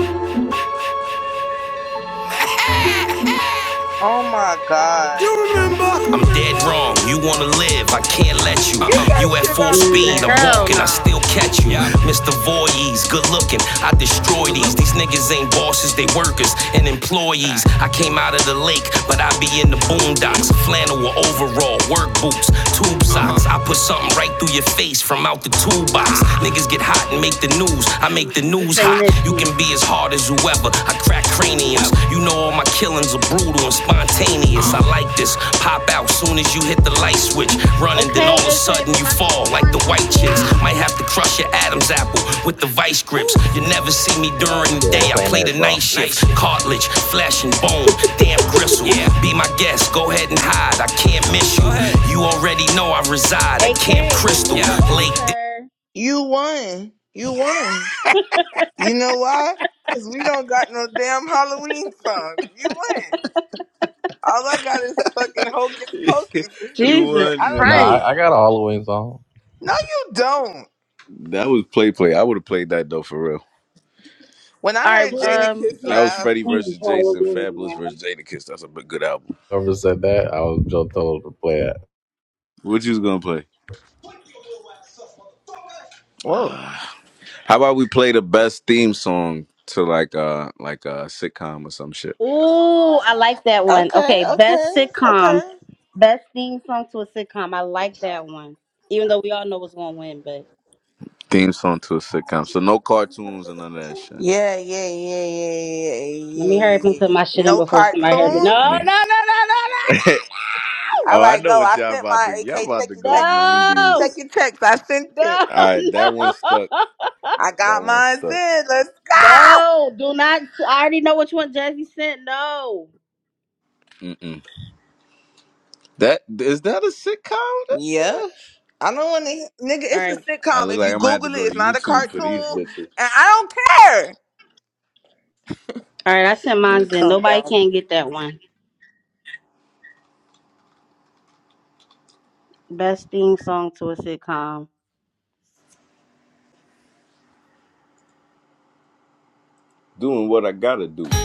Speaker 6: Oh my God.
Speaker 7: wrong. You wanna live, I can't let you.
Speaker 6: Get that
Speaker 7: You at
Speaker 6: shit
Speaker 7: full
Speaker 6: out of
Speaker 7: speed,
Speaker 2: Mm,
Speaker 6: here.
Speaker 7: I'm
Speaker 2: Hell
Speaker 7: walking, I
Speaker 2: no,
Speaker 7: still catch you. Mr. Voorhees, good looking, I destroy these. These niggas ain't bosses, they workers and employees. I came out of the lake, but I be in the boondocks. Flannel or overall, work boots, tube socks. I put something right through your face from out the toolbox. Niggas get hot and make the news, I make the
Speaker 2: this
Speaker 7: news
Speaker 2: ain't
Speaker 7: hot. You
Speaker 2: it,
Speaker 7: can be as hard as whoever, I crack craniums bruises. You know all my killings are brutal and spontaneous. I like this. Pop out soon as you hit the light switch. Running, then all
Speaker 2: Okay,
Speaker 7: of a
Speaker 2: AK,
Speaker 7: sudden
Speaker 2: we're
Speaker 7: you
Speaker 2: about to
Speaker 7: fall
Speaker 2: move
Speaker 7: like
Speaker 2: on.
Speaker 7: the
Speaker 2: Thank
Speaker 7: white chicks.
Speaker 2: you.
Speaker 7: Might have to crush your Adam's apple with the vice grips. You never see me
Speaker 2: Oh
Speaker 7: during
Speaker 2: my
Speaker 7: the day.
Speaker 2: God.
Speaker 4: this
Speaker 7: I
Speaker 4: ain't
Speaker 7: play the
Speaker 4: it,
Speaker 7: night
Speaker 4: bro.
Speaker 7: shift. Cartilage, flesh and bone, damn gristle. Yeah. Be my guest, go ahead and hide. I can't miss you. You already know I reside at Camp
Speaker 2: AK, we're
Speaker 7: Crystal. Yeah.
Speaker 2: moving on,
Speaker 7: Lake
Speaker 2: sir.
Speaker 6: You won. You
Speaker 2: Okay.
Speaker 6: won. You know why? Because we don't got no damn Halloween songs. You win. All I got is fucking Hocus Pocus and some
Speaker 5: you
Speaker 2: Jesus
Speaker 6: shit.
Speaker 5: won,
Speaker 6: I don't
Speaker 4: No,
Speaker 6: know.
Speaker 5: nigga.
Speaker 2: Christ.
Speaker 4: I, I got a Halloween song.
Speaker 6: No, you don't.
Speaker 5: That was play play. I would have played that though for real.
Speaker 6: When I
Speaker 2: All right.
Speaker 6: heard
Speaker 9: Good,
Speaker 6: Jada
Speaker 2: Um.
Speaker 6: Kiss
Speaker 5: That was
Speaker 6: laugh.
Speaker 5: Freddie versus Jason, Fabulous versus Jadakiss. That's a b- good album.
Speaker 4: Whoever said that, I was just told to play it.
Speaker 5: What you was gonna play?
Speaker 6: Whoa.
Speaker 5: Uh, how about we play the best theme song to like uh like a sitcom or some shit?
Speaker 2: Ooh, I like that one.
Speaker 6: Okay,
Speaker 2: Okay, best
Speaker 6: okay,
Speaker 2: sitcom,
Speaker 6: okay.
Speaker 2: best theme song to a sitcom. I like that one. Even though we all know what's gonna win, but
Speaker 5: Theme song to a sitcom. So no cartoons and none of that shit.
Speaker 6: Yeah, yeah, yeah, yeah,
Speaker 2: let
Speaker 6: yeah,
Speaker 2: me hurry
Speaker 6: yeah,
Speaker 2: up and put
Speaker 6: yeah.
Speaker 2: my shit in
Speaker 6: No
Speaker 2: before
Speaker 5: All
Speaker 2: somebody
Speaker 5: right,
Speaker 2: hears me.
Speaker 5: me,
Speaker 2: No,
Speaker 6: cartoons?
Speaker 2: no, no, no,
Speaker 5: me.
Speaker 2: no, no, no,
Speaker 6: All
Speaker 5: oh, I
Speaker 6: right,
Speaker 5: know
Speaker 6: go.
Speaker 5: what
Speaker 6: I
Speaker 5: y'all
Speaker 6: sent
Speaker 5: about
Speaker 6: my
Speaker 5: to. Y'all
Speaker 6: AK.
Speaker 5: about
Speaker 6: Check
Speaker 5: to
Speaker 6: your
Speaker 5: go
Speaker 6: text. Check
Speaker 2: no,
Speaker 5: nineties.
Speaker 6: your text. I sent
Speaker 2: no,
Speaker 6: it.
Speaker 2: no.
Speaker 5: All right, that one stuck.
Speaker 2: no!
Speaker 6: I
Speaker 5: That
Speaker 6: got
Speaker 5: one
Speaker 6: mine
Speaker 5: stuck.
Speaker 6: said. Let's go.
Speaker 2: No, do not. I already know which one Jazzy sent. No.
Speaker 5: Mm-mm. That is that a
Speaker 6: Yep.
Speaker 5: sitcom?
Speaker 6: I don't want to, nigga.
Speaker 2: All
Speaker 6: It's a
Speaker 2: right.
Speaker 5: I
Speaker 6: sitcom.
Speaker 5: look
Speaker 6: If
Speaker 5: like
Speaker 6: you
Speaker 5: I'm gonna have to
Speaker 6: Google it,
Speaker 5: go to
Speaker 6: it's not a
Speaker 5: YouTube for these
Speaker 6: cartoon,
Speaker 5: bitches.
Speaker 6: and I don't care.
Speaker 2: All right. I sent
Speaker 6: Let
Speaker 2: mine
Speaker 6: me
Speaker 2: in.
Speaker 6: calm
Speaker 2: Nobody
Speaker 6: down.
Speaker 2: can get that one. Best theme song to a sitcom.
Speaker 5: Doing what I gotta do.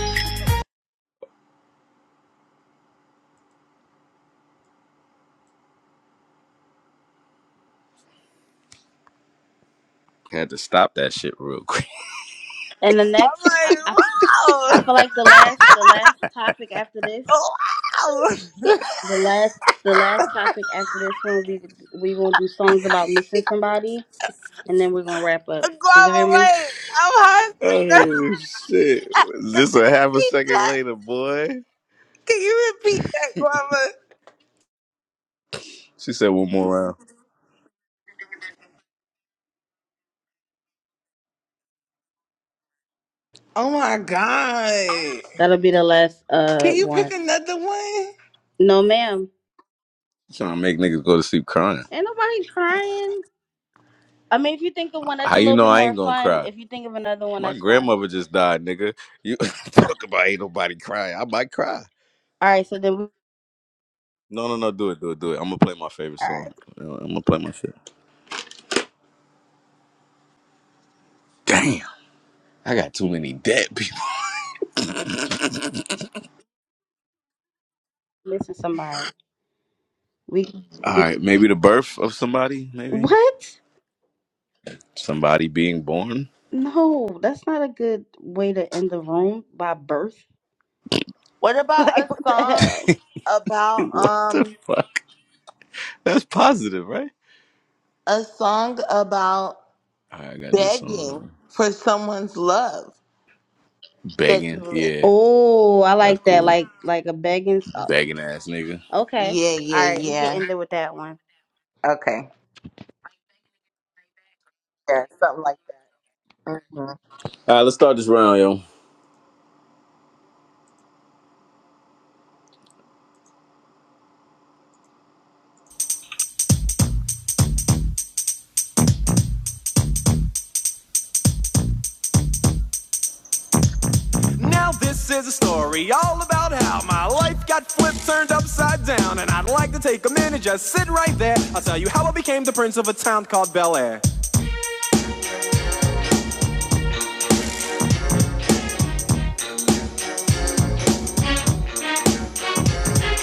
Speaker 5: Had to stop that shit real quick.
Speaker 2: And the next,
Speaker 6: I'm
Speaker 2: I,
Speaker 6: like,
Speaker 2: I, I
Speaker 6: wow,
Speaker 2: feel like the last, the last topic after this,
Speaker 6: wow.
Speaker 2: the last, the last topic after this one, we we gonna do songs about missing somebody, and then we're gonna wrap up. Did y'all hear
Speaker 6: Guava,
Speaker 2: me?
Speaker 6: wait. I'm high. So you gotta
Speaker 5: Oh shit! This a half a
Speaker 6: repeat
Speaker 5: second
Speaker 6: that.
Speaker 5: later, boy.
Speaker 6: Can you repeat that, Guava?
Speaker 5: She said one more round.
Speaker 6: Oh my god.
Speaker 2: That'll be the last uh
Speaker 6: Can you pick
Speaker 2: one.
Speaker 6: another one?
Speaker 2: No, ma'am.
Speaker 5: Trying to make niggas go to sleep crying.
Speaker 2: Ain't nobody crying. I mean, if you think the one that's
Speaker 5: How
Speaker 2: a
Speaker 5: you
Speaker 2: little
Speaker 5: know
Speaker 2: bit
Speaker 5: I
Speaker 2: more
Speaker 5: ain't gonna
Speaker 2: fun,
Speaker 5: cry?
Speaker 2: if you think of another one
Speaker 5: My
Speaker 2: that's fun.
Speaker 5: grandmother just died, nigga. You talk about ain't nobody crying. I might cry.
Speaker 2: All right, so then we all
Speaker 5: No, no, no. Do it, do it, do it. I'm gonna play my favorite
Speaker 2: right,
Speaker 5: song. I'm gonna play my shit. Damn, I got too many dead people.
Speaker 2: listen somebody. We
Speaker 5: All right, maybe the birth of somebody. Maybe
Speaker 2: what?
Speaker 5: somebody being born.
Speaker 2: No, that's not a good way to end the room by birth.
Speaker 6: What about
Speaker 2: Like
Speaker 6: a
Speaker 2: what the
Speaker 6: song
Speaker 2: hell?
Speaker 6: about
Speaker 5: what the
Speaker 6: um
Speaker 5: fuck? That's positive, right?
Speaker 6: a song about
Speaker 5: All right, I got this
Speaker 6: begging
Speaker 5: song.
Speaker 6: for someone's love that
Speaker 5: Begging.
Speaker 6: you miss.
Speaker 5: Yeah,
Speaker 2: Oh, I
Speaker 5: that's
Speaker 2: like that.
Speaker 5: cool.
Speaker 2: Like like a begging. oh,
Speaker 5: Begging ass nigga.
Speaker 2: Okay.
Speaker 6: Yeah,
Speaker 2: All
Speaker 6: yeah,
Speaker 2: right, we can
Speaker 6: yeah.
Speaker 2: end it with that one.
Speaker 6: Okay. Yeah, something like that. hmm
Speaker 5: All right, let's start this round, yo.
Speaker 7: Now this is a story all about how my life got flipped, turned upside down, and I'd like to take a minute, just sit right there. I'll tell you how I became the prince of a town called Bel Air.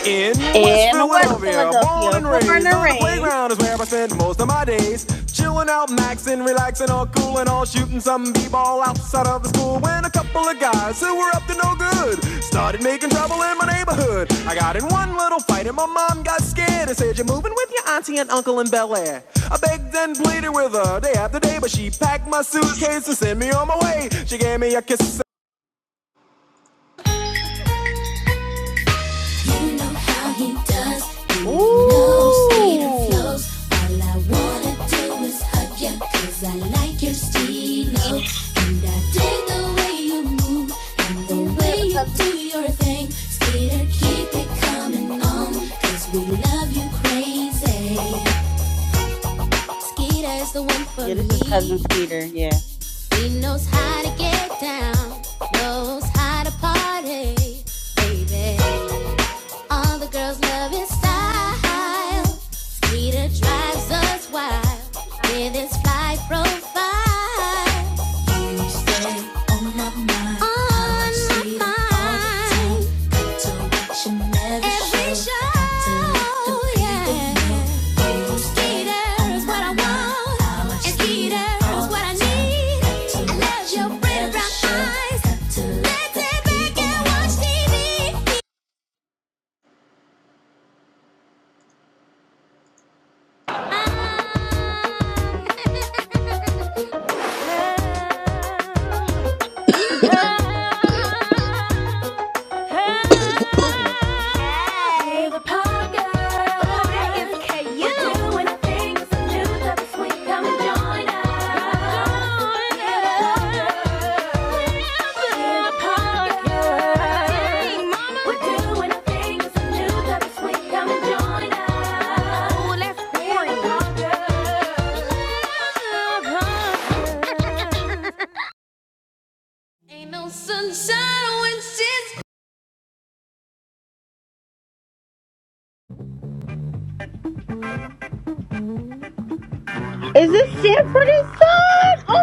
Speaker 7: In West
Speaker 2: In West
Speaker 7: Philadelphia, born
Speaker 2: Philadelphia,
Speaker 7: and
Speaker 2: born
Speaker 7: raised
Speaker 2: and
Speaker 7: on the
Speaker 2: raised.
Speaker 7: playground is where I spend most of my days. Chilling out, maxing, relaxing, all cool and all shooting some b-ball outside of the school. When a couple of guys who were up to no good started making trouble in my neighborhood. I got in one little fight and my mom got scared and said, "You're moving with your auntie and uncle in Bel Air." I begged and pleaded with her day after day, but she packed my suitcase and sent me on my way. She gave me a kiss
Speaker 2: Ooh, Skeezer or cousin Skeezer? Yeah, this is cousin Skeeter. Yeah.
Speaker 7: How to get down, knows how to party, baby. All the girls love his style. Skeeter drives us wild with his fly profile. You stay on my mind. On my Sweet all the time. mind. To watch you never Every show. show, To yeah. people Skeeter is what I want. And Skeeter is what I need. I love your pretty brown eyes. Let's sit back and watch TV. Love. Sunshine
Speaker 2: Is this Sanford and Son?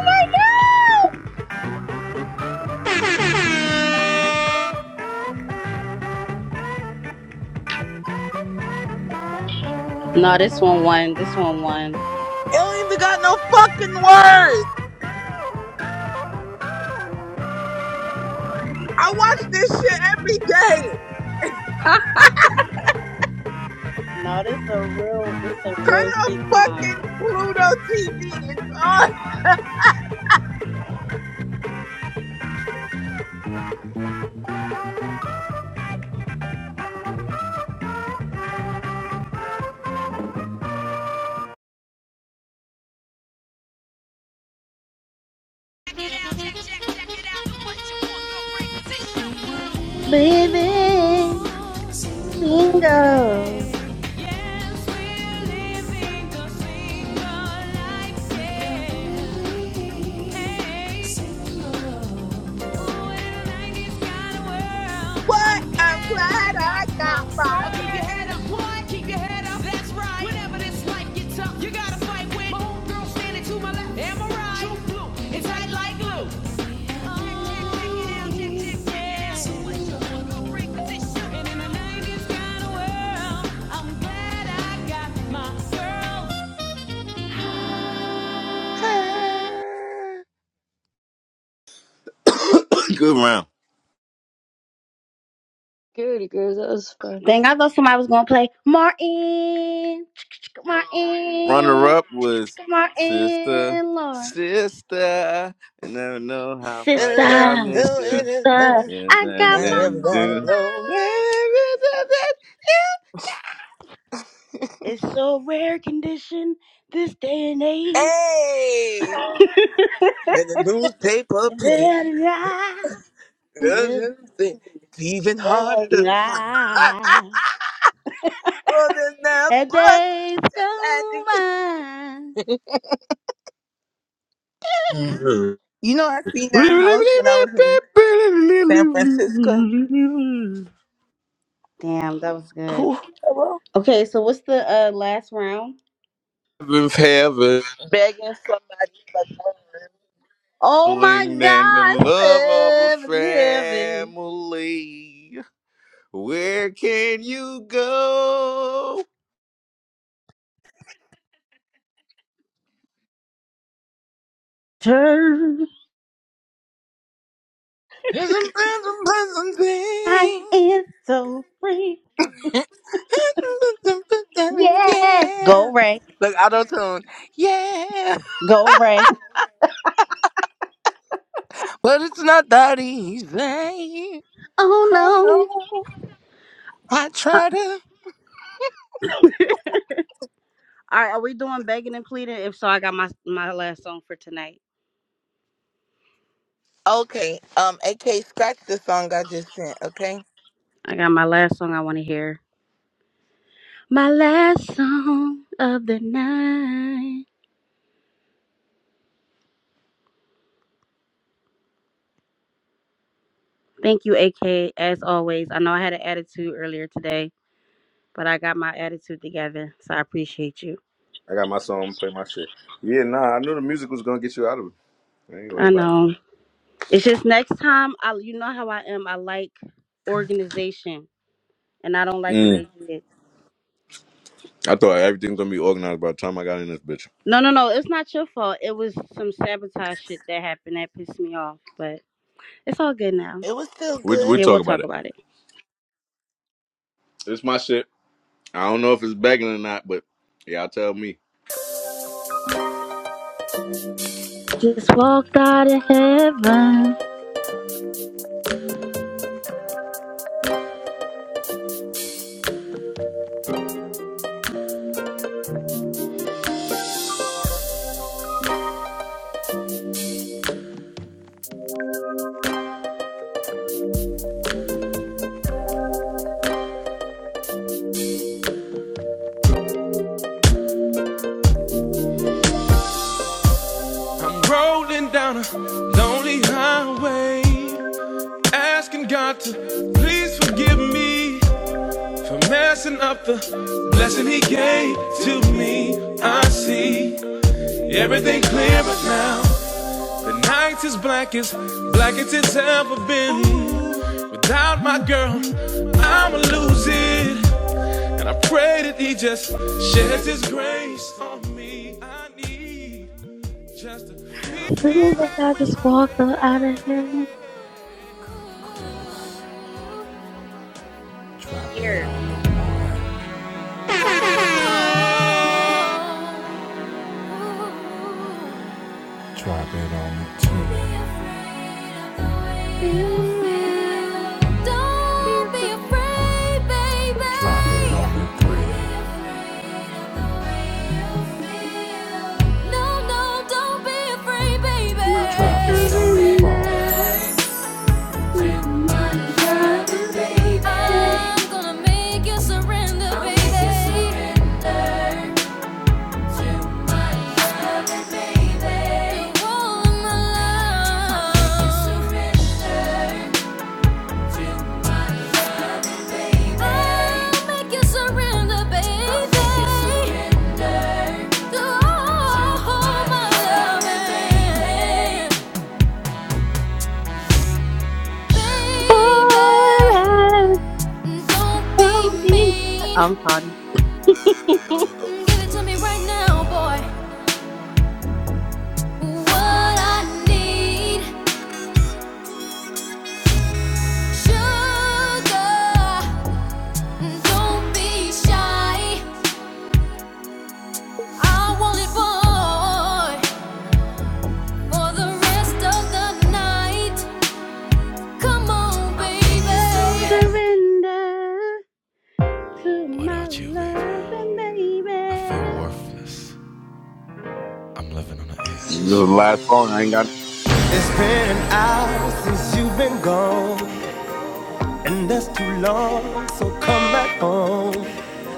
Speaker 2: Oh my god! No, this one won. This one won.
Speaker 6: It don't even got no fucking words. I watch this shit every day.
Speaker 2: no, this a real. This a
Speaker 6: Turn
Speaker 2: real
Speaker 6: on
Speaker 2: sitcom.
Speaker 6: fucking Pluto TV. It's on.
Speaker 2: Living single.
Speaker 6: What? I'm glad I
Speaker 7: You gotta fight with my homegirl standing to my left. Am I right? True blue, it's tight like glue.
Speaker 5: Good round.
Speaker 9: good. That was fun.
Speaker 2: Dang, I thought somebody was gonna play Martin,
Speaker 5: Runner
Speaker 2: Martin,
Speaker 5: up was sister,
Speaker 2: Martin Lord,
Speaker 5: sister. I never know how much I
Speaker 2: Sister,
Speaker 5: miss
Speaker 6: got
Speaker 5: you.
Speaker 2: sister,
Speaker 6: my.
Speaker 5: Then
Speaker 2: I
Speaker 5: then,
Speaker 2: got my
Speaker 5: then
Speaker 6: everybody
Speaker 2: own
Speaker 5: do.
Speaker 6: knows.
Speaker 2: mind. It's so rare condition this day and age.
Speaker 6: Hey, and the newspaper page.
Speaker 2: Let it out. Let
Speaker 6: It's even harder to
Speaker 2: it
Speaker 6: find.
Speaker 2: out.
Speaker 6: well, then that
Speaker 2: Hey,
Speaker 6: bus
Speaker 2: days
Speaker 6: is
Speaker 2: go
Speaker 6: magic.
Speaker 2: by.
Speaker 6: You know, I seen that house when I was in San Francisco.
Speaker 2: Damn, that was good.
Speaker 6: Who? Hello?
Speaker 2: Okay, so what's the uh, last round?
Speaker 5: Heaven's heavenling
Speaker 6: Begging somebody for love.
Speaker 2: Oh my
Speaker 5: than the
Speaker 2: God,
Speaker 5: love of a
Speaker 2: seven heaven.
Speaker 5: family. Where can you go?
Speaker 2: Turn.
Speaker 6: Here's a present, present
Speaker 2: I
Speaker 6: thing.
Speaker 2: am so free. Yeah.
Speaker 6: Yeah.
Speaker 2: Go Ray.
Speaker 6: Look, auto tune. Yeah.
Speaker 2: Go Ray.
Speaker 6: But it's not that easy.
Speaker 2: Oh
Speaker 6: Oh
Speaker 2: no.
Speaker 6: no. I
Speaker 2: Uh,
Speaker 6: try to.
Speaker 2: all right, are we doing begging and pleading? If so, I got my my last song for tonight.
Speaker 6: Okay. Um, AK, scratch the song I just sent, okay?
Speaker 2: I got my last song I want to hear. My last song of the night. Thank you, AK, as always. I know I had an attitude earlier today, but I got my attitude together, so I appreciate you.
Speaker 5: I got my song. Play my shit. Yeah, nah. I knew the music was gonna get you out of it. I ain't
Speaker 2: I
Speaker 5: worried about it.
Speaker 2: know. It's just next time, I you know how I am. I like organization, and I don't like what
Speaker 5: Mm.
Speaker 2: they did.
Speaker 5: I thought everything's gonna be organized by the time I got in this bitch.
Speaker 2: No, no, no. It's not your fault. It was some sabotage shit that happened that pissed me off, but it's all good now.
Speaker 6: It was still
Speaker 5: We we
Speaker 6: good.
Speaker 2: Yeah, we'll
Speaker 5: talk about
Speaker 2: talk
Speaker 5: it.
Speaker 2: about it.
Speaker 5: It's my shit. I don't know if it's begging or not, but y'all tell me.
Speaker 2: Just walked out of heaven.
Speaker 7: Rolling down a lonely highway, asking God to please forgive me for messing up the blessing He gave to me. I see everything clear but now. The night is blackest, black as it's ever been. Without my girl, I'ma lose it. And I pray that he just sheds his grace on me. I need just to be,
Speaker 2: Feel
Speaker 7: be
Speaker 2: like
Speaker 7: back
Speaker 2: I
Speaker 7: with
Speaker 2: just
Speaker 7: my
Speaker 2: walked out of heaven.
Speaker 7: baby.
Speaker 2: Here.
Speaker 7: Oh. oh, oh. Drop it on the two. Drop it on the three.
Speaker 2: Feel me from the surrender to my love.
Speaker 7: Drop it on the four.
Speaker 2: Boy, so me. I'm sorry.
Speaker 7: What I need, sugar. Don't it,
Speaker 2: Surrender to my
Speaker 7: you, baby,
Speaker 2: love and
Speaker 7: I
Speaker 2: baby.
Speaker 7: feel worth. I'm living on the
Speaker 5: This is the
Speaker 7: edge.
Speaker 5: last song. I ain't got.
Speaker 7: It's been an hour since you've been gone, and that's too long, so come back home.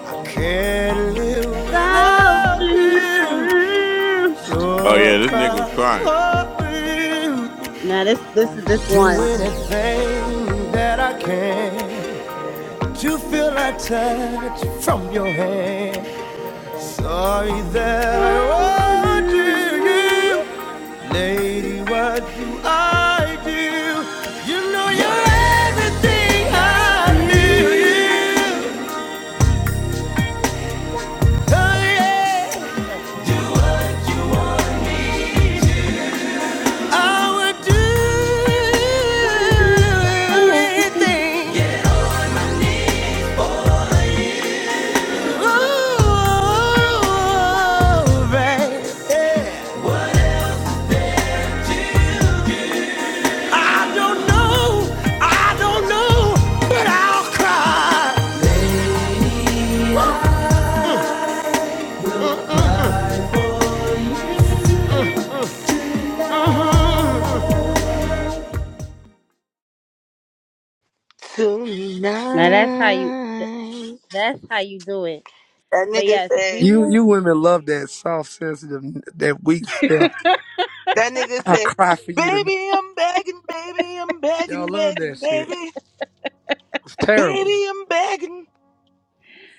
Speaker 7: I can't live
Speaker 2: Without
Speaker 7: without you,
Speaker 2: you.
Speaker 7: so I
Speaker 5: Oh yeah,
Speaker 7: will
Speaker 5: this nigga was crying.
Speaker 7: cry for you.
Speaker 2: Now this this is this
Speaker 7: Do
Speaker 2: one.
Speaker 7: anything that I can to feel that touch from your hand. Sorry that I wanted
Speaker 2: Rolling
Speaker 7: you, lady. What do I do? You know you're everything I
Speaker 2: here.
Speaker 7: knew. Oh, baby. I don't know, I don't know, but I'll cry.
Speaker 2: Now that's how you
Speaker 6: Tonight.
Speaker 2: that's how you do it.
Speaker 6: That
Speaker 2: But
Speaker 6: nigga
Speaker 2: yes,
Speaker 6: said,
Speaker 2: we
Speaker 11: You
Speaker 2: will
Speaker 11: you women love that soft, sensitive, that weak stuff.
Speaker 6: that nigga
Speaker 11: I
Speaker 6: said,
Speaker 11: cry for you tonight.
Speaker 6: baby, I'm begging, baby, I'm
Speaker 11: Y'all
Speaker 6: begging,
Speaker 11: love that
Speaker 6: begging,
Speaker 11: shit.
Speaker 6: baby,
Speaker 11: It's terrible.
Speaker 6: baby, I'm begging.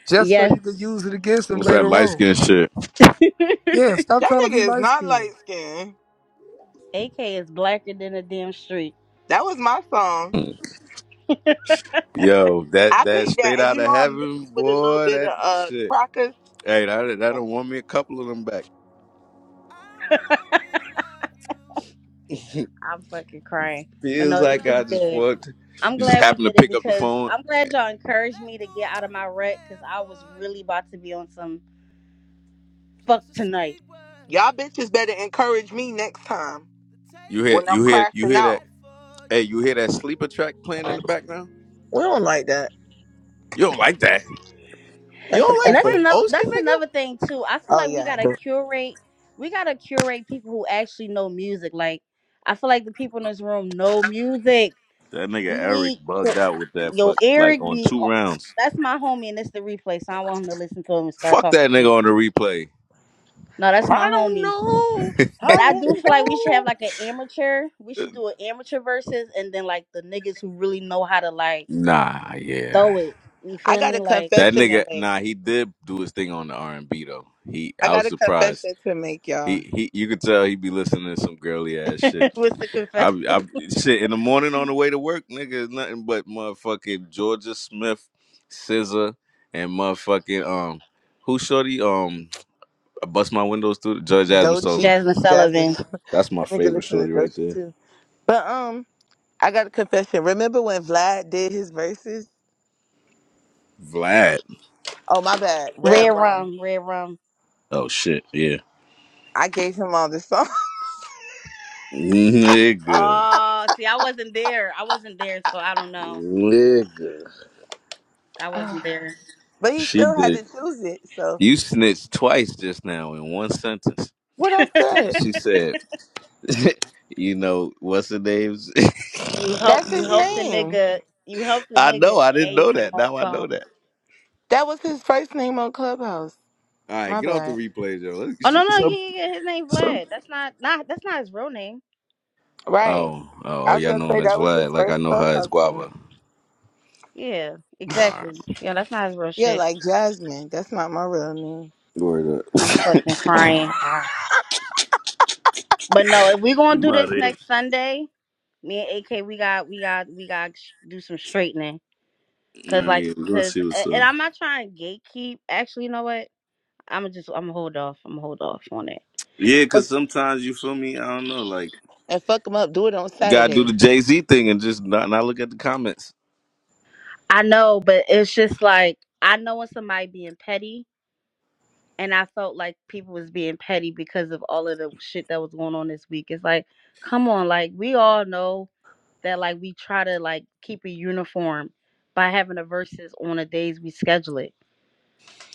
Speaker 11: Just so
Speaker 2: yes.
Speaker 11: you can use it against them
Speaker 5: What's that
Speaker 11: later
Speaker 5: light
Speaker 11: on.
Speaker 5: skin shit?
Speaker 11: Yeah, stop
Speaker 6: That
Speaker 11: trying to be
Speaker 6: nigga is
Speaker 11: light
Speaker 6: not
Speaker 11: skinned.
Speaker 6: light skinned.
Speaker 2: AK is blacker than a damn street.
Speaker 6: That was my song.
Speaker 5: Mm. Yo, that
Speaker 6: I
Speaker 5: that
Speaker 6: picked that,
Speaker 5: straight
Speaker 6: and
Speaker 5: out
Speaker 6: you
Speaker 5: of
Speaker 6: know I
Speaker 5: heaven,
Speaker 6: mixed with a little
Speaker 5: boy.
Speaker 6: bit of
Speaker 5: That
Speaker 6: uh
Speaker 5: shit.
Speaker 6: crackers.
Speaker 5: Hey, that that don't want me a couple of them back.
Speaker 7: I will always love you
Speaker 2: I'm fucking crying. But
Speaker 5: Feels
Speaker 2: no,
Speaker 7: how
Speaker 2: this
Speaker 5: like
Speaker 2: was
Speaker 5: I
Speaker 7: I
Speaker 5: just
Speaker 2: good.
Speaker 7: do.
Speaker 5: walked.
Speaker 2: I'm
Speaker 5: You just
Speaker 2: glad we
Speaker 5: happen to
Speaker 2: did it
Speaker 5: pick up the
Speaker 2: because
Speaker 5: phone.
Speaker 2: I'm glad y'all encouraged
Speaker 7: Let
Speaker 2: me to
Speaker 7: go
Speaker 2: get out of
Speaker 7: of a
Speaker 2: my rut because
Speaker 7: prayer
Speaker 2: I was
Speaker 7: for
Speaker 2: really
Speaker 7: you,
Speaker 2: about to be on some fuck
Speaker 7: just a
Speaker 2: tonight.
Speaker 7: sweet word.
Speaker 6: Y'all bitches better encourage me next time
Speaker 7: The
Speaker 5: You
Speaker 7: table
Speaker 5: hear
Speaker 6: when I'm
Speaker 5: you
Speaker 7: is
Speaker 5: hear you
Speaker 6: crashing
Speaker 5: hear
Speaker 6: out.
Speaker 5: that.
Speaker 7: prepared for you.
Speaker 5: Hey, you hear that sleeper track playing in the background?
Speaker 6: We don't like that.
Speaker 5: You don't like that. You
Speaker 6: That's a
Speaker 5: don't
Speaker 2: And
Speaker 5: like
Speaker 2: that's
Speaker 6: cracker.
Speaker 5: Frank
Speaker 2: another
Speaker 5: Ocean,
Speaker 2: that's
Speaker 5: nigga?
Speaker 2: another thing too. I feel
Speaker 6: Oh
Speaker 2: like we
Speaker 6: yeah. I
Speaker 2: gotta
Speaker 6: do.
Speaker 2: curate we gotta curate people who actually know music. Like I feel like the people in this room know music.
Speaker 5: That nigga
Speaker 2: We
Speaker 5: Eric
Speaker 2: need
Speaker 5: bugged
Speaker 2: ho-
Speaker 5: out with that
Speaker 2: yo
Speaker 5: fuck like
Speaker 2: Eric
Speaker 5: on
Speaker 2: be.
Speaker 5: two rounds.
Speaker 2: That's my homie, and it's the replay, so I don't want him to listen to him and start
Speaker 5: Fuck
Speaker 2: talking
Speaker 5: that nigga
Speaker 2: shit.
Speaker 5: on the replay.
Speaker 2: No, that's my
Speaker 6: I don't
Speaker 2: homie.
Speaker 6: know.
Speaker 2: But
Speaker 6: I
Speaker 2: I do
Speaker 6: don't
Speaker 2: feel like we should have
Speaker 6: know.
Speaker 2: like an amateur. We should do an amateur versus, and then like the niggas who really know how to like
Speaker 5: Nah,
Speaker 2: throw
Speaker 5: yeah.
Speaker 2: it. You
Speaker 6: I
Speaker 2: feel
Speaker 6: got
Speaker 2: me?
Speaker 6: a
Speaker 2: Like
Speaker 5: That
Speaker 6: confession to
Speaker 5: nigga
Speaker 6: make.
Speaker 5: nah, he did do his thing on the R and B though. He
Speaker 6: I
Speaker 5: I
Speaker 6: got
Speaker 5: was
Speaker 6: a
Speaker 5: surprised.
Speaker 6: confession to make, y'all.
Speaker 5: He he you could tell he be listening to some girly ass shit.
Speaker 2: what's the
Speaker 5: I
Speaker 2: confession?
Speaker 5: I shit in the morning on the way to work, nigga, is nothing but motherfucking Georgia Smith, Scissor, and motherfucking um who shorty um I bust my windows through the Judge Jasmine Sullivan.
Speaker 6: Dolce,
Speaker 2: Jasmine
Speaker 6: Jasmine.
Speaker 2: Sullivan,
Speaker 5: That's my
Speaker 6: Let me go
Speaker 5: favorite
Speaker 6: listen to
Speaker 5: shorty right
Speaker 6: Dolce
Speaker 5: there.
Speaker 6: too. But um, I got a confession. Remember when Vlad did his verses?
Speaker 5: Vlad.
Speaker 6: Oh my bad, Red
Speaker 2: red
Speaker 6: Rum.
Speaker 2: rum, red rum.
Speaker 5: Oh shit, yeah.
Speaker 6: I gave him all the song,
Speaker 5: Nigga.
Speaker 2: Oh, see, I wasn't there. I wasn't there, so I don't know.
Speaker 5: Nigga.
Speaker 2: I wasn't
Speaker 6: Ah,
Speaker 2: there.
Speaker 6: but he
Speaker 5: She
Speaker 6: still had
Speaker 5: did.
Speaker 6: to choose it. So
Speaker 5: You snitched twice just now in one sentence.
Speaker 6: what I
Speaker 5: She,
Speaker 6: said.
Speaker 5: she said, you know, what's her name's?
Speaker 2: You help
Speaker 6: That's
Speaker 2: you
Speaker 6: his
Speaker 2: help the
Speaker 6: name.
Speaker 2: nigga you help the
Speaker 5: I
Speaker 2: nigga
Speaker 5: know, I didn't
Speaker 2: and you
Speaker 5: know
Speaker 2: get
Speaker 5: that.
Speaker 2: more
Speaker 5: Now I know
Speaker 2: songs.
Speaker 5: that.
Speaker 6: That was his first name on Clubhouse.
Speaker 5: All right,
Speaker 6: My
Speaker 5: get off the
Speaker 6: bad.
Speaker 5: replays, yo. Look,
Speaker 2: Oh no
Speaker 5: shit,
Speaker 2: no yeah
Speaker 5: some,
Speaker 2: yeah yeah, his name
Speaker 5: some.
Speaker 2: Vlad. That's not not that's not his real name.
Speaker 6: Right.
Speaker 5: Oh, oh,
Speaker 6: I
Speaker 5: oh,
Speaker 6: was
Speaker 5: y'all
Speaker 6: gonna
Speaker 5: know him
Speaker 6: say
Speaker 5: as
Speaker 6: that was
Speaker 5: Vlad,
Speaker 6: his
Speaker 5: like I
Speaker 6: first
Speaker 5: know her as
Speaker 6: clubhouse name.
Speaker 5: Guava.
Speaker 2: Yeah,
Speaker 5: All right.
Speaker 2: exactly. Yeah, that's not his real
Speaker 6: Yeah,
Speaker 2: shit.
Speaker 6: like Jasmine. That's not my real name.
Speaker 5: Word up.
Speaker 2: I'm fucking crying. But no, if we gonna
Speaker 5: Come
Speaker 2: do this
Speaker 5: out of here.
Speaker 2: next Sunday, me and AK we got we got we got sh- do some straightening. Cause
Speaker 5: All
Speaker 2: like
Speaker 5: right, we're gonna
Speaker 2: cause
Speaker 5: see what's
Speaker 2: a- and
Speaker 5: up.
Speaker 2: I'm not trying to gatekeep. Actually, you know what? i am just I'ma hold off. I'ma hold off on it.
Speaker 5: Yeah, because
Speaker 2: But
Speaker 5: sometimes you feel me. I don't know, like
Speaker 6: and fuck him up. Do it on
Speaker 5: gotta do the
Speaker 6: Saturday.
Speaker 5: Jay Z thing and just not not look at the comments.
Speaker 2: I know, but it's just like I know when somebody being petty and I felt like people was being petty because of all of the shit that was going on this week. It's like, come on, like we all know that like we try to like keep it uniform by having the verses on the days we schedule it,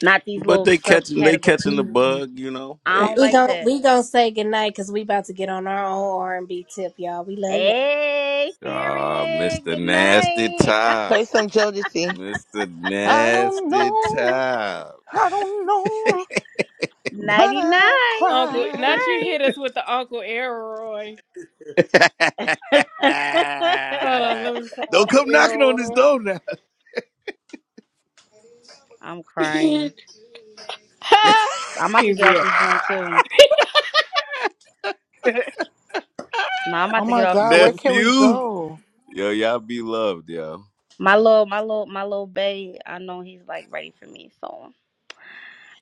Speaker 2: not these
Speaker 5: But
Speaker 2: little
Speaker 5: they catching they catching
Speaker 2: subcategories.
Speaker 5: the bug, you know.
Speaker 2: I
Speaker 11: Well,
Speaker 5: They,
Speaker 2: don't
Speaker 11: we
Speaker 5: you
Speaker 2: like
Speaker 11: gon'
Speaker 2: that.
Speaker 11: we gonna say goodnight because we about to get on our own R and B tip, y'all. We love y'all.
Speaker 2: Hey,
Speaker 5: know. ah,
Speaker 2: period.
Speaker 5: Mr.
Speaker 2: Good
Speaker 5: Nasty
Speaker 2: night.
Speaker 5: Top,
Speaker 6: Play some Jodeci.
Speaker 5: Mr.
Speaker 6: I don't
Speaker 5: Nasty
Speaker 6: know.
Speaker 5: Top.
Speaker 6: I don't know, but
Speaker 2: Nighty
Speaker 6: I'll
Speaker 2: night.
Speaker 11: Uncle,
Speaker 2: Sleep
Speaker 6: cry.
Speaker 11: not you hit us with the Uncle Elroy.
Speaker 2: tight.
Speaker 11: Hold on, let me try
Speaker 5: don't
Speaker 11: Uncle
Speaker 5: come knocking on this
Speaker 11: Elroy.
Speaker 5: door now,
Speaker 2: I'm crying. I'm about to get off
Speaker 11: PZR.
Speaker 2: this joint too. no, I'm about
Speaker 6: Oh
Speaker 2: to get
Speaker 6: my
Speaker 2: off
Speaker 6: God, where
Speaker 2: too.
Speaker 6: can we
Speaker 5: nephew.
Speaker 6: go?
Speaker 5: Yo, y'all be loved, yo.
Speaker 2: My little, my little, my little bae, I know he's like ready for me, so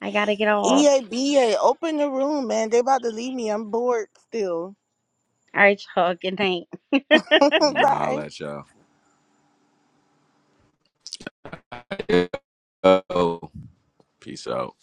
Speaker 2: I gotta get off.
Speaker 6: EABA, open the room, man. They about to leave me. I'm bored still.
Speaker 2: All right, y'all. Good night.
Speaker 5: I'll
Speaker 6: Bye.
Speaker 5: let y'all. Yo. Peace out.